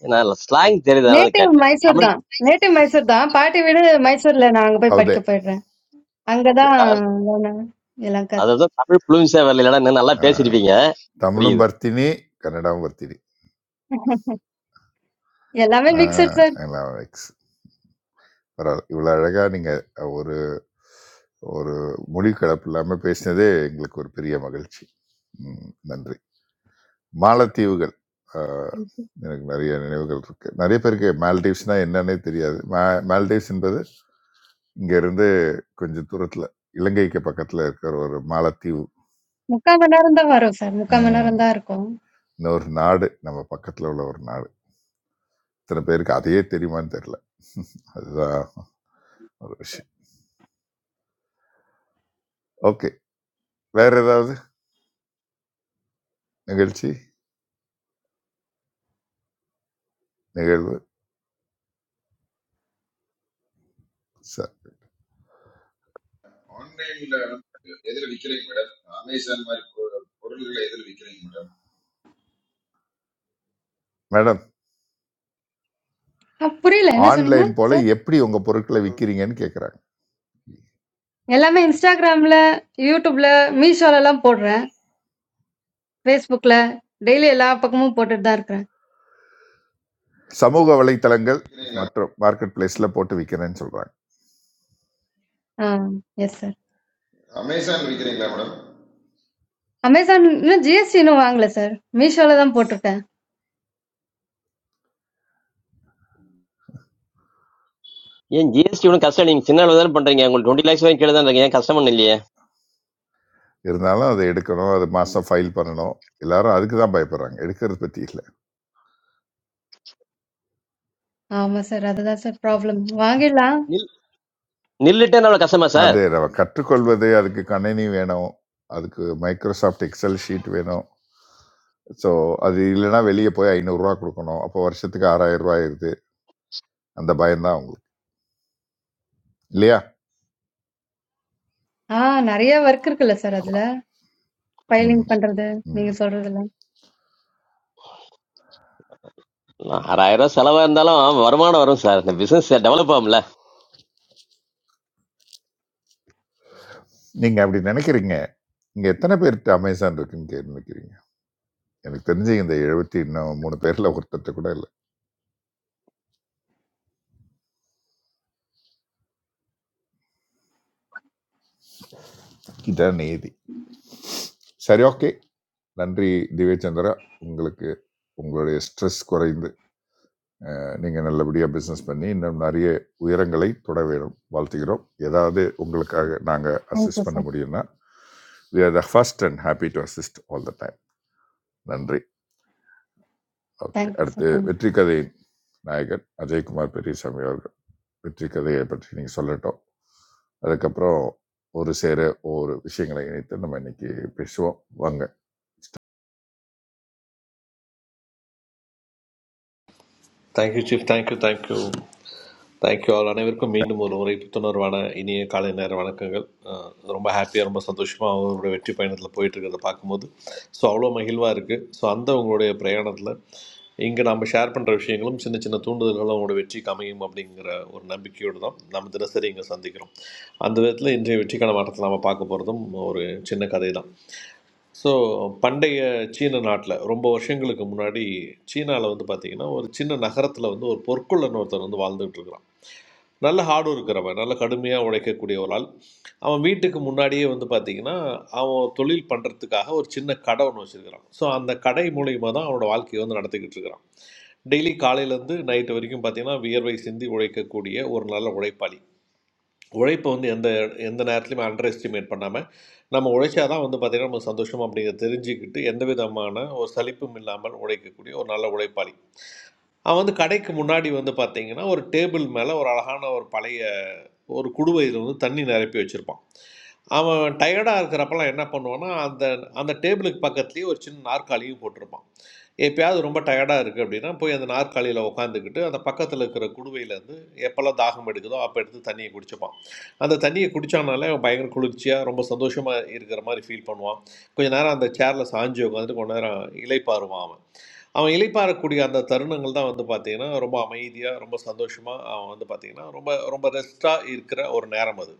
Speaker 6: na slang thiri thala
Speaker 13: நேட்டிவ்
Speaker 6: thakatne.
Speaker 13: மைசூர்
Speaker 6: Amar
Speaker 13: தான். நேட்டிவ் மைசூர் தான். பாட்டி வீடு மைசூர்ல நான் அங்க போய்
Speaker 4: அவதே
Speaker 13: படிக்க போயிடுறேன். அங்க தான் நானு எல்லாம் கத்
Speaker 6: அதாவது தமிழ் ஃப்ளூன்ஸே வரல இல்லைன்னா இன்னும் நல்லா பேசியிருப்பீங்க
Speaker 4: தமிழும்
Speaker 6: புரியுது
Speaker 4: பர்த்தினி கன்னடாவும் பர்த்தினி
Speaker 13: எல்லாமே மிக்ஸ்டு
Speaker 4: ஆஹ்,
Speaker 13: சார்.
Speaker 4: எல்லாம் எக்ஸ் பரவாயில்ல இவ்வளோ அழகாக நீங்கள் ஒரு ஒரு மொழி கலப்பு இல்லாமல் பேசினதே எங்களுக்கு ஒரு பெரிய மகிழ்ச்சி ம், நன்றி மாலத்தீவுகள் அஹ், எனக்கு நிறைய நினைவுகள் இருக்கு நிறைய பேருக்கு மால்டீவ்ஸ்னா என்னன்னே தெரியாது மா- மால்டீவ்ஸ் என்பது இங்க இருந்து கொஞ்சம் தூரத்துல இலங்கைக்கு பக்கத்துல இருக்கிற ஒரு மாலத்தீவு
Speaker 13: 3/4 மணி நேரம் தான் வரும் சார். 3/4 மணி
Speaker 4: ம்,
Speaker 13: நேரம் தான் இருக்கும்.
Speaker 4: இன்னொரு நாடு நம்ம பக்கத்துல உள்ள ஒரு நாடு இத்தனை பேருக்கு அதையே தெரியுமான்னு தெரியல அதுதான் ஒரு விஷயம் ஓகே வேற ஏதாவது நிகழ்ச்சி நிகழ்வு sir
Speaker 14: On the other hand, these vehicles are Amazon or Coral. These vehicles
Speaker 4: madam
Speaker 13: அ புரியல. என்ன சொன்னீங்க
Speaker 4: ஆன்லைன் போல
Speaker 13: சார்?
Speaker 4: எப்படி உங்க பொருட்களை விற்கிறீங்கன்னு கேட்குறாங்க
Speaker 13: எல்லாமே Instagramல, YouTubeல, Meeshoலலாம் போடுறேன். Facebookல டெய்லி எல்லா பக்கமும் போட்டுட்டு தான் இருக்கிறேன்.
Speaker 4: சமூக வலைத்தளங்கள்
Speaker 14: are
Speaker 4: மற்றும் மார்க்கெட் பிளேஸில் போட்டு விற்கிறேன்னு சொல்கிறாங்க
Speaker 13: ஆ. Yes sir.
Speaker 14: Amazon vehicles.
Speaker 13: Amazon இன்னும் ஜிஎஸ்டி இன்னும் வாங்கல சார் மீஷோல தான் போட்டிருக்கேன்
Speaker 6: ஏன் ஜிஎஸ்டி ஒன்றும் கஷ்டம் நீங்க சின்ன அளவு தானே பண்றீங்க உங்களுக்கு டுவெண்ட்டி லேக்ஸ் வரைக்கும் கீழே தான் இருக்கு ஏன் கஷ்டம் ஒண்ணும் இல்லையே
Speaker 4: இருந்தாலும் அதை எடுக்கணும் அது மாதம் ஃபைல் பண்ணணும் எல்லாரும் அதுக்கு தான் பயப்படுறாங்க எடுக்கிறது பற்றி இல்லை
Speaker 13: ஆமா சார் அதுதான் சார் ப்ராப்ளம் வாங்கிடலாம்
Speaker 6: நில் நில்லுட்டே அவ்வளோ கஷ்டமா சார்
Speaker 4: அது நம்ம கற்றுக்கொள்வது அதுக்கு கணினி வேணும் அதுக்கு மைக்ரோசாஃப்ட் எக்ஸல் ஷீட் வேணும் ஸோ அது இல்லைன்னா வெளியே போய் ஐநூறுரூவா கொடுக்கணும் அப்போ வருஷத்துக்கு ஆறாயிரம் ரூபாய் ஆயிருது அந்த பயம்தான் உங்களுக்கு இல்லையா
Speaker 13: ஆ நிறைய ஒர்க் இருக்குல்ல சார் அதுல
Speaker 4: ஆமாம்
Speaker 13: ஃபைலிங்
Speaker 4: ம்
Speaker 13: பண்றது
Speaker 4: ம்
Speaker 13: நீங்க சொல்றதுல
Speaker 6: ஆறாயிரம் ரூபாய் செலவா இருந்தாலும் வருமானம் வரும் சார் இந்த பிசினஸ் டெவலப் ஆகும்ல
Speaker 4: நீங்கள் அப்படி நினைக்கிறீங்க இங்கே எத்தனை பேர்கிட்ட அமேசான் இருக்குன்னு நினைக்கிறீங்க எனக்கு தெரிஞ்சு இந்த எழுபத்தி இன்னும் மூணு பேரில் ஒருத்தர் கூட இல்லை இதான் நீதி சரி ஓகே நன்றி திவ்யச்சந்திரா உங்களுக்கு உங்களுடைய ஸ்ட்ரெஸ் குறைந்து நீங்கள் நல்லபடியாக பிஸ்னஸ் பண்ணி இன்னும் நிறைய உயரங்களை தொட வேண்டும் வாழ்த்துகிறோம் ஏதாவது உங்களுக்காக நாங்கள்
Speaker 13: தேங்க்யூ
Speaker 4: அசிஸ்ட் பண்ண
Speaker 13: சார்
Speaker 4: முடியும்னா we are the first and happy to assist all the time நன்றி ஓகே
Speaker 13: தேங்க்யூ
Speaker 4: அடுத்து
Speaker 13: சார் தேங்க்யூ.
Speaker 4: வெற்றி கதையின் நாயகன் அஜய்குமார் பெரியசாமி அவர்கள் வெற்றி கதையை பற்றி நீங்கள் சொல்லட்டும் அதுக்கப்புறம் ஒரு சேர ஒவ்வொரு விஷயங்களை இணைத்து நம்ம இன்னைக்கு பேசுவோம் வாங்க
Speaker 5: thank you chief thank you thank you thank you all அனைவருக்கும் மீண்டும் ஒரு முறை புத்துணர்வான இனிய காலை நேர வணக்கங்கள் அஹ் ரொம்ப ஹாப்பியாக ரொம்ப சந்தோஷமாக அவங்களுடைய வெற்றி பயணத்தில் போயிட்டு இருக்கிறத பார்க்கும்போது ஸோ அவ்வளோ மகிழ்வாக இருக்குது ஸோ அந்த உங்களுடைய பிரயாணத்தில் இங்கே நம்ம ஷேர் பண்ணுற விஷயங்களும் சின்ன சின்ன தூண்டுதல்களும் அவங்களோட வெற்றிக்கு அமையும் அப்படிங்கிற ஒரு நம்பிக்கையோடு தான் நம்ம தினசரி இங்கே சந்திக்கிறோம் அந்த விதத்தில் இன்றைய வெற்றிக்கான மாற்றத்தை நாம் பார்க்க போகிறதும் ஒரு சின்ன கதை தான் ஸோ பண்டைய சீன நாட்டில் ரொம்ப வருஷங்களுக்கு முன்னாடி சீனாவில் வந்து பார்த்திங்கன்னா ஒரு சின்ன நகரத்தில் வந்து ஒரு பொற்கொள்ளன் ஒருத்தர் வந்து வாழ்ந்துட்டு இருக்கிறான் நல்ல ஹார்டு இருக்கிறவன் நல்ல கடுமையாக உழைக்கக்கூடிய ஒரு ஆள் அவன் வீட்டுக்கு முன்னாடியே வந்து பார்த்திங்கன்னா அவன் தொழில் பண்ணுறதுக்காக ஒரு சின்ன கடை ஒன்று வச்சுருக்கிறான் ஸோ அந்த கடை மூலியமாக தான் அவனோட வாழ்க்கையை வந்து நடத்திக்கிட்டு இருக்கிறான் டெய்லி காலையிலேருந்து நைட்டு வரைக்கும் பார்த்திங்கன்னா வியர்வை சிந்தி உழைக்கக்கூடிய ஒரு நல்ல உழைப்பாளி உழைப்பை வந்து எந்த எந்த நேரத்துலையுமே அண்டர் எஸ்டிமேட் பண்ணாமல் நம்ம உழைச்சாதான் வந்து பார்த்திங்கன்னா நம்ம சந்தோஷம் அப்படிங்கிறத தெரிஞ்சுக்கிட்டு எந்த விதமான ஒரு சலிப்பும் இல்லாமல் உழைக்கக்கூடிய ஒரு நல்ல உழைப்பாளி அவன் வந்து கடைக்கு முன்னாடி வந்து பார்த்தீங்கன்னா ஒரு டேபிள் மேலே ஒரு அழகான ஒரு பழைய ஒரு குடுவையில் வந்து தண்ணி நிரப்பி வச்சுருப்பான் அவன் டயர்டாக இருக்கிறப்பெல்லாம் என்ன பண்ணுவான்னா அந்த அந்த டேபிளுக்கு பக்கத்துலேயே ஒரு சின்ன நாற்காலியும் போட்டிருப்பான் எப்பயாவது ரொம்ப டயர்டாக இருக்குது அப்படின்னா போய் அந்த நாற்காலியில் உட்காந்துக்கிட்டு அந்த பக்கத்தில் இருக்கிற குடுவையிலேருந்து எப்போல்லாம் தாகம் எடுக்குதோ அப்போ எடுத்து தண்ணியை குடிச்சுப்பான் அந்த தண்ணியை குடித்தானாலே அவன் பயங்கர குளிர்ச்சியாக ரொம்ப சந்தோஷமாக இருக்கிற மாதிரி ஃபீல் பண்ணுவான் கொஞ்ச நேரம் அந்த சேரில் சாஞ்சு உட்காந்துட்டு கொஞ்ச நேரம் இலைப்பாருவான் அவன் அவன் இளைப்பாறக்கூடிய அந்த தருணங்கள் தான் வந்து பார்த்தீங்கன்னா ரொம்ப அமைதியாக ரொம்ப சந்தோஷமாக அவன் வந்து பார்த்தீங்கன்னா ரொம்ப ரொம்ப ரெஸ்ட்டாக இருக்கிற ஒரு நேரம் அது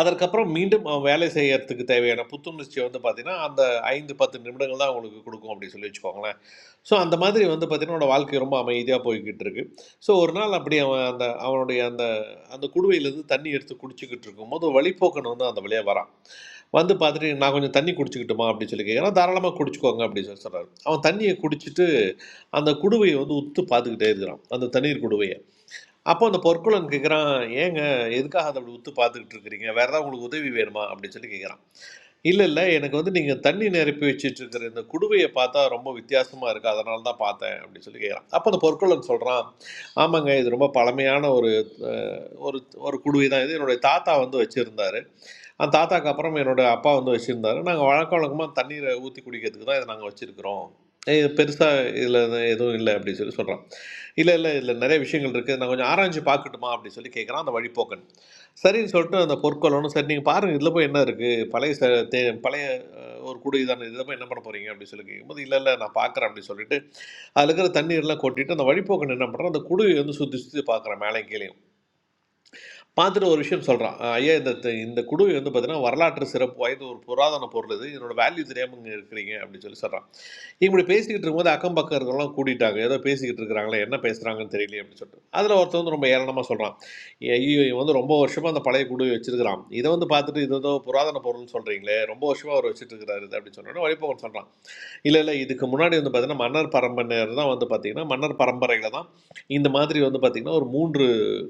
Speaker 5: அதற்கப்புறம் மீண்டும் அவன் வேலை செய்யறதுக்கு தேவையான புத்துணர்ச்சி வந்து பார்த்தீங்கன்னா அந்த ஐந்து பத்து நிமிடங்கள் தான் அவங்களுக்கு கொடுக்கும் அப்படின்னு சொல்லி வச்சுக்கோங்களேன் ஸோ அந்த மாதிரி வந்து பார்த்தீங்கன்னா அவனோட வாழ்க்கை ரொம்ப அமைதியாக போய்கிட்டு இருக்கு ஸோ ஒரு நாள் அப்படி அவன் அந்த அவனுடைய அந்த அந்த குடுவையிலேருந்து தண்ணி எடுத்து குடிச்சிக்கிட்டு இருக்கும்போது ஒரு வழிப்போக்கன் வந்து அந்த வழியாக வரான் வந்து பார்த்துட்டு நான் கொஞ்சம் தண்ணி குடிச்சிக்கிட்டுமா அப்படின்னு சொல்லி கேட்குறான் தாராளமாக குடிச்சுக்கோங்க அப்படின்னு சொல்லி சொல்கிறாரு அவன் தண்ணியை குடிச்சிட்டு அந்த குடுவையை வந்து உத்து பார்த்துக்கிட்டே இருக்கிறான் அந்த தண்ணீர் குடுவையை அப்போ அந்த பொற்குளன் கேட்குறான் ஏங்க எதுக்காக அதை அப்படி உத்து பார்த்துக்கிட்டு இருக்கிறீங்க வேற ஏதாவது உங்களுக்கு உதவி வேணுமா அப்படின்னு சொல்லி கேட்குறான் இல்ல, இல்ல. எனக்கு வந்து நீங்க தண்ணீ நிரப்பி வச்சுட்டு இருக்கிற இந்த குடுவைய பார்த்தா ரொம்ப வித்தியாசமா இருக்கு. அதனால தான் பார்த்தேன் அப்படின்னு சொல்லி கேட்கிறான். அப்ப அந்த பொற்கொல்லன் சொல்றான், "ஆமாங்க. இது ரொம்ப பழமையான ஒரு அ ஒரு ஒரு குடுவை தான் இது. என்னுடைய தாத்தா வந்து வச்சிருந்தாரு. அந்த தாத்தாக்கு அப்புறம் என்னோட அப்பா வந்து வச்சிருந்தாரு. நாங்க வழக்க வழக்கமா தண்ணீர ஊத்தி குடிக்கிறதுக்கு தான் இத நாங்க வச்சிருக்கிறோம். இது பெருசா இதுல எதுவும் இல்ல" அப்படின்னு சொல்லி சொல்றான். "இல்ல, இல்ல. இதுல நிறைய விஷயங்கள் இருக்கு. நான் கொஞ்சம் ஆராய்ஞ்சு பார்க்கட்டுமா?" அப்படின்னு சொல்லி கேட்கிறான் அந்த வழிப்போக்கன். சரின்னு சொல்லிட்டு அந்த பொற்கொல்லனும், "சரி நீங்க பாருங்க. இதுல போய் என்ன இருக்கு?" பழைய ச- தே- பழைய ஒரு குடி தானே இதை போய் என்ன பண்ண போறீங்க அப்படின்னு சொல்லி கேட்கும்போது இல்லை இல்லை நான் பார்க்குறேன் அப்படின்னு சொல்லிட்டு அதில் இருக்கிற தண்ணீர்லாம் கொட்டிட்டு அந்த வழிப்போக்கன் என்ன பண்ணுறான் அந்த குடியை வந்து சுற்றி சுற்றி பார்க்குறேன் மேலே கீழே பார்த்துட்டு ஒரு விஷயம் சொல்கிறான் ஐயா இந்த த- இந்த குடுவை வந்து பார்த்தீங்கன்னா வரலாற்று சிறப்பு வாய்ந்த ஒரு புராதன பொருள் இது இதனோட வேல்யூ தெரியாமல் இங்கே இருக்கிறீங்க அப்படின்னு சொல்லி சொல்கிறான் இப்படி பேசிக்கிட்டு இருக்கும்போது அக்கம் பக்கம் இருக்கிறவங்களாம் கூட்டிட்டாங்க ஏதோ பேசிக்கிட்டு இருக்கிறாங்களே என்ன பேசுகிறாங்கன்னு தெரியலையே அப்படின்னு சொல்லிட்டு அதில் ஒருத்தன் வந்து ரொம்ப ஏளனமாக சொல்கிறான் ஐயோ இவன் வந்து ரொம்ப வருஷமாக அந்த பழைய குடுவை வச்சிருக்கிறான் இதை வந்து பார்த்துட்டு இது ஏதோ புராதன பொருள்னு சொல்கிறீங்களே ரொம்ப வருஷமாக அவர் வச்சுட்டு இருக்கிறாரு இது அப்படின்னு சொன்னோன்னே வழிபோகன் சொல்கிறான் இல்ல இல்ல இதுக்கு முன்னாடி வந்து பார்த்தீங்கன்னா மன்னர் பரம்பரையினர் தான் வந்து பார்த்தீங்கன்னா மன்னர் பரம்பரையில தான் இந்த மாதிரி வந்து பார்த்தீங்கன்னா ஒரு மூன்று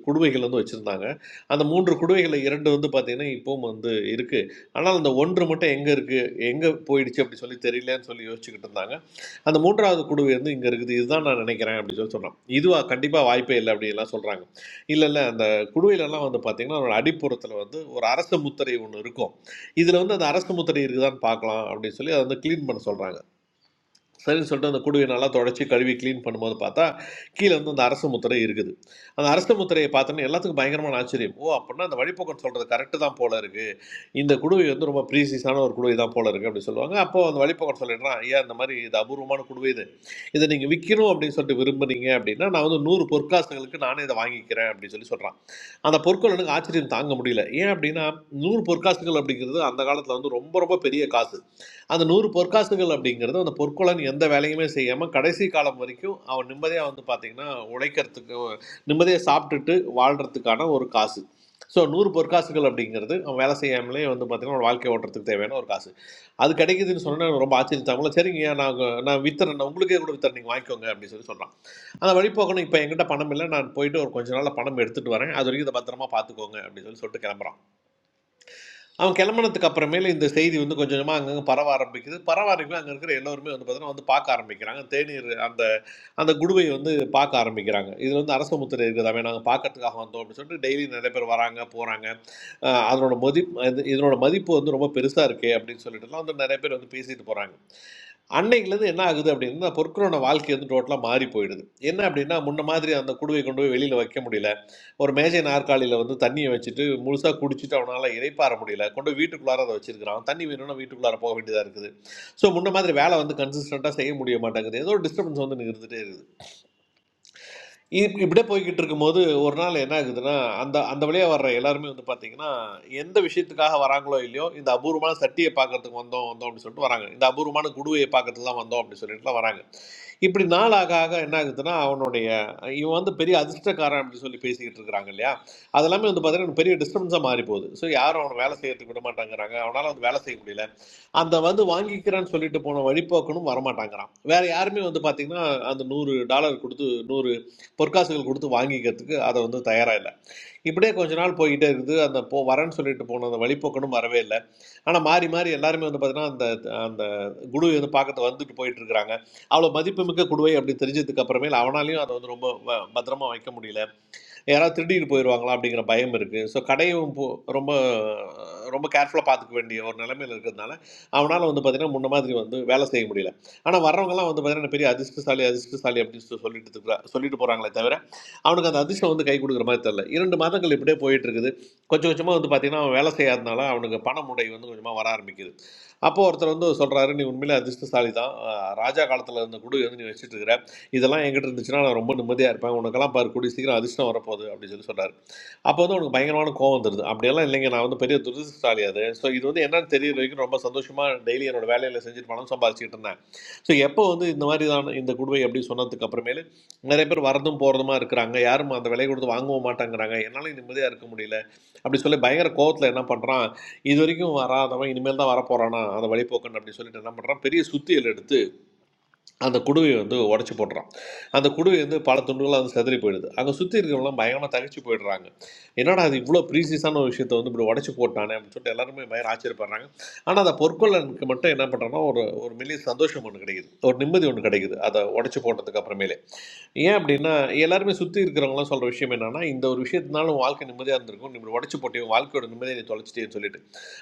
Speaker 5: குடுவைகள் வந்து வச்சுருந்தாங்க அந்த மூன்று குடுவைகளில் இரண்டு வந்து பார்த்தீங்கன்னா இப்பவும் வந்து இருக்குது ஆனால் அந்த ஒன்று மட்டும் எங்கே இருக்குது எங்கே போயிடுச்சு அப்படி சொல்லி தெரியலன்னு சொல்லி யோசிச்சுக்கிட்டு இருந்தாங்க அந்த மூன்றாவது குடுவை வந்து இங்கே இருக்குது இதுதான் நான் நினைக்கிறேன் அப்படின்னு சொல்லி சொன்னோம் இதுவா கண்டிப்பாக வாய்ப்பே இல்லை அப்படின்லாம் சொல்கிறாங்க இல்லை இல்லை அந்த குடுவையிலலாம் வந்து பார்த்தீங்கன்னா அதோட அடிப்புறத்தில் வந்து ஒரு அரச முத்திரை ஒன்று இருக்கும் இதில் வந்து அந்த அரசு முத்திரை இருக்குதான்னு பார்க்கலாம் அப்படின்னு சொல்லி அதை வந்து க்ளீன் பண்ண சொல்கிறாங்க சரின்னு சொல்லிட்டு அந்த குடுவையை நல்லா தொடச்சி கழுவி க்ளீன் பண்ணும்போது பார்த்தா கீழே வந்து அந்த அரச முத்திரை இருக்குது அந்த அரச முத்திரையை பார்த்தோன்னே எல்லாத்துக்கும் பயங்கரமான ஆச்சரியம் ஓ அப்படின்னா அந்த வழிபோக்கன் சொல்கிறது கரெக்டு தான் போல இருக்குது இந்த குடுவை வந்து ரொம்ப ப்ரீசியஸான ஒரு குடுவை தான் போல இருக்குது அப்படின்னு சொல்லுவாங்க அப்போ அந்த வழிபோக்கன் சொல்லிடுறான் ஐயா இந்த மாதிரி இது அபூர்வமான குடுவை இது இதை நீங்கள் விற்கணும் அப்படின்னு சொல்லிட்டு விரும்புனீங்க அப்படின்னா நான் வந்து நூறு பொற்காசுகளுக்கு நானே இதை வாங்கிக்கிறேன் அப்படின்னு சொல்லி சொல்கிறான் அந்த பொற்கள் எனக்கு ஆச்சரியம் தாங்க முடியல ஏன் அப்படின்னா நூறு பொற்காசுகள் அப்படிங்கிறது அந்த காலத்தில் வந்து ரொம்ப ரொம்ப பெரிய காசு அந்த நூறு பொற்காசுகள் அப்படிங்கிறது அந்த பொற்கொலன் எந்த வேலையுமே செய்யாமல் கடைசி காலம் வரைக்கும் அவன் நிம்மதியாக வந்து பார்த்திங்கன்னா உழைக்கிறதுக்கு நிம்மதியாக சாப்பிட்டுட்டு வாழ்கிறதுக்கான ஒரு காசு ஸோ நூறு பொற்காசுகள் அப்படிங்கிறது அவன் வேலை செய்யாமலே வந்து பார்த்திங்கன்னா அவன் வாழ்க்கை ஓட்டுறதுக்கு தேவையான ஒரு காசு அது கிடைக்குதுன்னு சொன்னால் ரொம்ப ஆச்சரியத்தாங்களோ சரிங்க நான் நான் வித்துறேன் நான் உங்களுக்கே கூட வித்துறேன் நீங்கள் வாங்கிக்கோங்க அப்படின்னு சொல்லி சொல்கிறான் அந்த வழிபோக்கணும் இப்போ என்கிட்ட பணம் இல்லை நான் போயிட்டு ஒரு கொஞ்ச நாளில் பணம் எடுத்துகிட்டு வரேன் அது வரைக்கும் இதை பத்திரமா பார்த்துக்கோங்க அப்படின்னு சொல்லி சொல்லிட்டு கிளம்புறான் அவன் கிளம்புனதுக்கு அப்புறமேல இந்த செய்தி வந்து கொஞ்சம் கொஞ்சமாக அங்கங்கே பரவ ஆரம்பிக்குது பரவ ஆரம்பிக்கும் அங்கே இருக்கிற எல்லோருமே வந்து பார்த்தீங்கன்னா வந்து பார்க்க ஆரம்பிக்கிறாங்க தேநீர் அந்த அந்த குடுவை வந்து பார்க்க ஆரம்பிக்கிறாங்க இதில் வந்து அரச முத்திரை இருக்குதாமே நாங்கள் பார்க்கறதுக்காக வந்தோம் அப்படின்னு சொல்லிட்டு டெய்லி நிறைய பேர் வராங்க போகிறாங்க அதனோட மதிப்பு இதனோட மதிப்பு வந்து ரொம்ப பெருசாக இருக்கே அப்படின்னு சொல்லிட்டுலாம் வந்து நிறைய பேர் வந்து பேசிட்டு போகிறாங்க அன்னைக்குலேருந்து என்ன ஆகுது அப்படின்னா அந்த பொற்கரோட வாழ்க்கை வந்து டோட்டலாக மாறி போயிடுது என்ன அப்படின்னா முன்ன மாதிரி அந்த குடுவை கொண்டு போய் வெளியில் வைக்க முடியல ஒரு மேஜை நாற்காலியில் வந்து தண்ணியை வச்சுட்டு முழுசாக குடிச்சிட்டு அவனால் இறைப்பாற முடியல கொண்டு போய் வீட்டுக்குள்ளார அதை வச்சிருக்கிறான் தண்ணி வேணும்னா வீட்டுக்குள்ளார போக வேண்டியதாக இருக்குது ஸோ முன்ன மாதிரி வேலை வந்து கன்சிஸ்டண்ட்டாக செய்ய முடிய மாட்டேங்குது ஏதோ ஒரு டிஸ்டர்பன்ஸ் வந்து இருந்துகிட்டே இருக்குது இப் இப்படியே போய்கிட்டு இருக்கும்போது ஒரு நாள் என்ன ஆகுதுன்னா அந்த அந்த வழியாக வர்ற எல்லாருமே வந்து பார்த்தீங்கன்னா எந்த விஷயத்துக்காக வராங்களோ இல்லையோ இந்த அபூர்வமான சட்டியை பார்க்கறதுக்கு வந்தோம் வந்தோம் அப்படின்னு சொல்லிட்டு வராங்க இந்த அபூர்வமான குடுவையை பார்க்கறதுக்கு தான் வந்தோம் அப்படின்னு சொல்லிட்டுலாம் வராங்க இப்படி நாள் ஆக ஆக என்ன ஆகுதுன்னா அவனுடைய இவன் வந்து பெரிய அதிர்ஷ்டக்காரன் அப்படின்னு சொல்லி பேசிக்கிட்டு இருக்கிறாங்க இல்லையா அதெல்லாமே வந்து பார்த்தீங்கன்னா எனக்கு பெரிய டிஸ்டர்பன்ஸாக மாறி போகுது ஸோ யாரும் அவனை வேலை செய்யறதுக்கு விட மாட்டேங்கிறாங்க அவனால் வந்து வேலை செய்ய முடியல அந்த வந்து வாங்கிக்கிறேன்னு சொல்லிட்டு போன வழிபோக்கனும் வரமாட்டாங்கிறான் வேற யாருமே வந்து பாத்தீங்கன்னா அந்த நூறு டாலர் கொடுத்து நூறு பொற்காசுகள் கொடுத்து வாங்கிக்கிறதுக்கு அதை வந்து தயாரா இல்லை இப்படியே கொஞ்ச நாள் போய்கிட்டே இருக்குது அந்த போ வரேன்னு சொல்லிட்டு போன அந்த வழிபோக்கனும் வரவே இல்லை ஆனா மாறி மாறி எல்லாருமே வந்து பாத்தீங்கன்னா அந்த அந்த குடு வந்து பார்க்கறது வந்துட்டு போயிட்டு இருக்கிறாங்க அவ்வளவு மதிப்புமிக்க குடுவை அப்படி தெரிஞ்சதுக்கு அப்புறமேல அவனாலையும் அதை வந்து ரொம்ப வ- பத்திரமா வைக்க முடியல யாராவது திருடிட்டு போயிடுவாங்களா அப்படிங்கிற பயம் இருக்குது ஸோ கடையும் போ- ரொம்ப ரொம்ப கேர்ஃபுல்லாக பார்த்துக்க வேண்டிய ஒரு நிலைமையில் இருக்கிறதுனால அவனால் வந்து பார்த்திங்கன்னா முன்ன மாதிரி வந்து வேலை செய்ய முடியல ஆனால் வர்றவங்கலாம் வந்து பார்த்திங்கன்னா பெரிய அதிர்ஷ்டசாலி அதிர்ஷ்டசாலி அப்படின்னு சொல்லி சொல்லிட்டு இருக்கிற சொல்லிட்டு போகிறாங்களே தவிர அவனுக்கு அந்த அதிர்ஷ்டம் வந்து கை கொடுக்குற மாதிரி தெரில இரண்டு மாதங்கள் இப்படியே போயிட்டு இருக்குது கொஞ்சம் கொஞ்சமாக வந்து பார்த்திங்கன்னா அவன் வேலை செய்யாதனால அவனுக்கு பண முடை வந்து கொஞ்சமாக வர ஆரம்பிக்குது அப்போ ஒருத்தர் வந்து சொல்கிறாரு நீ உண்மையிலே அதிர்ஷ்டசாலி தான் அஹ் ராஜா காலத்தில் இருந்த குடு வந்து நீ வச்சுட்டு இருக்கிற இதெல்லாம் என்கிட்ட இருந்துச்சுன்னா நான் ரொம்ப நிம்மதியாக இருப்பேன் உனக்கெல்லாம் பாரு கூடிய சீக்கிரம் அதிர்ஷ்டம் வரப்போகுது அப்படின்னு சொல்லி சொல்கிறார் அப்போ வந்து உனக்கு பயங்கரமான கோவம் வந்துடுது அப்படியெல்லாம் இல்லைங்க நான் வந்து பெரிய துரதிஷ்டசாலி அது ஸோ இது வந்து என்னன்னு தெரியற வரைக்கும் ரொம்ப சந்தோஷமாக டெய்லி என்னோட வேலையில் செஞ்சுட்டு பணம் சம்பாதிச்சுட்டு இருந்தேன் ஸோ எப்போ வந்து இந்த மாதிரி தான் இந்த குடுவை அப்படி சொன்னதுக்கு அப்புறமேலு நிறைய பேர் வரதும் போகிறதுமா இருக்கிறாங்க யாரும் அந்த விலை கொடுத்து வாங்கவும் மாட்டேங்கிறாங்க என்னால நிம்மதியாக இருக்க முடியல அப்படி சொல்லி பயங்கர கோவத்தில் என்ன பண்ணுறான் இது வரைக்கும் வராதவன் இனிமேல் தான் வரப்போகிறானா அந்த வழிபோக்கன் அப்படின்னு சொல்லிட்டு என்ன பண்ணுறான் பெரிய சுத்தியல் எடுத்து அந்த குடுவையை வந்து உடச்சி போடுறான் அந்த குடுவை வந்து பல துண்டுகளாக வந்து செதறி போயிடுது அங்கே சுற்றி இருக்கிறவங்களாம் பயங்கரமாக தகச்சு போயிடுறாங்க என்னடா அது இவ்வளோ ப்ரீசியஸான ஒரு விஷயத்தை வந்து இப்படி உடச்சி போட்டானே அப்படின்னு சொல்லிட்டு எல்லாருமே பயங்கர ஆச்சரியப்படுறாங்க ஆனால் அந்த பொற்கொள்ளனுக்கு மட்டும் என்ன பண்ணுறான்னா ஒரு ஒரு மெல்லிய சந்தோஷம் ஒன்று கிடைக்குது ஒரு நிம்மதி ஒன்று கிடைக்குது அதை உடச்சி போட்டதுக்கு அப்புறமேலே ஏன் அப்படின்னா எல்லாருமே சுற்றி இருக்கிறவங்களாம் சொல்கிற விஷயம் என்னன்னா இந்த ஒரு விஷயத்தினால உன் வாழ்க்கை நிம்மதியாக இருந்திருக்கும் இப்படி உடச்சி போட்டே உன் வாழ்க்கையோட நிம்மதியை நீ தொலைச்சிட்டேன்னு சொல்லிட்டு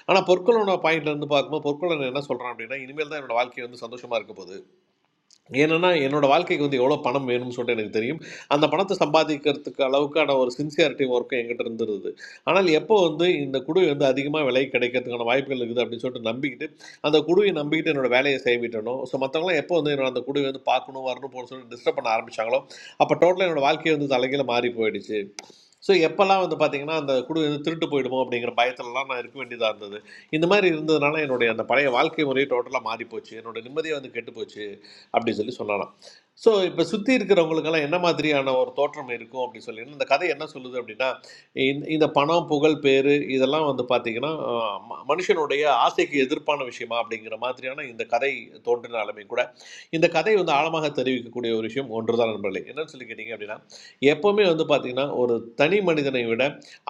Speaker 5: ஆனால் பொற்கொள்ளனோட பாயிண்ட்ல இருந்து பார்க்கும்போது பொற்கொள்ளன் என்ன சொல்கிறான் அப்படின்னா இனிமேல் தான் என்னோட வாழ்க்கை வந்து சந்தோஷமாக இருக்க போகுது ஏனன்னா, என்னோட வாழ்க்கைக்கு வந்து எவ்வளோ பணம் வேணும்னு சொல்லிட்டு எனக்கு தெரியும். அந்த பணத்த சம்பாதிக்கிறதுக்கு அளவுக்கான ஒரு சின்சியாரிட்டி ஒர்க்கும் என்கிட்ட இருந்துருது. ஆனால் எப்போ வந்து இந்த குடு வந்து அதிகமா விலை கிடைக்கிறதுக்கான வாய்ப்புகள் இருக்குது அப்படின்னு சொல்லிட்டு நம்பிக்கிட்டு, அந்த குடுவை நம்பிக்கிட்டு என்னோட வேலைய செய்விட்டேனோ, ஸோ மத்தவங்கலாம் எப்போ வந்து என்னோட அந்த குடுவை வந்து பார்க்கணும், வரணும், போகணும்னு சொல்லி டிஸ்டர்ப் பண்ண ஆரம்பிச்சாங்களோ, அப்ப டோட்டலா என்னோட வாழ்க்கையே வந்து தலைகீழா மாறி போயிடுச்சு. ஸோ எப்பலாம் வந்து பார்த்தீங்கன்னா, அந்த குடு வந்து திருட்டு போயிடுமோ அப்படிங்கிற பயத்துலலாம் நான் இருக்க வேண்டியதா இருந்தது. இந்த மாரி இருந்ததுனால என்னுடைய அந்த பழைய வாழ்க்கை முறையே டோட்டலா மாறிப்போச்சு. என்னோட நிம்மதியே வந்து கெட்டுப்போச்சு. அப்படின்னு சொல்லி சொல்லலாம் ஸோ இப்போ சுற்றி இருக்கிறவங்களுக்கெல்லாம் என்ன மாதிரியான ஒரு தோற்றம் இருக்கும் அப்படின்னு சொல்லி இந்த கதை என்ன சொல்லுது அப்படின்னா இந்த இந்த பணம் புகழ் பேர் இதெல்லாம் வந்து பார்த்திங்கன்னா அஹ், ம- மனுஷனுடைய ஆசைக்கு எதிர்ப்பான விஷயமா அப்படிங்கிற மாதிரியான இந்த கதை தோன்றினாலுமே கூட இந்த கதை வந்து ஆழமாக தெரிவிக்கக்கூடிய ஒரு விஷயம் ஒன்றுதான் நண்பர்களே என்னன்னு சொல்லி கேட்டிங்க அப்படின்னா எப்போவுமே வந்து பார்த்திங்கன்னா ஒரு தனி மனிதனை விட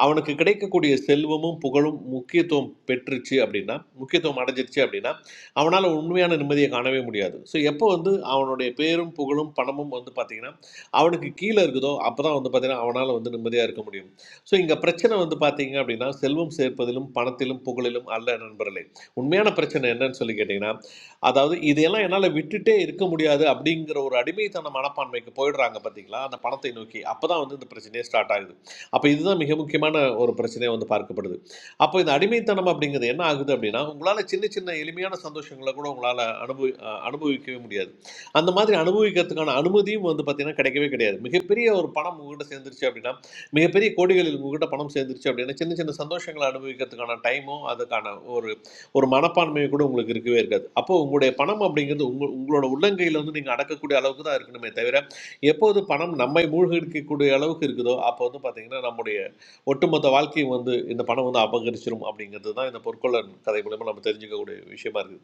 Speaker 5: அவனுக்கு கிடைக்கக்கூடிய செல்வமும் புகழும் முக்கியத்துவம் பெற்றுச்சு அப்படின்னா முக்கியத்துவம் அடைஞ்சிருச்சு அப்படின்னா அவனால் உண்மையான நிம்மதியை காணவே முடியாது ஸோ எப்போ வந்து அவனுடைய பேரும் புகழும் பணமும் வந்து பார்த்திங்கன்னா அவனுக்கு கீழே இருக்குதோ அப்போ தான் வந்து பார்த்திங்கன்னா அவனால் வந்து நிம்மதியாக இருக்க முடியும் ஸோ இங்கே பிரச்சனை வந்து பார்த்தீங்க அப்படின்னா செல்வம் சேர்ப்பதிலும் பணத்திலும் புகழிலும் அல்ல நண்பர்களே உண்மையான பிரச்சனை என்னன்னு சொல்லி கேட்டிங்கன்னா அதாவது இதையெல்லாம் என்னால் விட்டுட்டே இருக்க முடியாது அப்படிங்கிற ஒரு அடிமைத்தன மனப்பான்மைக்கு போயிடுறாங்க பார்த்தீங்களா அந்த பணத்தை நோக்கி அப்போ தான் வந்து இந்த பிரச்சனையே ஸ்டார்ட் ஆகுது அப்போ இதுதான் மிக முக்கியமான ஒரு பிரச்சனையாக வந்து பார்க்கப்படுது அப்போ இந்த அடிமைத்தனம் அப்படிங்கிறது என்ன ஆகுது அப்படின்னா உங்களால் சின்ன சின்ன எளிமையான சந்தோஷங்களை கூட உங்களால் அனுபவி அஹ் அனுபவிக்கவே முடியாது அந்த மாதிரி அனுபவிக்கிறதுக்கான அனுமதியும் வந்து பார்த்தீங்கன்னா கிடைக்கவே கிடையாது மிகப்பெரிய ஒரு பணம் உங்ககிட்ட சேர்ந்துருச்சு அப்படின்னா மிகப்பெரிய கோடிகளில் உங்ககிட்ட பணம் சேர்ந்துருச்சு அப்படின்னா சின்ன சின்ன சந்தோஷங்களை அனுபவிக்கிறதுக்கான டைமும் அதுக்கான ஒரு ஒரு மனப்பான்மையும் கூட உங்களுக்கு இருக்கவே இருக்காது அப்போ உங்களுடைய பணம் அப்படிங்கிறது உங்க உங்களோட உள்ளங்கையில் வந்து நீங்கள் அடக்கக்கூடிய அளவுக்கு தான் இருக்கணுமே தவிர எப்போது பணம் நம்மை மூழ்கடிக்கக்கூடிய அளவுக்கு இருக்குதோ அப்போ வந்து பார்த்தீங்கன்னா நம்முடைய ஒட்டுமொத்த வாழ்க்கையும் வந்து இந்த பணம் வந்து அபகரிச்சிரும் அப்படிங்கிறது தான் இந்த பொற்கொள்ளன் கதை மூலயமா நம்ம தெரிஞ்சுக்கக்கூடிய விஷயமா இருக்குது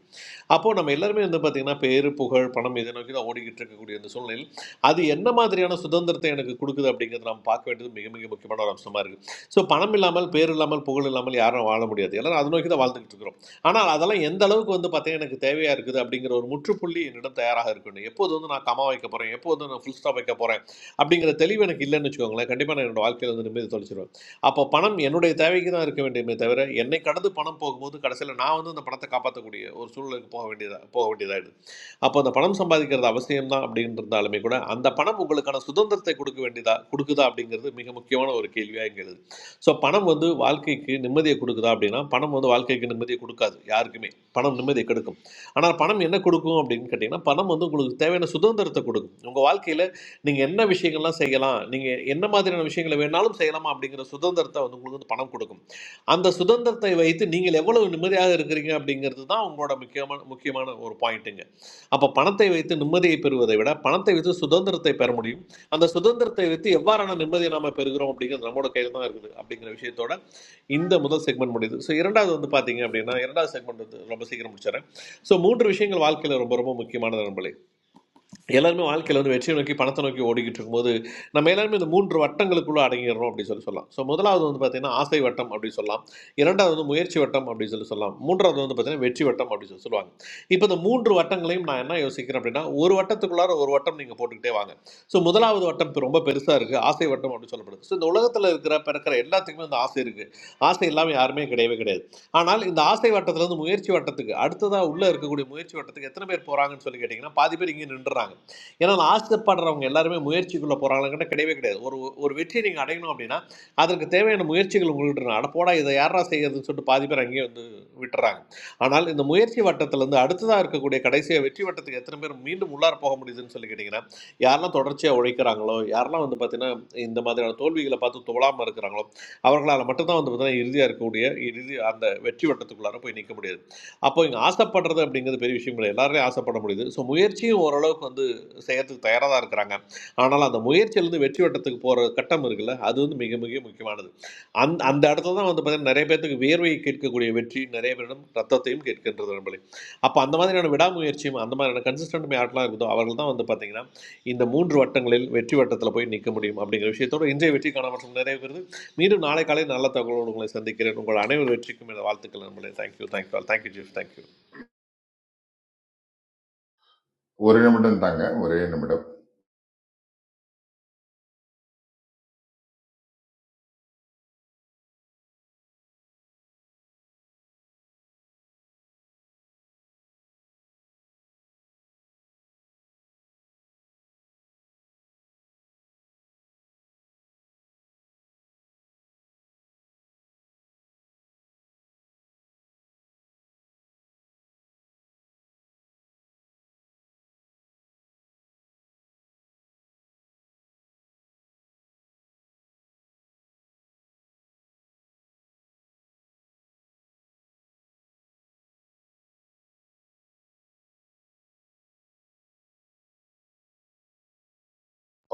Speaker 5: அப்போது நம்ம எல்லாருமே வந்து பார்த்திங்கன்னா பேரு புகழ் பணம் இதை நோக்கி தான் ஓடிக்கிட்டு இருக்கக்கூடிய இந்த சூழ்நிலையில் அது என்ன மாதிரியான சுதந்திரத்தை எனக்கு கொடுக்குது அப்படிங்கிறது நாம் பார்க்க வேண்டியது மிக மிக முக்கியமான ஒரு அம்சமாக இருக்குது ஸோ பணம் இல்லாமல் பேர் இல்லாமல் புகழ் இல்லாமல் யாரும் வாழ முடியாது எல்லாரும் அதை நோக்கி தான் வாழ்ந்துக்கிட்டு இருக்கிறோம் ஆனால் அதெல்லாம் எந்த அளவுக்கு வந்து பார்த்தீங்கன்னா எனக்கு தேவையாக இருக்குது அப்படிங்கிற ஒரு முற்றுப்புள்ளி என்னிடம் தயாராக இருக்கணும் எப்போது வந்து நான் கமா வைக்க போகிறேன் எப்போது நான் ஃபுல் ஸ்டாப் வைக்க போகிறேன் அப்படிங்கிற தெளிவு எனக்கு இல்லைன்னு வச்சுக்கோங்களேன் கண்டிப்பாக நான் என்னோட வாழ்க்கையில் வந்து நிம்மதி தொலைச்சிருவேன் அப்போ பணம் என்னுடைய தேவைக்கு தான் இருக்க வேண்டியமே தவிர என்னை கடந்து பணம் போகும்போது கடைசியில் நான் வந்து அந்த பணத்தை காப்பாற்றக்கூடிய ஒரு சூழ்நிலைக்கு போக வேண்டியதா போக வேண்டியதாயிடுது அப்போ அந்த பணம் சம்பாதிக்கிறது அவசியம் தான் அப்படின்றதாலுமே கூட அந்த பணம் உங்களுக்கான சுதந்திரத்தை கொடுக்க வேண்டியதா கொடுக்குதா அப்படிங்கிறது மிக முக்கியமான ஒரு கேள்வியாக இங்கே எழுது ஸோ பணம் வந்து வாழ்க்கைக்கு நிம்மதியை கொடுக்குதா அப்படின்னா பணம் வந்து வாழ்க்கைக்கு நிம்மதியை கொடுக்காது யாருக்குமே பணம் நிம்மதியை கெடுக்கும் ஆனால் பணம் என்ன கொடுக்கும் அப்படின்னு கேட்டிங்கன்னா பணம் வந்து உங்களுக்கு தேவையான சுதந்திரத்தை கொடுக்கும் உங்கள் வாழ்க்கையில் நீங்கள் என்ன விஷயங்கள்லாம் செய்யலாம் நீங்கள் என்ன மாதிரியான விஷயங்களை வேணாலும் செய்யலாமா அப்படிங்கிற சுதந்திரத்தை வந்து உங்களுக்கு வந்து பணம் கொடுக்கும் அந்த சுதந்திரத்தை வைத்து நீங்கள் எவ்வளவு நிம்மதியாக இருக்கிறீங்க அப்படிங்கிறது தான் உங்களோட முக்கியமான முக்கியமான ஒரு பாயிண்ட்டுங்க அப்போ பணத்தை வைத்து நிம்மதியை பெறுவதை விட பணத்தை வைத்து சுதந்திரத்தை பெற முடியும் அந்த சுதந்திரத்தை வைத்து எவ்வாறான நிம்மதியை நாம் பெறுகிறோம் அப்படிங்கிறது நம்மளோட கையில் தான் இருக்குது அப்படிங்கிற விஷயத்தோட இந்த முதல் செக்மெண்ட் முடியுது ஸோ இரண்டாவது வந்து பார்த்தீங்க அப்படின்னா இரண்டாவது செக்மெண்ட் வந்து ரொம்ப சீக்கிரம் முடிச்சிடறேன் ஸோ மூன்று விஷயங்கள் வாழ்க்கையில் ரொம்ப ரொம்ப முக்கியமான நண்பர்களே எல்லாருமே வாழ்க்கையில் வந்து வெற்றியை நோக்கி பணத்தை நோக்கி ஓடிக்கிட்டு இருக்கும்போது நம்ம எல்லாருமே இந்த மூன்று வட்டங்களுக்குள்ளே அடங்கிடுறோம் அப்படின்னு சொல்லி சொல்லலாம் ஸோ முதலாவது வந்து பார்த்தீங்கன்னா ஆசை வட்டம் அப்படின்னு சொல்லலாம் இரண்டாவது வந்து முயற்சி வட்டம் அப்படின்னு சொல்லி சொல்லலாம் மூன்றாவது வந்து பார்த்தீங்கன்னா வெற்றி வட்டம் அப்படின்னு சொல்லி சொல்லுவாங்க இப்போ இந்த மூன்று வட்டங்களையும் நான் என்ன யோசிக்கிறேன் அப்படின்னா ஒரு வட்டத்துக்குள்ளார ஒரு வட்டம் நீங்கள் போட்டுக்கிட்டே வாங்க ஸோ முதலாவது வட்டம் இப்போ ரொம்ப பெருசாக இருக்குது ஆசை வட்டம் அப்படின்னு சொல்லப்படுது ஸோ இந்த உலகத்தில் இருக்கிற பிறக்கிற எல்லாத்துக்குமே இந்த ஆசை இருக்குது ஆசை இல்லாமல் யாருமே கிடையவே கிடையாது ஆனால் இந்த ஆசை வட்டத்துலேருந்து முயற்சி வட்டத்துக்கு அடுத்ததாக உள்ளே இருக்கக்கூடிய முயற்சி வட்டத்துக்கு எத்தனை பேர் போகிறாங்கன்னு சொல்லி கேட்டிங்கன்னா பாதி பேர் இங்கே நின்றுறாங்க ஏன்னா நான் ஆசைப்படுறவங்க எல்லாருமே முயற்சிக்குள்ளே போகிறாங்கன்னு கிடையவே கிடையாது ஒரு ஒரு வெற்றி நீங்கள் அடையணும் அப்படின்னா அதற்கு தேவையான முயற்சிகள் உங்கள்கிட்ட இருக்கு. அட போடா இதை யாரா செய்யறதுன்னு சொல்லிட்டு பாதி பேர் அங்கேயே வந்து விட்டுறாங்க ஆனால் இந்த முயற்சி வட்டத்திலேருந்து அடுத்ததாக இருக்கக்கூடிய கடைசியாக வெற்றி வட்டத்துக்கு எத்தனை பேர் மீண்டும் உள்ளார போக முடியுதுன்னு சொல்லி கேட்டிங்கன்னா யாரெல்லாம் தொடர்ச்சியாக உழைக்கிறாங்களோ யாரெல்லாம் வந்து பார்த்தீங்கன்னா இந்த மாதிரியான தோல்விகளை பார்த்து தோழாமல் இருக்கிறாங்களோ அவர்களால் மட்டும்தான் வந்து பார்த்தீங்கன்னா இறுதியாக இருக்கக்கூடிய இறுதி அந்த வெற்றி வட்டத்துக்குள்ளார போய் நிற்க முடியாது அப்போ இங்கே ஆசைப்படுறது அப்படிங்கிறது பெரிய விஷயம் கிடையாது எல்லாரையும் ஆசைப்பட முடியுது ஸோ முயற்சியும் ஓரளவுக்கு வந்து செய்யறதுக்கு தயாராக தான் இருக்கிறாங்க ஆனால் அந்த முயற்சியிலேருந்து வெற்றி வட்டத்துக்கு போகிற கட்டம் இருக்குல்ல அது வந்து மிக மிக முக்கியமானது அந்த அந்த இடத்துல தான் வந்து பார்த்தீங்கன்னா நிறைய பேர்த்துக்கு வியர்வையை கேட்கக்கூடிய வெற்றி நிறைய பேரிடம் ரத்தத்தையும் கேட்கின்றது நண்பர்களே அப்போ அந்த மாதிரியான விடாமுயற்சியும் அந்த மாதிரியான கன்சிஸ்டன்ட் ஆட்லாம் இருக்குதோ அவர்கள் தான் வந்து பார்த்தீங்கன்னா இந்த மூன்று வட்டங்களில் வெற்றி வட்டத்தில் போய் நிற்க முடியும் அப்படிங்கிற விஷயத்தோடு இன்றைய வெற்றிக்கான மற்றும் நிறைவேறுது மீண்டும் நாளை காலை நல்ல தகவலோடு உங்களை சந்திக்கிறேன் உங்கள் அனைவர் வெற்றிக்கும் இந்த வாழ்த்துக்கள் நண்பர்களே thank you thank you thank you chief thank you
Speaker 4: ஒரு நிமிடம் தாங்க ஒரே நிமிடம்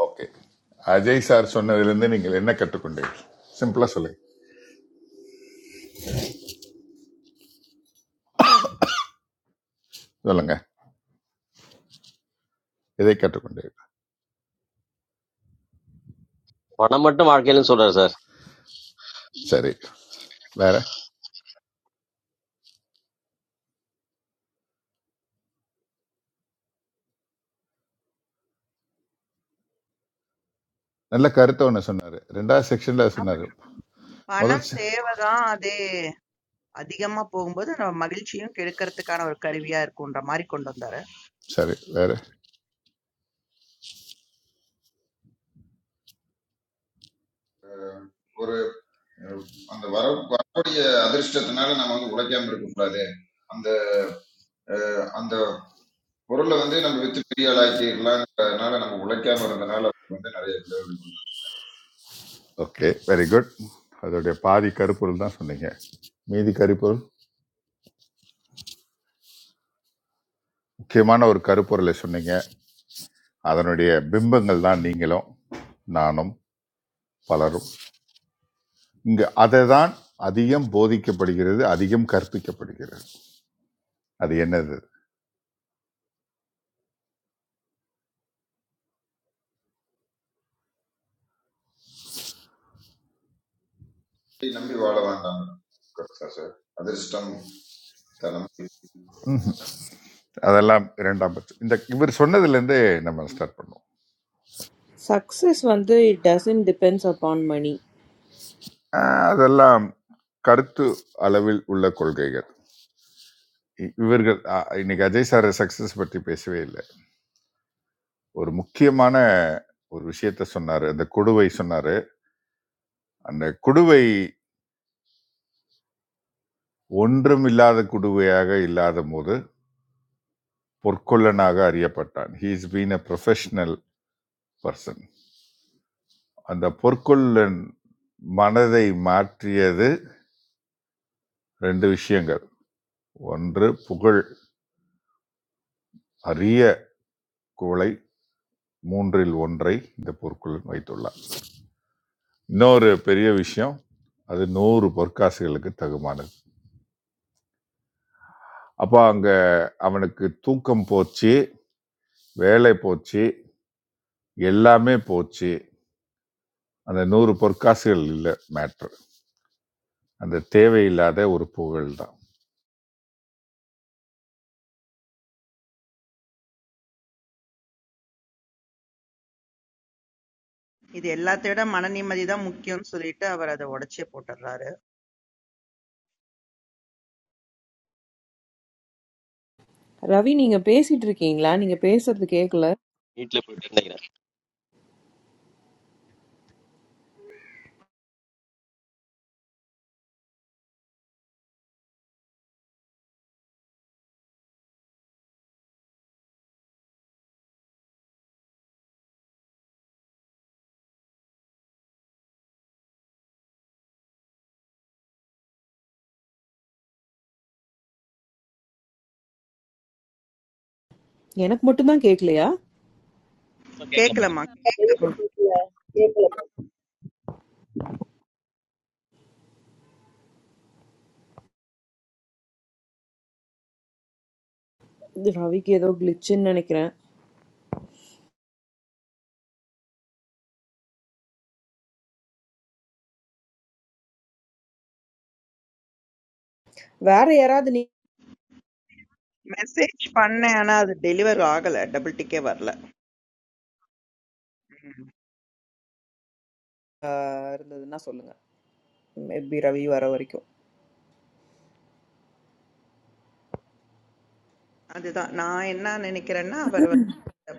Speaker 4: ஓகே அஜய் சார் சொன்னதிலிருந்து நீங்கள் என்ன கற்றுக்கொண்டீர்கள் சிம்பிளா சொல்லுங்க சொல்லுங்க இதை கற்றுக்கொண்டீர்கள்
Speaker 6: பணம் மட்டும் வாழ்க்கையிலும் சொல்றாரு சார்
Speaker 4: சரி வேற நல்ல கருத்தை ஒன்று சொன்னாரு ரெண்டாவது செக்ஷன்ல சொன்னாரு முதல்
Speaker 2: பணம்
Speaker 4: se-
Speaker 2: தேவைதான். அது அதிகமா போகும்போது நம்ம மகிழ்ச்சியும் கெடுக்கறதுக்கான ஒரு கருவியா இருக்குன்ற மாரி கொண்டு வந்தாரு.
Speaker 4: சரி வேற
Speaker 14: Or, that water, water is a distressing nature. We have to protect it. That, that Coral is there. We have to protect it. Like this, Coral, we have to protect it. Coral is there. We
Speaker 4: okay very good அதோடைய பாதி கருப்பொருள் தான் சொன்னீங்க மீதி கருப்பொருள் முக்கியமான ஒரு கருப்பொருளை சொன்னீங்க அதனுடைய பிம்பங்கள் தான் நீங்களும் நானும் பலரும் இங்கு அதை தான் அதிகம் போதிக்கப்படுகிறது அதிகம் கற்பிக்கப்படுகிறது அது என்னது
Speaker 14: have to protect it. We have to protect it.
Speaker 4: அதெல்லாம் இரண்டாம் பட்சம் இந்த இவர் சொன்னதுலேருந்தே நம்ம ஸ்டார்ட் பண்ணுவோம்
Speaker 3: சக்சஸ் வந்து it doesn't depends upon money.
Speaker 4: ஆஹ் அதெல்லாம் கருத்து அளவில் உள்ள கொள்கைகள் இ- இவர்கள் ஆஹ் இன்னைக்கு அஜய் சார் சக்சஸ் பற்றி பேசவே இல்லை ஒரு முக்கியமான ஒரு விஷயத்த சொன்னாரு. அந்த கொடுவை சொன்னாரு. அந்த "குடுவை ஒன்றுமில்லாத குடுவையாக இல்லாதபோது பொற்கொல்லனாக அறியப்பட்டான்." He is been a professional person. அந்த பொற்கொல்லன் மனதை மாற்றியது 2 விஷயங்கள். ஒன்று புகழ், அரிய குவளை, மூன்றில் ஒன்றை இந்த பொற்கொல்லன் வைத்துள்ளார். இன்னொரு பெரிய விஷயம், அது 100 பொற்காசுகளுக்கு தகுமானது. அப்ப அங்க அவனுக்கு தூக்கம் போச்சு. வேலை போச்சு எல்லாமே போச்சு அந்த நூறு பொற்காசுகள் இல்லை மேட்ரு அந்த தேவையில்லாத ஒரு புகழ் தான்
Speaker 2: இது எல்லாத்தையும் விட மன நிம்மதி தான் முக்கியம்னு சொல்லிட்டு அவர் அத உடைச்சே போட்டுர்றாரு.
Speaker 3: ரவி நீங்க பேசிட்டு இருக்கீங்களா? நீங்க பேசுறது கேட்கல.
Speaker 6: வீட்டுல போயிட்டு நினைக்கிறேன்
Speaker 3: எனக்கு மட்டும் தான் கேட்கலையா?
Speaker 2: கேட்கலம்மா.
Speaker 11: I never do that.
Speaker 3: இது ரவிக்கு ஏதோ கிளிச்சுன்னு நினைக்கிறேன். வேற யாராவது நீ
Speaker 2: மெசேஜ் பண்ணேன். ஆனா அது டெலிவர் ஆகல. டபுள் டிக்கே வரல. ம்.
Speaker 3: ஆ, இருந்ததுன்னா சொல்லுங்க. மேபி ரவி வர வரைக்கும்.
Speaker 2: அதுதான். நான் என்ன நினைக்கிறேன்னா, அவர் வந்து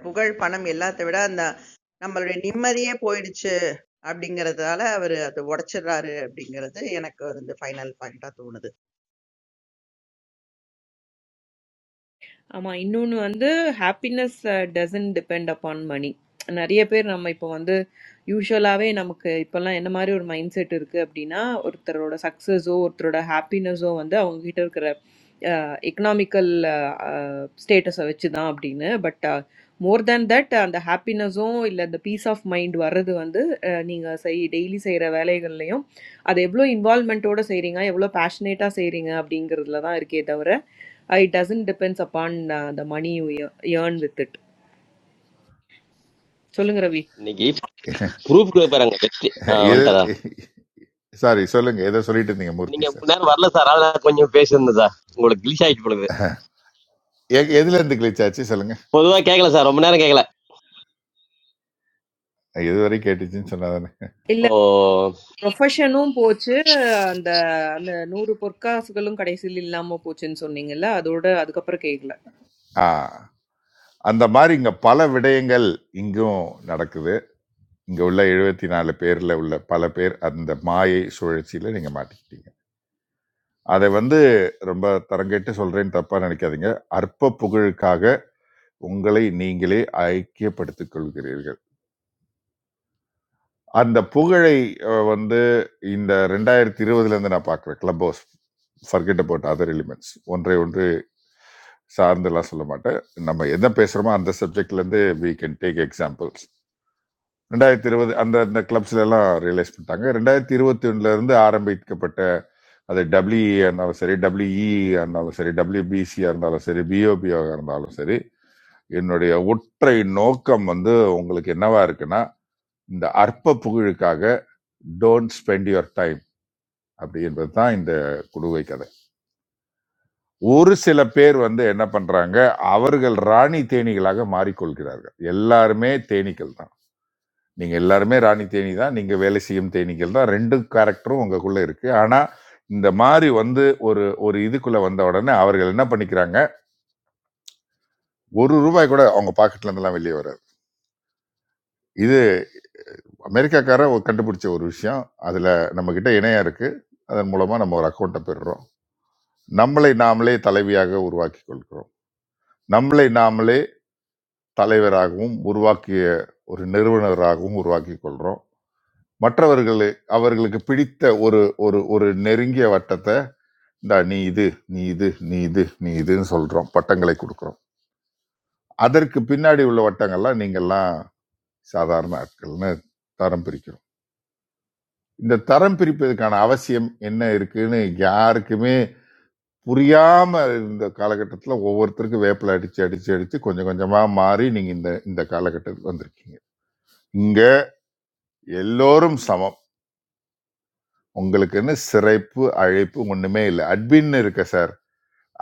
Speaker 2: புகழ், பணம் எல்லாத்த விட அந்த நம்மளுடைய நிம்மதியே போயிடுச்சு அப்படிங்கிறதால அவரு அத உடைச்சிடுறாரு அப்படிங்கிறது எனக்கு வந்து ஃபைனல் பாயிண்ட்டா தோணுது.
Speaker 3: ஆமா இன்னொன்னு வந்து happiness doesn't depend upon money நிறைய பேர் நம்ம இப்போ வந்து யூஷுவலாகவே நமக்கு இப்போல்லாம் என்ன மாதிரி ஒரு மைண்ட் செட் இருக்கு அப்படின்னா ஒருத்தரோட சக்ஸஸோ ஒருத்தரோட ஹாப்பினஸோ வந்து அவங்க கிட்ட இருக்கிற எக்கனாமிக்கல் ஸ்டேட்டஸை வச்சு தான் அப்படின்னு பட் மோர் தேன் தட் அந்த ஹாப்பினஸும் இல்லை அந்த பீஸ் ஆஃப் மைண்ட் வர்றது வந்து அஹ், நீங்க செய் டெய்லி செய்யற வேலைகள்லையும் அதை எவ்வளோ இன்வால்மெண்ட்டோட செய்றீங்க எவ்வளோ பேஷனேட்டாக செய்றீங்க அப்படிங்கிறதுல தான் இருக்கே தவிர Uh, it doesn't depends upon uh, the money you ear- earn with it சொல்லுங்க ரவி
Speaker 6: இன்னைக்கு ப்ரூஃப்க்கு பாருங்க வெற்றி
Speaker 4: எது
Speaker 6: வந்துட்டாரா
Speaker 4: சாரி சொல்லுங்க எதை சொல்லிட்டு இருந்தீங்க மூர்த்தி
Speaker 6: நீங்க ரொம்ப
Speaker 4: சார்
Speaker 6: நேரம் வரல சார் அதான் கொஞ்சம் பேசியிருந்தேன் சார் உங்களுக்கு கிளிஷ் ஆயிட்டு போடுது
Speaker 4: எ- எதுல இருந்து கிளிச் ஆச்சு சொல்லுங்க
Speaker 6: பொதுவா கேட்கல சார் ரொம்ப நேரம் கேட்கல
Speaker 4: எது வரை கேட்டுச்சுன்னு சொன்னாதானே
Speaker 3: இல்ல
Speaker 6: ஓ
Speaker 3: ப்ரொஃபஷனும் போச்சு அந்த அந்த நூறு பொற்காசுகளும் கடைசியில் இல்லாம போச்சுன்னு சொன்னீங்கல்ல அதோட அதுக்கப்புறம் கேக்கல
Speaker 4: ஆ அந்த மாதிரி இங்க பல விடயங்கள் இங்கும் நடக்குது இங்க உள்ள எழுபத்தி நாலு பேர்ல உள்ள பல பேர் அந்த மாயை சுழற்சியில நீங்க மாட்டிக்கிட்டீங்க அதை வந்து ரொம்ப தரங்கெட்டு சொல்றேன்னு தப்பா நினைக்காதீங்க அற்ப புகழுக்காக உங்களை நீங்களே ஐக்கியப்படுத்திக் கொள்கிறீர்கள் அந்த புகழை அஹ், வந்து இந்த ரெண்டாயிரத்தி இருபதுல இருந்து நான் பார்க்குறேன் club house forget about other elements ஒன்றை ஒன்று சார்ந்தெல்லாம் சொல்ல மாட்டேன் நம்ம என்ன பேசுகிறோமோ அந்த சப்ஜெக்ட்ல இருந்து வி கேன் டேக் எக்ஸாம்பிள்ஸ் ரெண்டாயிரத்தி இருபது அந்த அந்த கிளப்ஸ்ல எல்லாம் ரியலைஸ் பண்ணிட்டாங்க ரெண்டாயிரத்தி இருபத்தி ஒண்ணுல இருந்து ஆரம்பிக்கப்பட்ட அது டபிள்யூஇ இருந்தாலும் சரி டபிள்யூஇ இருந்தாலும் சரி டபிள்யூபிசியா இருந்தாலும் சரி பிஓபியாக இருந்தாலும் சரி என்னுடைய ஒற்றை நோக்கம் வந்து உங்களுக்கு என்னவா இருக்குன்னா இந்த அற்ப புகழுக்காக டோன்ட் ஸ்பெண்ட் யுவர் டைம் அப்படி என்பதுதான் இந்த குடுவை கதை ஒரு சில பேர் வந்து என்ன பண்றாங்க அவர்கள் ராணி தேனீகளாக மாறிக்கொள்கிறார்கள் எல்லாருமே தேனீக்கள் தான் நீங்க எல்லாருமே ராணி தேனி தான் நீங்க வேலை செய்யும் தேனீக்கள் தான் ரெண்டு கேரக்டரும் உங்களுக்குள்ள இருக்கு ஆனா இந்த மாதிரி வந்து ஒரு ஒரு இதுக்குள்ள வந்த உடனே அவர்கள் என்ன பண்ணிக்கிறாங்க ஒரு ரூபாய் கூட அவங்க பாக்கெட்ல இருந்தெல்லாம் வெளியே வராது இது அமெரிக்காக்கார ஒரு கண்டுபிடிச்ச ஒரு விஷயம் அதுல நம்ம கிட்ட இணையா இருக்கு அதன் மூலமா நம்ம ஒரு அக்கௌண்ட்டை பெறுறோம் நம்மளை நாமளே தலைவியாக உருவாக்கி கொள்கிறோம் நம்மளை நாமளே தலைவராகவும் உருவாக்கிய ஒரு நிறுவனராகவும் உருவாக்கி கொள்கிறோம் மற்றவர்களை அவர்களுக்கு பிடித்த ஒரு ஒரு ஒரு நெருங்கிய வட்டத்தை "இந்தா, நீ இது நீ இது நீ இது நீ இதுன்னு சொல்கிறோம் பட்டங்களை கொடுக்குறோம் அதற்கு பின்னாடி உள்ள வட்டங்கள்லாம் நீங்கள்லாம் சாதாரண ஆட்கள்னு தரம் பிரிக்கிறோம் இந்த தரம் பிரிப்பதற்கான அவசியம் என்ன இருக்குன்னு யாருக்குமே புரியாம இந்த காலகட்டத்தில் ஒவ்வொருத்தருக்கும் வேப்பில அடிச்சு அடிச்சு அடிச்சு கொஞ்சம் கொஞ்சமா மாறி நீங்க இந்த இந்த காலகட்டத்துக்கு வந்திருக்கீங்க இங்க எல்லோரும் சமம் உங்களுக்குன்னு சிறைப்பு அழைப்பு ஒண்ணுமே இல்லை அட்மின் இருக்க சார்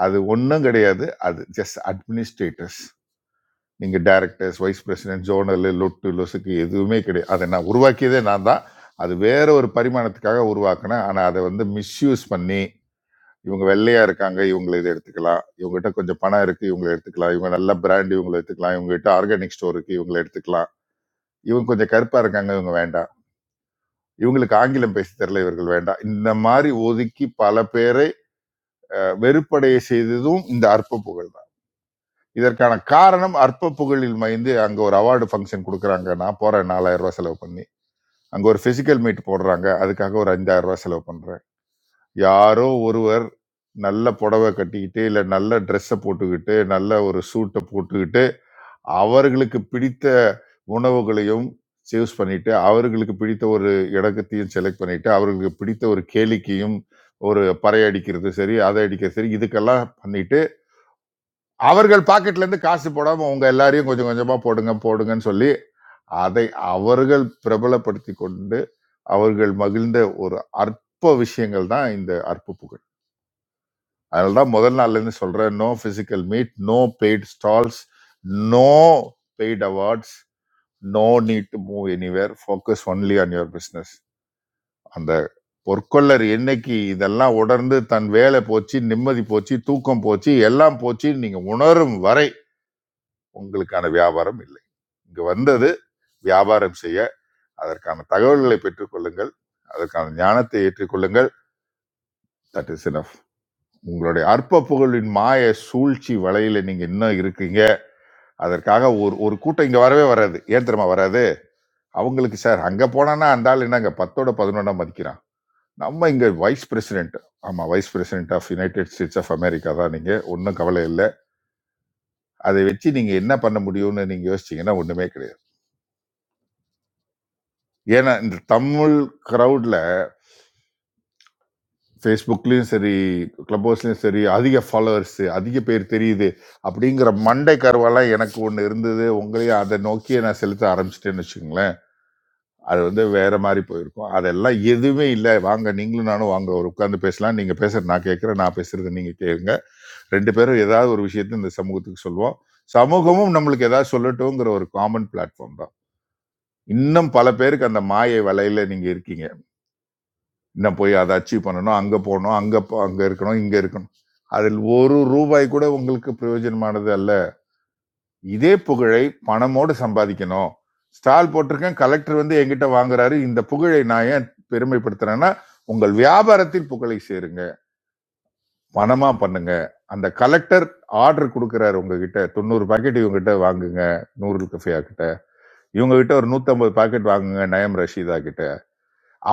Speaker 4: அது ஒன்றும் கிடையாது அது ஜஸ்ட் அட்மினிஸ்ட்ரேட்டர்ஸ் நீங்க டைரக்டர்ஸ் வைஸ் பிரசிடென்ட் ஜோனல் லொட்டு லொசுக்கு எதுவுமே கிடையாது அதை நான் உருவாக்கியதே நான் தான் அது வேற ஒரு பரிமாணத்துக்காக உருவாக்கினேன் ஆனால் அதை வந்து மிஸ்யூஸ் பண்ணி இவங்க வெள்ளையா இருக்காங்க இவங்களை இதை எடுத்துக்கலாம் இவங்ககிட்ட கொஞ்சம் பணம் இருக்கு இவங்களை எடுத்துக்கலாம் இவங்க நல்ல பிராண்ட் இவங்களை எடுத்துக்கலாம் இவங்ககிட்ட ஆர்கானிக் ஸ்டோர் இருக்கு இவங்களை எடுத்துக்கலாம் இவங்க கொஞ்சம் கருப்பா இருக்காங்க இவங்க வேண்டாம் இவங்களுக்கு ஆங்கிலம் பேச தெரியல இவர்கள் வேண்டாம் இந்த மாதிரி ஒதுக்கி பல பேரை அஹ், வெறுப்படைய செய்ததும் இந்த அற்ப புகழ் தான் இதற்கான காரணம் அற்ப புகழில் மைந்து அங்க ஒரு அவார்டு ஃபங்க்ஷன் கொடுக்குறாங்க நான் போறேன் நாலாயிரம் ரூபாய் செலவு பண்ணி அங்க ஒரு பிசிக்கல் மீட் போடுறாங்க அதுக்காக ஒரு அஞ்சாயிரம் ரூபாய் செலவு பண்றேன் யாரோ ஒருவர் நல்ல புடவை கட்டிக்கிட்டு இல்ல நல்ல ட்ரெஸ்ஸை போட்டுக்கிட்டு நல்ல ஒரு சூட்டை போட்டுக்கிட்டு அவர்களுக்கு பிடித்த உணவுகளையும் சூஸ் பண்ணிட்டு அவர்களுக்கு பிடித்த ஒரு இடத்தையும் செலக்ட் பண்ணிட்டு அவர்களுக்கு பிடித்த ஒரு கேளிக்கையும் ஒரு பறை அடிக்கிறது சரி அதை அடிக்கிறது சரி இதுக்கெல்லாம் பண்ணிட்டு அவர்கள் பாக்கெட்ல இருந்து காசு போடாம உங்க எல்லாரையும் கொஞ்சம் கொஞ்சமா போடுங்க போடுங்கன்னு சொல்லி அதை அவர்கள் பிரபலப்படுத்தி கொண்டு அவர்கள் மகிழ்ந்த ஒரு அற்ப விஷயங்கள் தான் இந்த அற்ப புகழ் அதனால தான் முதல் நாள்லேருந்து சொல்கிறேன் no physical meet no paid stalls no paid awards no need to move anywhere focus only on your business அந்த பொற்கொள்ளர் என்னைக்கு இதெல்லாம் உணர்ந்து தன் வேலை போச்சு நிம்மதி போச்சு தூக்கம் போச்சு எல்லாம் போச்சு நீங்கள் உணரும் வரை உங்களுக்கான வியாபாரம் இல்லை இங்கே வந்தது வியாபாரம் செய்ய அதற்கான தகவல்களை பெற்றுக்கொள்ளுங்கள் அதற்கான ஞானத்தை ஏற்றுக்கொள்ளுங்கள் தட் இஸ் enough உங்களுடைய அற்ப புகழின் மாய சூழ்ச்சி வலையில நீங்க இன்னும் இருக்கீங்க அதற்காக ஒரு ஒரு கூட்டம் இங்கே வரவே வராது ஏன் தெரியுமா வராது அவங்களுக்கு சார் அங்கே போனான்னா அந்த ஆள் என்னங்க பத்தோட பதினொன்றா மதிக்கிறான் நம்ம இங்கே வைஸ் பிரசிடென்ட் ஆமாம் vice president of United States of America தான் நீங்கள் ஒன்றும் கவலை இல்லை அதை வச்சு நீங்கள் என்ன பண்ண முடியும்னு நீங்கள் யோசிச்சீங்கன்னா ஒன்றுமே கிடையாது ஏன்னா இந்த தமிழ் க்ரௌடில் ஃபேஸ்புக்லேயும் சரி க்ளப் ஹவுஸ்லேயும் சரி அதிக ஃபாலோவர்ஸு அதிக பேர் தெரியுது அப்படிங்கிற மண்டை கருவெல்லாம் எனக்கு ஒன்று இருந்தது உங்களையும் அதை நோக்கியே நான் செலுத்த ஆரம்பிச்சிட்டேன்னு வச்சுக்கோங்களேன் அது வந்து வேற மாதிரி போயிருக்கும் அதெல்லாம் எதுவுமே இல்லை வாங்க நீங்களும் நானும் வாங்க ஒரு உட்காந்து பேசலாம் நீங்கள் பேசுறது நான் கேட்குறேன் நான் பேசுறது நீங்கள் கேளுங்க ரெண்டு பேரும் ஏதாவது ஒரு விஷயத்தை இந்த சமூகத்துக்கு சொல்லுவோம் சமூகமும் நம்மளுக்கு ஏதாவது சொல்லட்டுங்கிற ஒரு காமன் பிளாட்ஃபார்ம் தான் இன்னும் பல பேருக்கு அந்த மாயை வலையில நீங்க இருக்கீங்க இன்னும் போய் அதை அச்சீவ் பண்ணணும் அங்க போகணும் அங்க போ- அங்க இருக்கணும் இங்க இருக்கணும் அதில் ஒரு ரூபாய் கூட உங்களுக்கு பிரயோஜனமானது அல்ல இதே புகழை பணமோடு சம்பாதிக்கணும் ஸ்டால் போட்டிருக்கேன் கலெக்டர் வந்து என்கிட்ட வாங்குறாரு இந்த புகழை நான் ஏன் பெருமைப்படுத்துறேன்னா உங்கள் வியாபாரத்தில் புகழை சேருங்க பணமா பண்ணுங்க அந்த கலெக்டர் ஆர்டர் கொடுக்கறாரு உங்ககிட்ட தொண்ணூறு பாக்கெட் இவங்க கிட்ட வாங்குங்க நூறு கஃபியா கிட்ட இவங்க கிட்ட ஒரு நூத்தம்பது பாக்கெட் வாங்குங்க நயம் ரஷீதா கிட்ட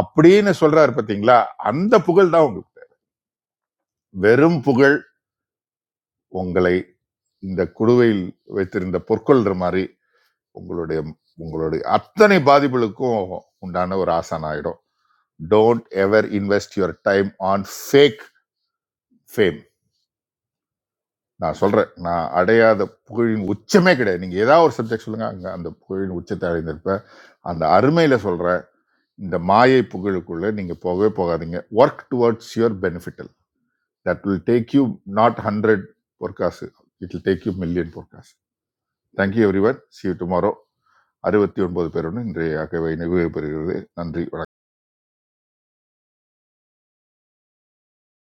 Speaker 4: அப்படின்னு சொல்றாரு பாத்தீங்களா அந்த புகழ் தான் உங்களுக்கு வெறும் புகழ் உங்களை இந்த குடுவையில் வைத்திருந்த பொற்கொள்ற மாதிரி உங்களுடைய உங்களுடைய அத்தனை பாதிப்புகளுக்கும் உண்டான ஒரு ஆசான் ஆகிடும் don't ever invest your time on fake fame நான் சொல்கிறேன் நான் அடையாத புகழின் உச்சமே கிடையாது நீங்கள் ஏதாவது ஒரு சப்ஜெக்ட் சொல்லுங்கள் அங்கே அந்த புகழின் உச்சத்தை அடைந்திருப்பேன் அந்த அருமையில் சொல்கிறேன் இந்த மாயை புகழுக்குள்ளே நீங்கள் போகவே போகாதீங்க ஒர்க் டுவர்ட்ஸ் யுவர் பெனிஃபிட்டல் that will take you not hundred பொற்காசு it will take you million பொற்காசு thank you everyone see you tomorrow அறுபத்தி ஒன்பது பேருடன் இன்றைய அகவை நிறைவு பெறுகிறது நன்றி வணக்கம்